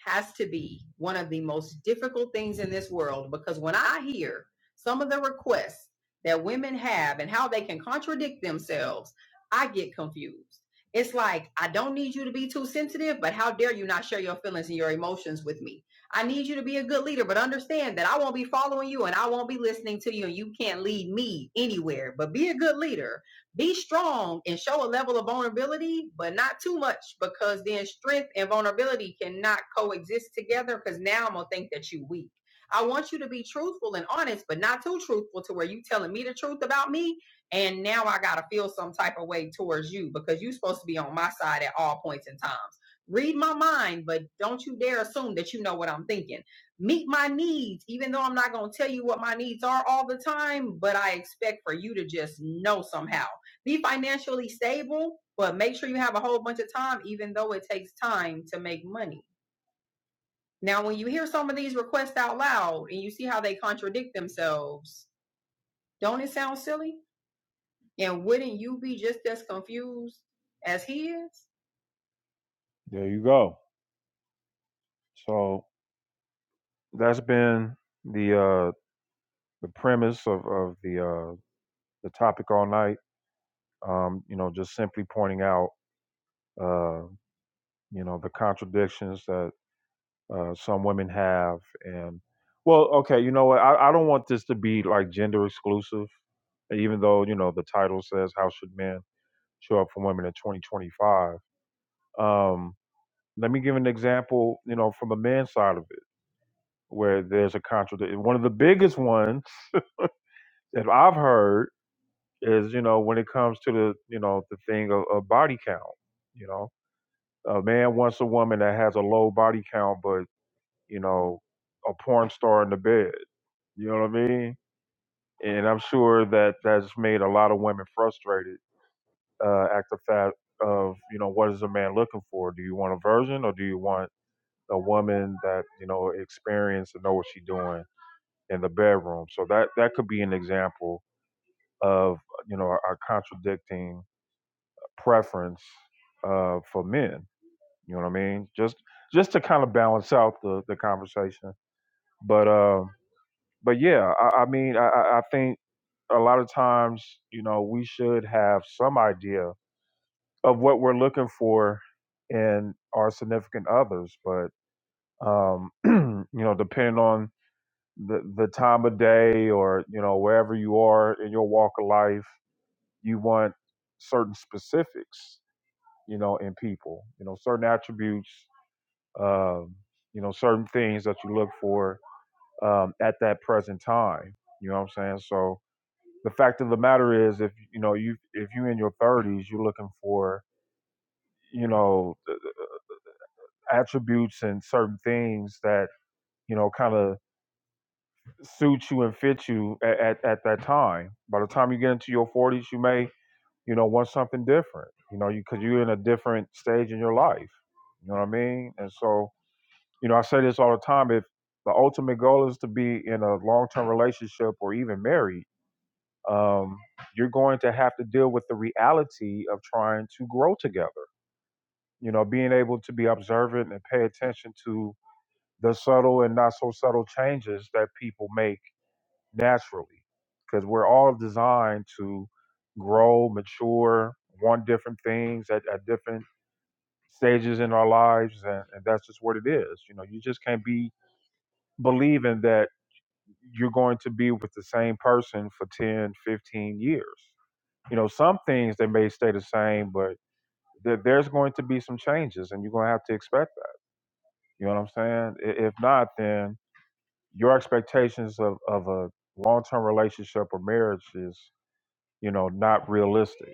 [SPEAKER 1] has to be one of the most difficult things in this world because when I hear some of the requests that women have and how they can contradict themselves, I get confused. It's like, I don't need you to be too sensitive, but how dare you not share your feelings and your emotions with me? I need you to be a good leader, but understand that I won't be following you and I won't be listening to you, and you can't lead me anywhere. But be a good leader be strong and show a level of vulnerability, but not too much because then strength and vulnerability cannot coexist together because now I'm gonna think that you are weak. I want you to be truthful and honest, but not too truthful to where you telling me the truth about me. And now I gotta feel some type of way towards you because you're supposed to be on my side at all points and times. Read my mind, but don't you dare assume that you know what I'm thinking. Meet my needs, even though I'm not gonna tell you what my needs are all the time, but I expect for you to just know somehow be financially stable, but make sure you have a whole bunch of time, even though it takes time to make money. Now, when you hear some of these requests out loud and you see how they contradict themselves, don't it sound silly? And wouldn't you be just as confused as he is? There you go. So that's been the uh, the premise of of the uh, the topic all night. Um, you know, just simply pointing out uh, you know the contradictions that uh, some women have. And well, okay, you know what? I, I don't want this to be like gender exclusive, even though you know the title says "How Should Men Show Up for Women in 2025." Um, let me give an example, you know, from the men's side of it, where there's a contradiction. One of the biggest ones that I've heard is, you know, when it comes to the, you know, the thing of, of body count. You know, a man wants a woman that has a low body count, but you know, a porn star in the bed. You know what I mean? And I'm sure that that's made a lot of women frustrated uh, at the fact of, you know, what is a man looking for? Do you want a virgin or do you want a woman that, you know, experienced and know what she's doing in the bedroom? So that, that could be an example of, you know, a contradicting preference uh, for men. You know what I mean? Just just to kind of balance out the, the conversation. But um, but yeah, I, I mean, I, I I think a lot of times, you know, we should have some idea of what we're looking for in our significant others. But um, you know, depending on the the time of day or you know wherever you are in your walk of life, you want certain specifics, you know, in people, you know, certain attributes, um, you know, certain things that you look for um, at that present time. You know what I'm saying? So the fact of the matter is if you know you if you're in your 30s you're looking for you know attributes and certain things that you know kind of suit you and fit you at, at, at that time by the time you get into your 40s you may you know want something different you know you because you, you're in a different stage in your life you know what i mean and so you know i say this all the time if the ultimate goal is to be in a long-term relationship or even married um, you're going to have to deal with the reality of trying to grow together. You know, being able to be observant and pay attention to the subtle and not so subtle changes that people make naturally, because we're all designed to grow, mature, want different things at, at different stages in our lives, and, and that's just what it is. You know, you just can't be believing that you're going to be with the same person for 10, 15 years you know, some things they may stay the same, but there, there's going to be some changes, and you're going to have to expect that. You know what I'm saying? I- If not, then your expectations of, of a long-term relationship or marriage is, you know, not realistic.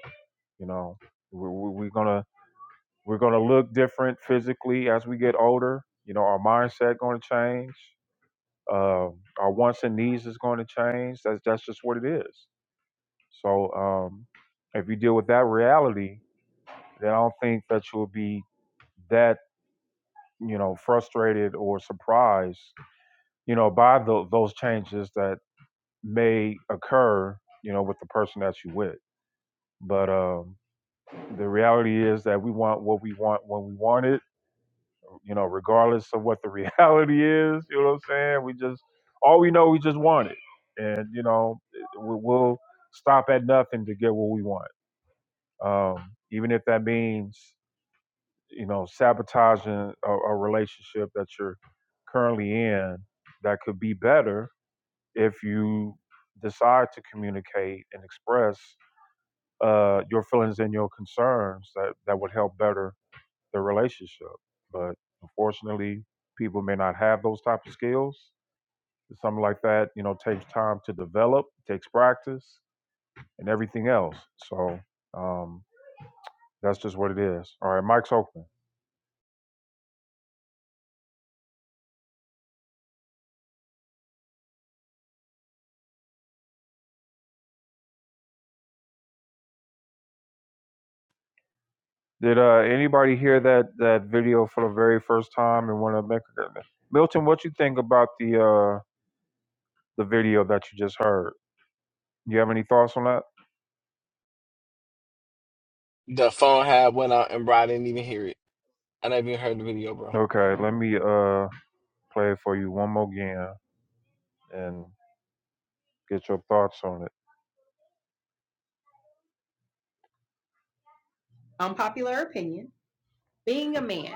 [SPEAKER 1] You know, we, we, we're gonna we're gonna look different physically as we get older. You know, our mindset going to change. Uh, our wants and needs is going to change. That's that's just what it is. So um, if you deal with that reality, then I don't think that you'll be that you know frustrated or surprised you know by tho- those changes that may occur you know with the person that you with but um the reality is that we want what we want when we want it you know regardless of what the reality is you know what i'm saying we just all we know we just want it and you know we- we'll stop at nothing to get what we want um even if that means you know, sabotaging a, a relationship that you're currently in that could be better if you decide to communicate and express uh, your feelings and your concerns that, that would help better the relationship. But unfortunately, people may not have those type of skills. Something like that, you know, takes time to develop, takes practice, and everything else. So um, that's just what it is. All right, Mike's open. Did uh, anybody hear that that video for the very first time and want to make a Milton, what you think about the uh, the video that you just heard? You have any thoughts on that?
[SPEAKER 10] The phone had went out and bro, I didn't even hear it. I never even heard the video, bro.
[SPEAKER 1] Okay, let me uh, play it for you one more again and get your thoughts on it. Unpopular opinion. being a man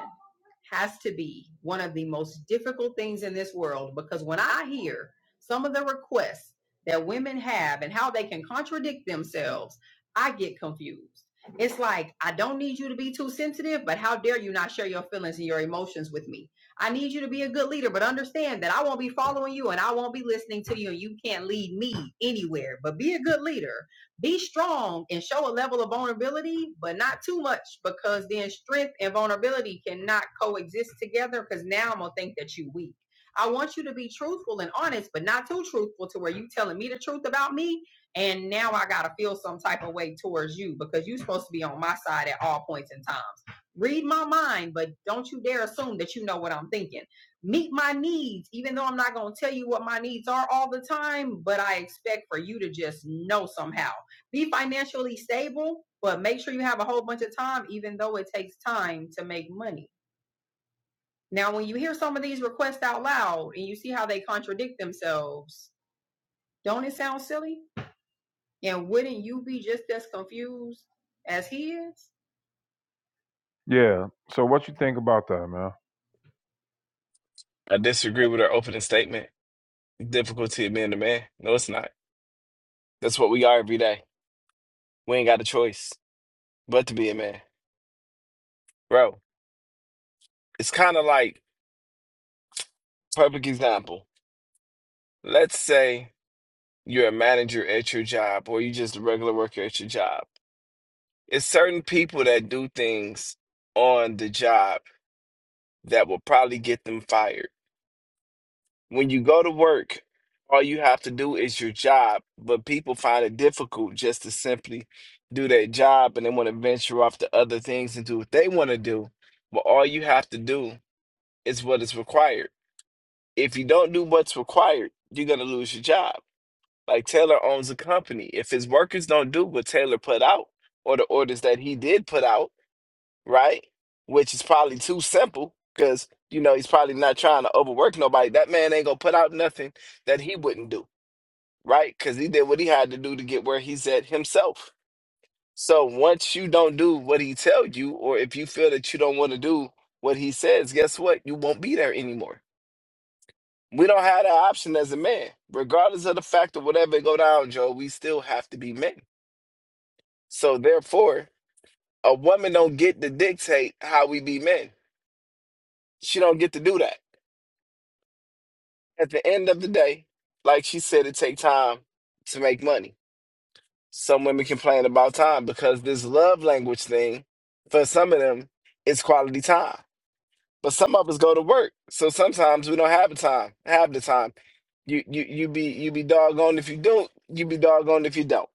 [SPEAKER 1] has to be one of the most difficult things in this world because when I hear some of the requests that women have and how they can contradict themselves, I get confused. It's like, I don't need you to be too sensitive, but how dare you not share your feelings and your emotions with me? I need you to be a good leader, but understand that I won't be following you and I won't be listening to you, and you can't lead me anywhere. But be a good leader be strong and show a level of vulnerability, but not too much, because then strength and vulnerability cannot coexist together. Because now I'm gonna think that you are weak. I want you to be truthful and honest, but not too truthful to where you telling me the truth about me, and now I gotta feel some type of way towards you because you're supposed to be on my side at all points in times. Read my mind, but don't you dare assume that you know what I'm thinking meet my needs, even though I'm not going to tell you what my needs are all the time, but I expect for you to just know somehow be financially stable, but make sure you have a whole bunch of time, even though it takes time to make money. Now, when you hear some of these requests out loud and you see how they contradict themselves, don't it sound silly? And wouldn't you be just as confused as he is? Yeah. So what you think about that, man?
[SPEAKER 10] I disagree with her opening statement. Difficulty of being a man. No, it's not. That's what we are every day. We ain't got a choice but to be a man. Bro, it's kind of like perfect example. Let's say you're a manager at your job or you just a regular worker at your job. It's certain people that do things on the job that will probably get them fired. when you go to work, all you have to do is your job, but people find it difficult just to simply do their job and they want to venture off to other things and do what they want to do. But all you have to do is what is required. If you don't do what's required, you're going to lose your job. Like Taylor owns a company. If his workers don't do what Taylor put out or the orders that he did put out, right? Which is probably too simple because, you know, he's probably not trying to overwork nobody. That man ain't going to put out nothing that he wouldn't do, right? Because he did what he had to do to get where he's at himself. So once you don't do what he tell you, or if you feel that you don't want to do what he says, guess what? You won't be there anymore. We don't have that option as a man. Regardless of the fact of whatever go down, Joe, we still have to be men. So therefore, a woman don't get to dictate how we be men. She don't get to do that at the end of the day, like she said, it take time to make money. Some women complain about time because this love language thing, for some of them, is quality time. But some of us go to work, so sometimes we don't have the time. Have the time. You you you be you be doggone if you don't. You be doggone if you don't.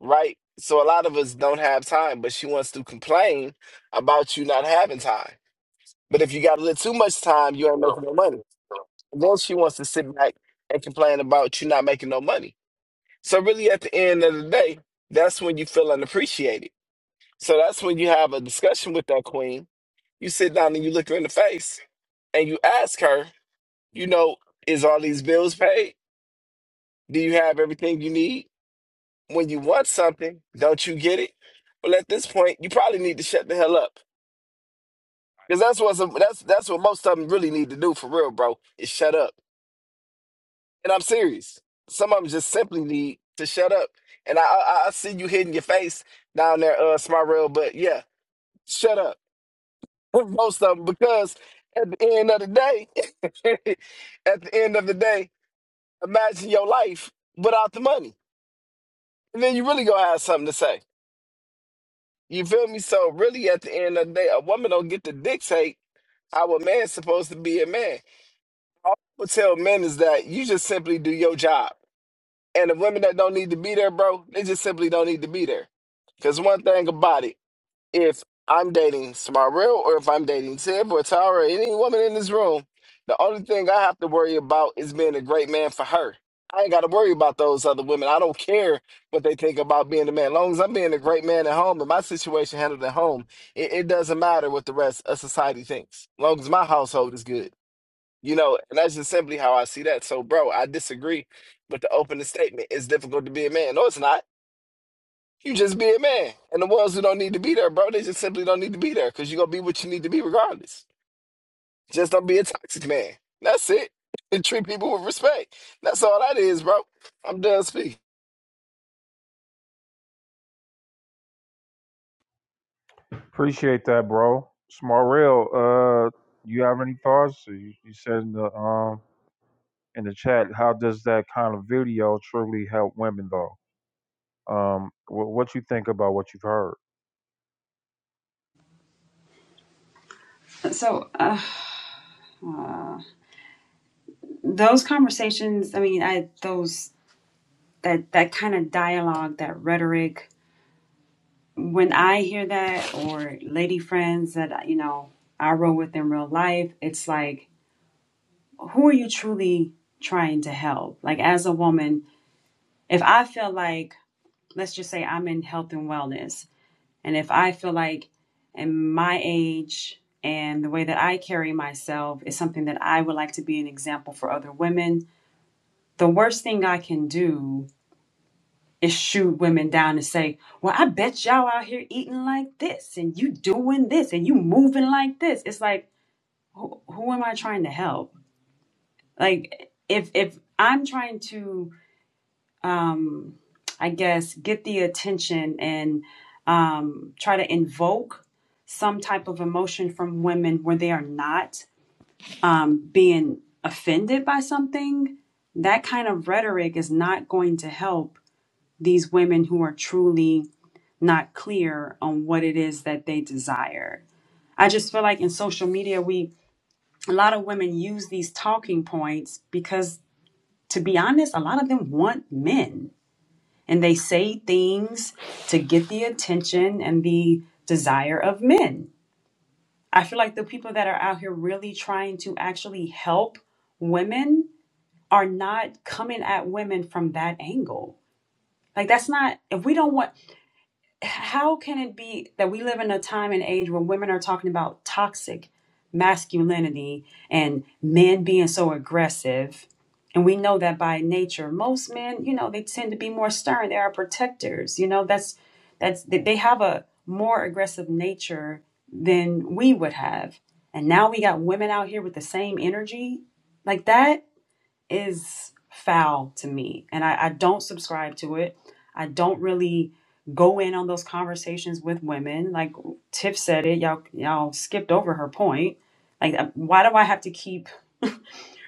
[SPEAKER 10] Right. So a lot of us don't have time, but she wants to complain about you not having time. But if you got a little too much time, you ain't making no money. And then she wants to sit back and complain about you not making no money. So really, at the end of the day, that's when you feel unappreciated. So that's when you have a discussion with that queen. You sit down and you look her in the face and you ask her, you know, is all these bills paid? Do you have everything you need? When you want something, don't you get it? Well, at this point, you probably need to shut the hell up because that's what's that's that's what most of them really need to do for real, bro. Is shut up. And I'm serious. Some of them just simply need to shut up. And I, I, I see you hitting your face down there, uh, Smart Rail, but yeah, shut up. Most of them, because at the end of the day, at the end of the day, imagine your life without the money. And then you really gonna have something to say. You feel me? So really at the end of the day, a woman don't get to dictate how a man's supposed to be a man. All people tell men is that you just simply do your job And the women that don't need to be there, bro, they just simply don't need to be there. Because one thing about it, if I'm dating Smarell or if I'm dating Tib or Tara, or any woman in this room, the only thing I have to worry about is being a great man for her. I ain't got to worry about those other women. I don't care what they think about being a man. As long as I'm being a great man at home and my situation handled at home, it, it doesn't matter what the rest of society thinks. As long as my household is good. You know, and that's just simply how I see that. So, bro, I disagree with the opening statement. It's difficult to be a man. No, it's not. You just be a man. And the ones who don't need to be there, bro, they just simply don't need to be there because you're going to be what you need to be regardless. Just don't be a toxic man. That's it. And treat people with respect. That's all that is, bro. I'm done speaking.
[SPEAKER 1] Appreciate that, bro. Smart rail. Uh, you have any thoughts? You, you said in the um in the chat, how does that kind of video truly help women though? um, wh- what you think about what you've heard.
[SPEAKER 11] So uh, those conversations, I mean, I those that that kind of dialogue, that rhetoric. When I hear that, or lady friends that you know I roll with in real life, it's like, who are you truly trying to help? Like as a woman, if I feel like, let's just say I'm in health and wellness, and if I feel like, in my age and the way that I carry myself is something that I would like to be an example for other women. The worst thing I can do and shoot women down and say, Well, I bet y'all out here eating like this and you doing this and you moving like this. It's like, who, who am I trying to help? Like, if, if I'm trying to, um, I guess, get the attention and um, try to invoke some type of emotion from women where they are not um, being offended by something, that kind of rhetoric is not going to help these women who are truly not clear on what it is that they desire. I just feel like in social media, we a lot of women use these talking points because, to be honest, a lot of them want men and they say things to get the attention and the desire of men. I feel like the people that are out here really trying to actually help women are not coming at women from that angle. Like, that's not, if we don't want, how can it be that we live in a time and age where women are talking about toxic masculinity and men being so aggressive? And we know that by nature, most men, you know, they tend to be more stern. They are protectors. You know, that's that's they they have a more aggressive nature than we would have. And now we got women out here with the same energy like that is foul to me. And I, I don't subscribe to it. I don't really go in on those conversations with women. Like Tiff said it, y'all y'all skipped over her point. Like uh, why do I have to keep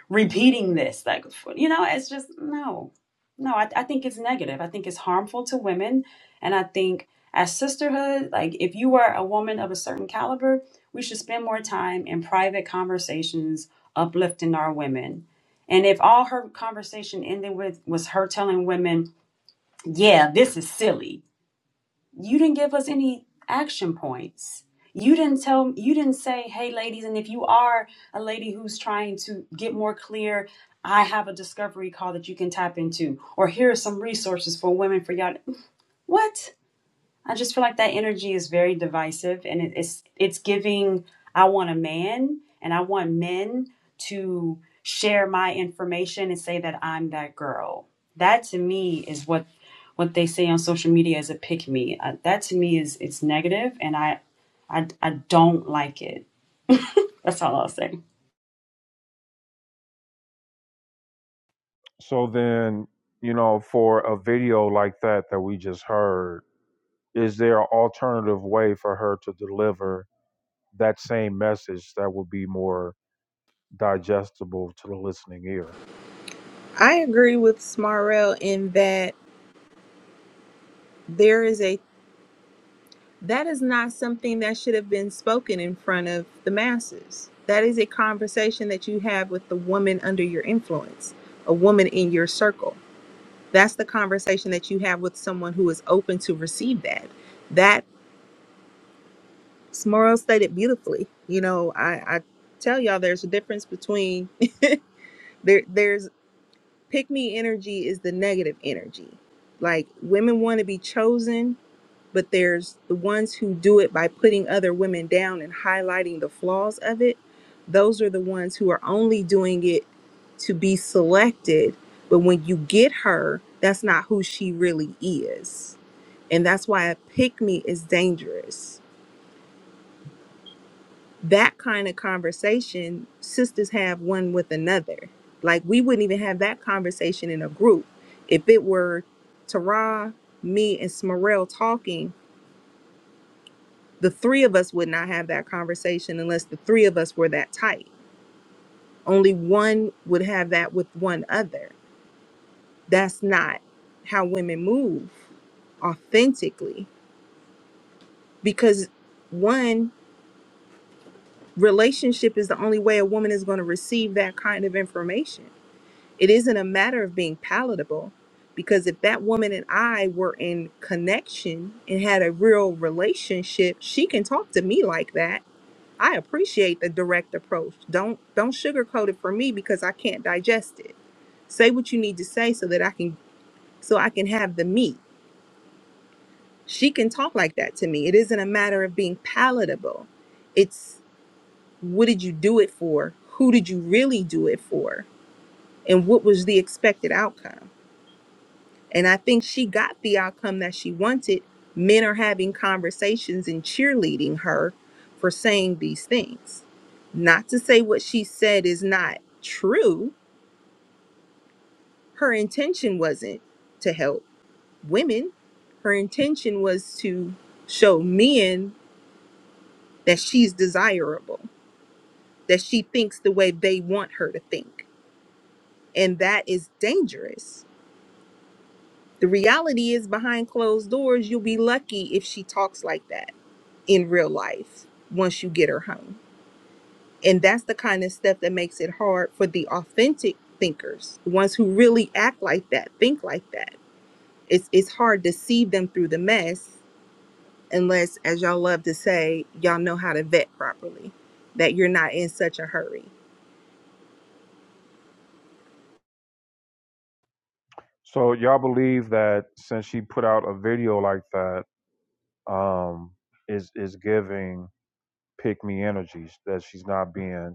[SPEAKER 11] repeating this like you know it's just no no I, I think it's negative i think it's harmful to women and i think as sisterhood like if you are a woman of a certain caliber we should spend more time in private conversations uplifting our women and if all her conversation ended with was her telling women yeah this is silly you didn't give us any action points you didn't tell you didn't say hey ladies and if you are a lady who's trying to get more clear i have a discovery call that you can tap into or here are some resources for women for y'all what I just feel like that energy is very divisive, and it, it's it's giving. I want a man, and I want men to share my information and say that I'm that girl. That to me is what what they say on social media is a pick me. Uh, that to me is it's negative, and I, I I don't like it. That's all I'll say.
[SPEAKER 1] So then, you know, for a video like that that we just heard, is there an alternative way for her to deliver that same message that would be more digestible to the listening ear?
[SPEAKER 5] I agree with Smarrell in that there is a. that is not something that should have been spoken in front of the masses. That is a conversation that you have with the woman under your influence, a woman in your circle. That's the conversation that you have with someone who is open to receive that. That Smorl stated beautifully. You know, I, I tell y'all there's a difference between there there's pick me energy is the negative energy. Like women want to be chosen but there's the ones who do it by putting other women down and highlighting the flaws of it. Those are the ones who are only doing it to be selected. But when you get her, that's not who she really is. And that's why a pick me is dangerous. That kind of conversation sisters have one with another. Like we wouldn't even have that conversation in a group. If it were Tara, me, and Smarell talking, the three of us would not have that conversation unless the three of us were that tight. Only one would have that with one other. That's not how women move authentically because one relationship is the only way a woman is going to receive that kind of information. It isn't a matter of being palatable because if that woman and I were in connection and had a real relationship, she can talk to me like that I appreciate the direct approach. Don't don't sugarcoat it for me because I can't digest it. Say what you need to say so that I can so I can have the meat. She can talk like that to me. It isn't a matter of being palatable. It's what did you do it for? Who did you really do it for? And what was the expected outcome? And I think she got the outcome that she wanted. Men are having conversations and cheerleading her for saying these things. Not to say what she said is not true. Her intention wasn't to help women, her intention was to show men that she's desirable, that she thinks the way they want her to think. And that is dangerous. The reality is, behind closed doors, you'll be lucky if she talks like that in real life once you get her home. And that's the kind of stuff that makes it hard for the authentic thinkers, the ones who really act like that, think like that. It's it's hard to see them through the mess unless, as y'all love to say, y'all know how to vet properly, that you're not in such a hurry.
[SPEAKER 1] So y'all believe that since she put out a video like that, um, is is giving pick me energies that she's not being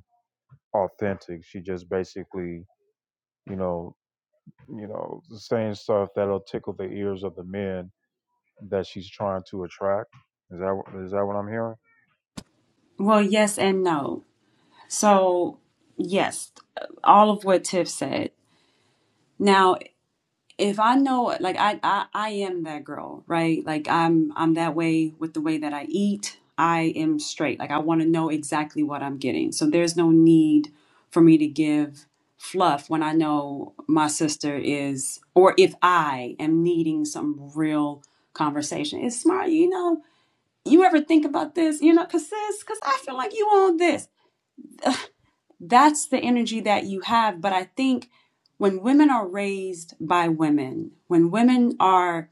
[SPEAKER 1] authentic. She just basically, you know, you know, saying stuff that'll tickle the ears of the men that she's trying to attract. Is thats that what I'm hearing?
[SPEAKER 11] Well, yes and no. So yes, all of what Tiff said. Now if I know like I, I I am that girl, right? Like I'm I'm that way with the way that I eat. I am straight. Like I want to know exactly what I'm getting. So there's no need for me to give fluff when I know my sister is or if I am needing some real conversation. It's smart, you know. You ever think about this? You know, cause sis, cause I feel like you on this that's the energy that you have. But I think when women are raised by women, when women are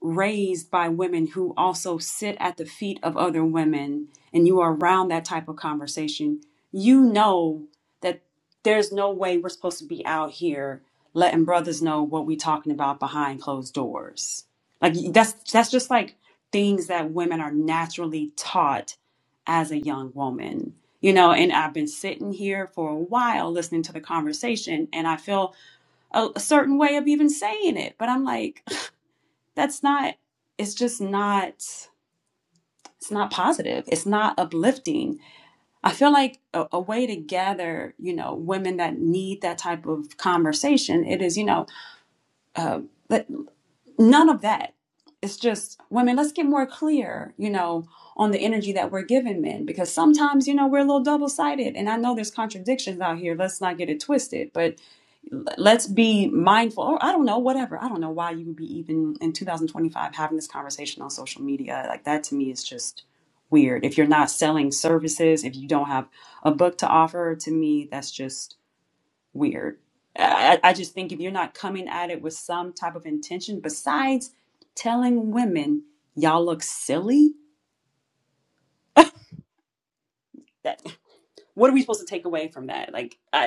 [SPEAKER 11] raised by women who also sit at the feet of other women and you are around that type of conversation, you know that there's no way we're supposed to be out here letting brothers know what we're talking about behind closed doors. Like that's that's just like things that women are naturally taught as a young woman. You know, and I've been sitting here for a while listening to the conversation and I feel a, a certain way of even saying it, but I'm like that's not it's just not it's not positive it's not uplifting i feel like a, a way to gather you know women that need that type of conversation it is you know uh, but none of that it's just women let's get more clear you know on the energy that we're giving men because sometimes you know we're a little double-sided and i know there's contradictions out here let's not get it twisted but let's be mindful or i don't know whatever i don't know why you would be even in 2025 having this conversation on social media like that to me is just weird if you're not selling services if you don't have a book to offer to me that's just weird i, I just think if you're not coming at it with some type of intention besides telling women y'all look silly that what are we supposed to take away from that like I.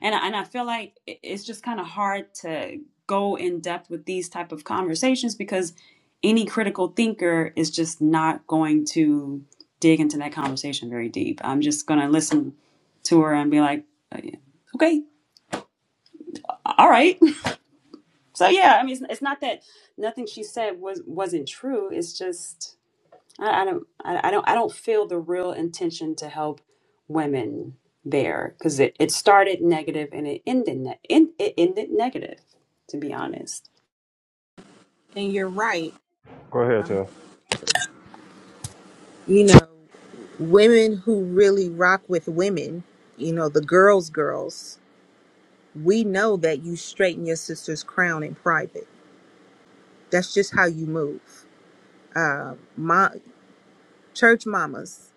[SPEAKER 11] and and I feel like it's just kind of hard to go in depth with these type of conversations because any critical thinker is just not going to dig into that conversation very deep. I'm just going to listen to her and be like, "Uh, yeah, okay, all right. So yeah, I mean, it's, it's not that nothing she said was wasn't true. It's just I, I don't, I, I don't, I don't feel the real intention to help women there because it, it started negative and it ended, ne- in, it ended negative, to be honest.
[SPEAKER 5] And you're right.
[SPEAKER 1] Go ahead,
[SPEAKER 5] Um,
[SPEAKER 1] Tiff.
[SPEAKER 5] you know, women who really rock with women, you know, the girls, girls, we know that you straighten your sister's crown in private. That's just how you move uh, ma church mamas.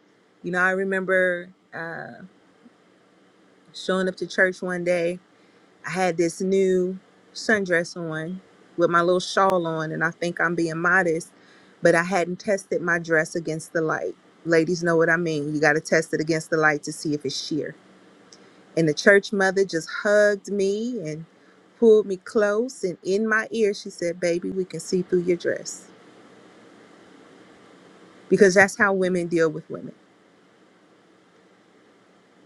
[SPEAKER 5] You know, I remember uh, showing up to church one day. I had this new sundress on with my little shawl on, and I think I'm being modest, but I hadn't tested my dress against the light. Ladies know what I mean. You got to test it against the light to see if it's sheer. And the church mother just hugged me and pulled me close, and in my ear, she said, Baby, we can see through your dress. Because that's how women deal with women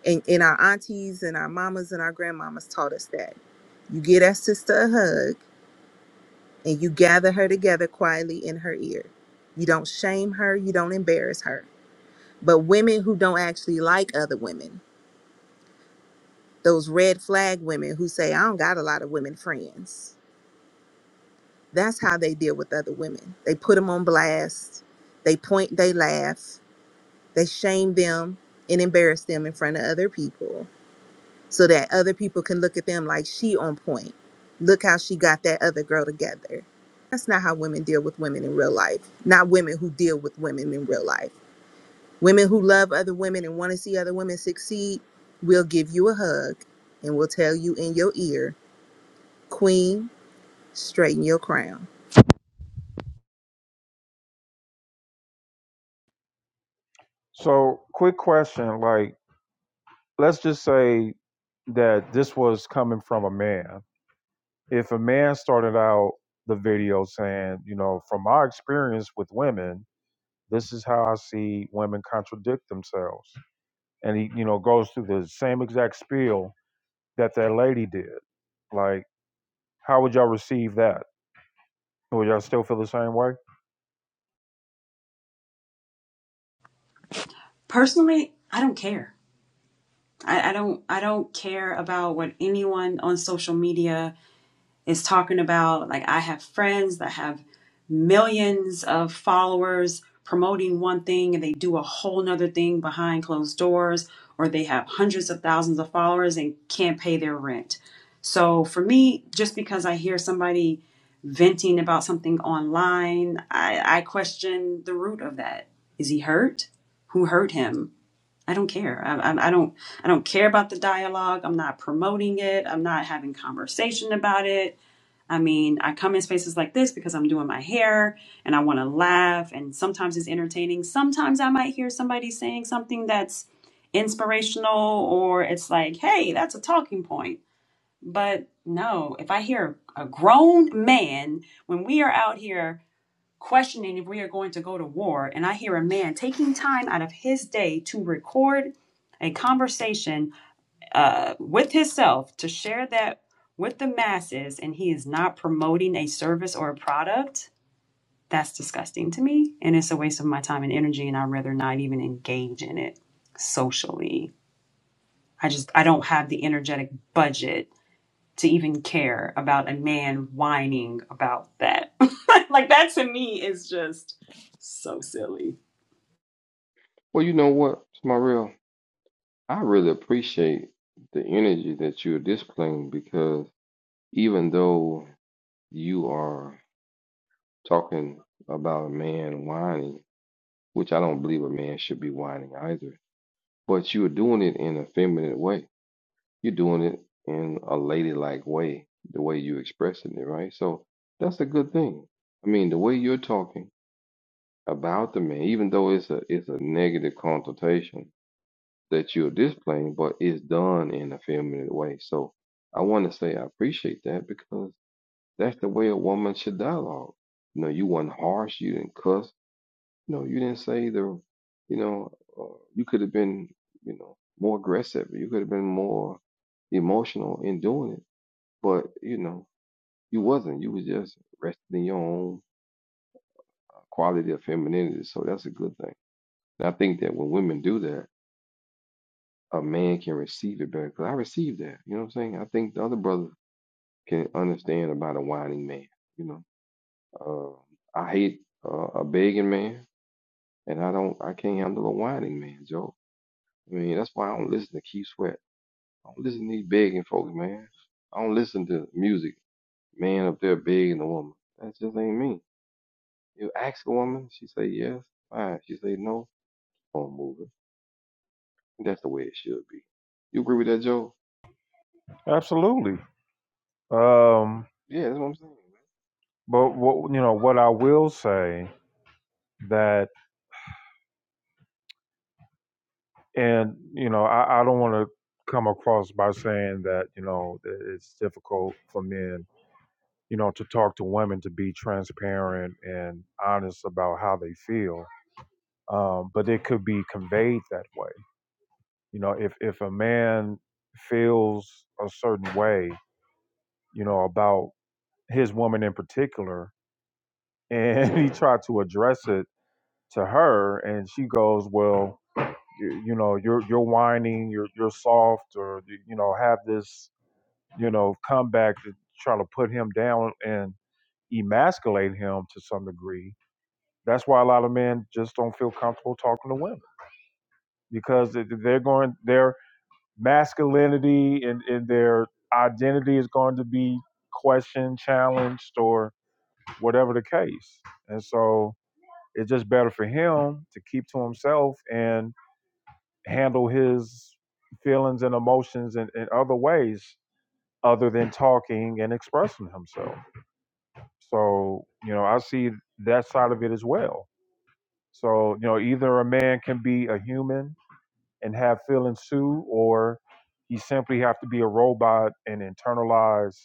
[SPEAKER 5] And and our aunties and our mamas and our grandmamas taught us that. You give that sister a hug and you gather her together quietly in her ear. You don't shame her, you don't embarrass her. But women who don't actually like other women, those red flag women who say, I don't got a lot of women friends, that's how they deal with other women. They put them on blast, they point, they laugh, they shame them and embarrass them in front of other people so that other people can look at them like she on point. Look how she got that other girl together. That's not how women deal with women in real life. Not women who deal with women in real life. Women who love other women and want to see other women succeed will give you a hug and will tell you in your ear, Queen, straighten your crown.
[SPEAKER 1] So, quick question: like, let's just say that this was coming from a man. If a man started out the video saying, you know, from my experience with women. This is how I see women contradict themselves. And he, you know, goes through the same exact spiel that that lady did. Like, how would y'all receive that? Would y'all still feel the same way?
[SPEAKER 11] Personally, I don't care. I, I don't, I don't care about what anyone on social media is talking about like I have friends that have millions of followers promoting one thing and they do a whole nother thing behind closed doors, or they have hundreds of thousands of followers and can't pay their rent. So for me, just because I hear somebody venting about something online, I, I question the root of that. Is he hurt? Who hurt him? I don't care. I, I, I don't. I don't care about the dialogue. I'm not promoting it. I'm not having conversation about it. I mean, I come in spaces like this because I'm doing my hair and I want to laugh, and sometimes it's entertaining. Sometimes I might hear somebody saying something that's inspirational, or it's like, hey, that's a talking point. But no, if I hear a grown man, when we are out here questioning if we are going to go to war, and I hear a man taking time out of his day to record a conversation uh, with himself to share that with the masses and he is not promoting a service or a product, that's disgusting to me. And it's a waste of my time and energy. And I'd rather not even engage in it socially. I just, I don't have the energetic budget to even care about a man whining about that. like that to me is just so silly.
[SPEAKER 6] Well, you know what, Smarell? I really appreciate the energy that you're displaying because even though you are talking about a man whining, which I don't believe a man should be whining either, but you're doing it in a feminine way. You're doing it in a ladylike way, the way you're expressing it, right? So that's a good thing. I mean, the way you're talking about the man, even though it's a it's a negative connotation that you're displaying, but it's done in a feminine way. So I want to say I appreciate that because that's the way a woman should dialogue. You know, you weren't harsh, you didn't cuss, you know, you didn't say the, you know, uh, you could have been, you know, more aggressive, you could have been more emotional in doing it, but you know, you wasn't. You was just resting in your own uh, quality of femininity. So that's a good thing. And I think that when women do that, a man can receive it better. Because I received that. You know what I'm saying? I think the other brother can understand about a whining man. You know, uh, I hate uh, a begging man, and I don't, I can't handle a whining man, Joe. I mean, that's why I don't listen to Keith Sweat. I don't listen to these begging folks, man. I don't listen to music. Man up there begging a woman. That just ain't me. You ask a woman, she say yes. Fine. She say no. Phone moving. That's the way it should be. You agree with that, Joe?
[SPEAKER 1] Absolutely. Um,
[SPEAKER 6] Yeah, that's what I'm saying.
[SPEAKER 1] but what you know, what I will say that and you know i, I don't want to come across by saying that you know that it's difficult for men you know to talk to women to be transparent and honest about how they feel um, but it could be conveyed that way you know if if a man feels a certain way you know about his woman in particular and he tried to address it to her and she goes well you, you know you're you're whining you're you're soft or you you know have this you know, come back to try to put him down and emasculate him to some degree. That's why a lot of men just don't feel comfortable talking to women because they- are going their masculinity and, and their identity is going to be questioned, challenged, or whatever the case. And so it's just better for him to keep to himself and handle his feelings and emotions in, in other ways other than talking and expressing himself. So, you know, I see that side of it as well. So, you know, either a man can be a human and have feelings too, or he simply have to be a robot and internalize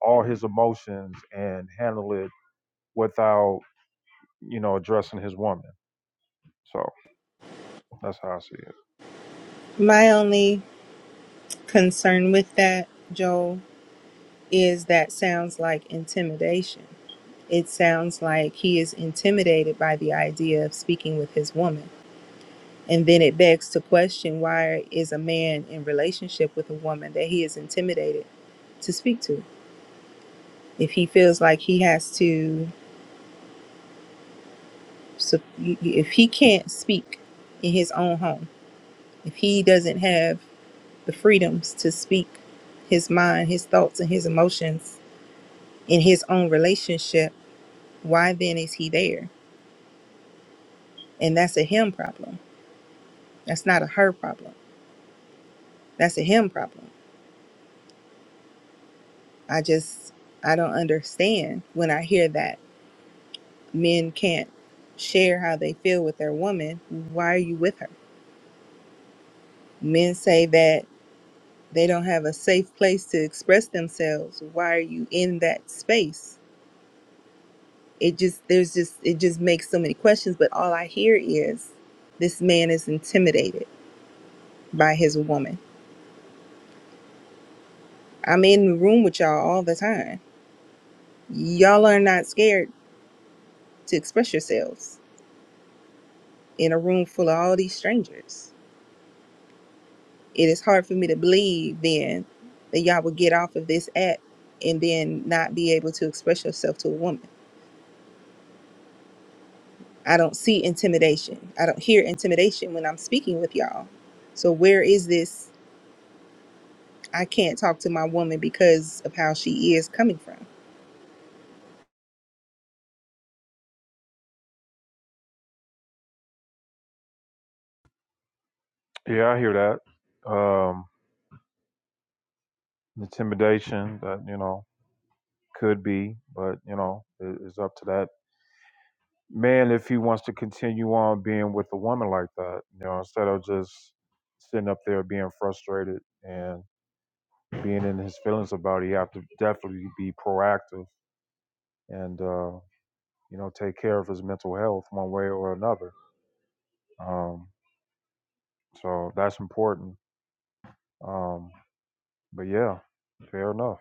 [SPEAKER 1] all his emotions and handle it without, you know, addressing his woman. So that's how I see it.
[SPEAKER 5] My only concern with that, Joel, is that sounds like intimidation. It sounds like he is intimidated by the idea of speaking with his woman. And then it begs to question why is a man in relationship with a woman that he is intimidated to speak to? If he feels like he has to, sup- if he can't speak in his own home, if he doesn't have the freedoms to speak his mind, his thoughts, and his emotions in his own relationship, why then is he there? And that's a him problem. That's not a her problem. That's a him problem. I just, I don't understand when I hear that men can't share how they feel with their woman, why are you with her? Men say that they don't have a safe place to express themselves. Why are you in that space? It just there's just it just makes so many questions, but all I hear is this man is intimidated by his woman. I'm in the room with y'all all the time. Y'all are not scared to express yourselves in a room full of all these strangers. it is hard for me to believe then that y'all would get off of this app and then not be able to express yourself to a woman. I don't see intimidation. I don't hear intimidation when I'm speaking with y'all. So where is this? I can't talk to my woman because of how she is coming from.
[SPEAKER 1] Yeah, I hear that. Um, intimidation that, you know, could be, but you know, it- it's up to that man if he wants to continue on being with a woman like that, you know, instead of just sitting up there being frustrated and being in his feelings about it, he have to definitely be proactive and uh, you know, take care of his mental health one way or another. Um, so that's important. Um, but yeah, fair enough.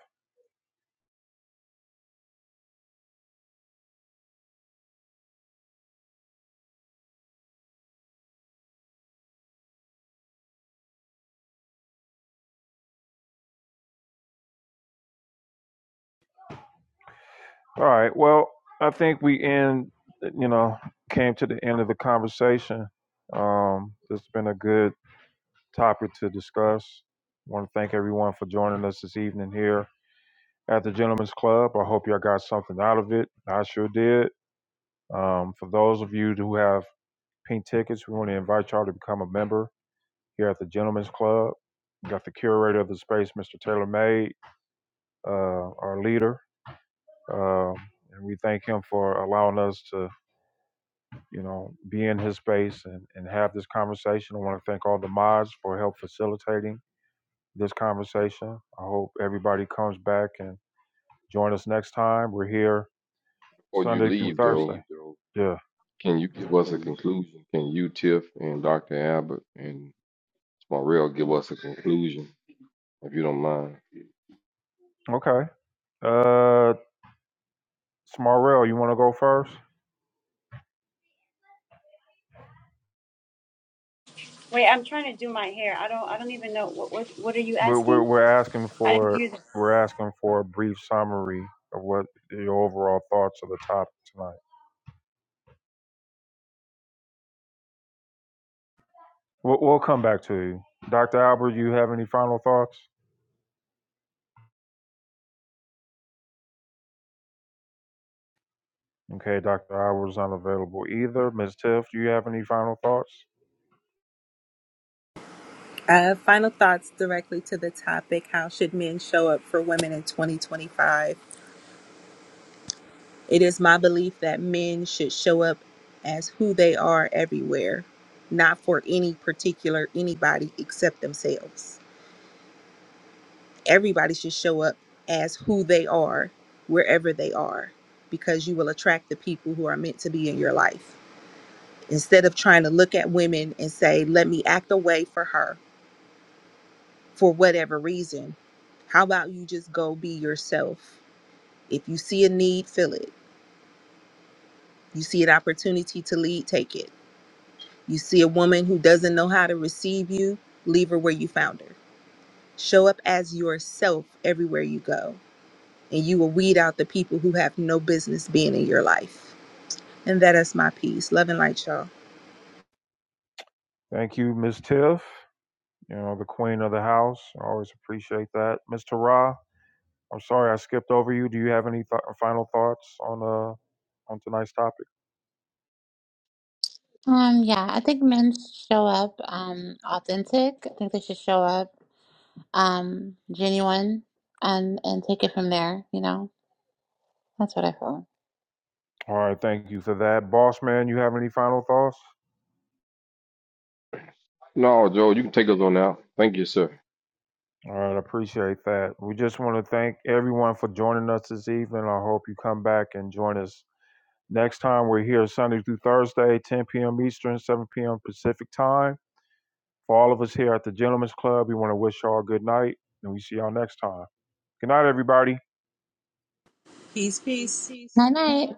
[SPEAKER 1] All right. Well, I think we end you know, came to the end of the conversation. Um, it's been a good topic to discuss. I want to thank everyone for joining us this evening here at the Gentlemen's Club. I hope y'all got something out of it. I sure did. Um, for those of you who have pink tickets, we want to invite y'all to become a member here at the Gentlemen's Club. We got the curator of the space, Mr. Taylor May, uh, our leader. Um, and we thank him for allowing us to, you know, be in his space and, and have this conversation. I want to thank all the mods for help facilitating this conversation. I hope everybody comes back and join us next time. We're here
[SPEAKER 6] Before you
[SPEAKER 1] Sunday through
[SPEAKER 6] leave,
[SPEAKER 1] Thursday.
[SPEAKER 6] Joe,
[SPEAKER 1] Yeah.
[SPEAKER 6] can you give us a conclusion? Can you, Tiff, and Dr. Abbott and Smarell give us a conclusion, if you don't mind?
[SPEAKER 1] Okay. Uh, Smarell, you want to go first?
[SPEAKER 11] Wait, I'm trying to do my hair. I don't. I don't even know what. What, what are you
[SPEAKER 1] We're, we're
[SPEAKER 11] asking?
[SPEAKER 1] we're asking
[SPEAKER 11] I didn't
[SPEAKER 1] for
[SPEAKER 11] hear. the
[SPEAKER 1] we're asking for a brief summary of what your overall thoughts of the topic tonight. We'll, we'll come back to you, Dr. Albert. You have any final thoughts? Okay, Dr. Albert's unavailable either. Miss Tiff, do you have any final thoughts?
[SPEAKER 5] Uh, final thoughts directly to the topic How should men show up for women in 2025? It is my belief that men should show up as who they are everywhere, not for any particular anybody except themselves. Everybody should show up as who they are wherever they are because you will attract the people who are meant to be in your life. Instead of trying to look at women and say, let me act away for her for whatever reason, how about you just go be yourself? If you see a need, fill it. You see an opportunity to lead, take it You see a woman who doesn't know how to receive you, leave her where you found her. Show up as yourself everywhere you go, and you will weed out the people who have no business being in your life. And that is my piece. Love and light, y'all.
[SPEAKER 1] Thank you, Miss Tiff. you know, the queen of the house. I always appreciate that. Mr. Ra, I'm sorry I skipped over you. Do you have any th- final thoughts on uh on tonight's topic?
[SPEAKER 2] Um yeah, I think men should show up um authentic. I think they should show up um genuine and and take it from there, you know. That's what I feel.
[SPEAKER 1] All right, thank you for that. Boss man, you have any final thoughts?
[SPEAKER 6] No, Joe, you can take us on out. Thank you, sir.
[SPEAKER 1] All right, I appreciate that. We just want to thank everyone for joining us this evening. I hope you come back and join us next time. We're here Sunday through Thursday, 10 p.m. Eastern, 7 p.m. Pacific time. For all of us here at the Gentlemen's Club, we want to wish y'all good night, and we see y'all next time. Good night, everybody.
[SPEAKER 5] Peace,
[SPEAKER 1] Peace,
[SPEAKER 5] peace.
[SPEAKER 1] peace.
[SPEAKER 2] Night night.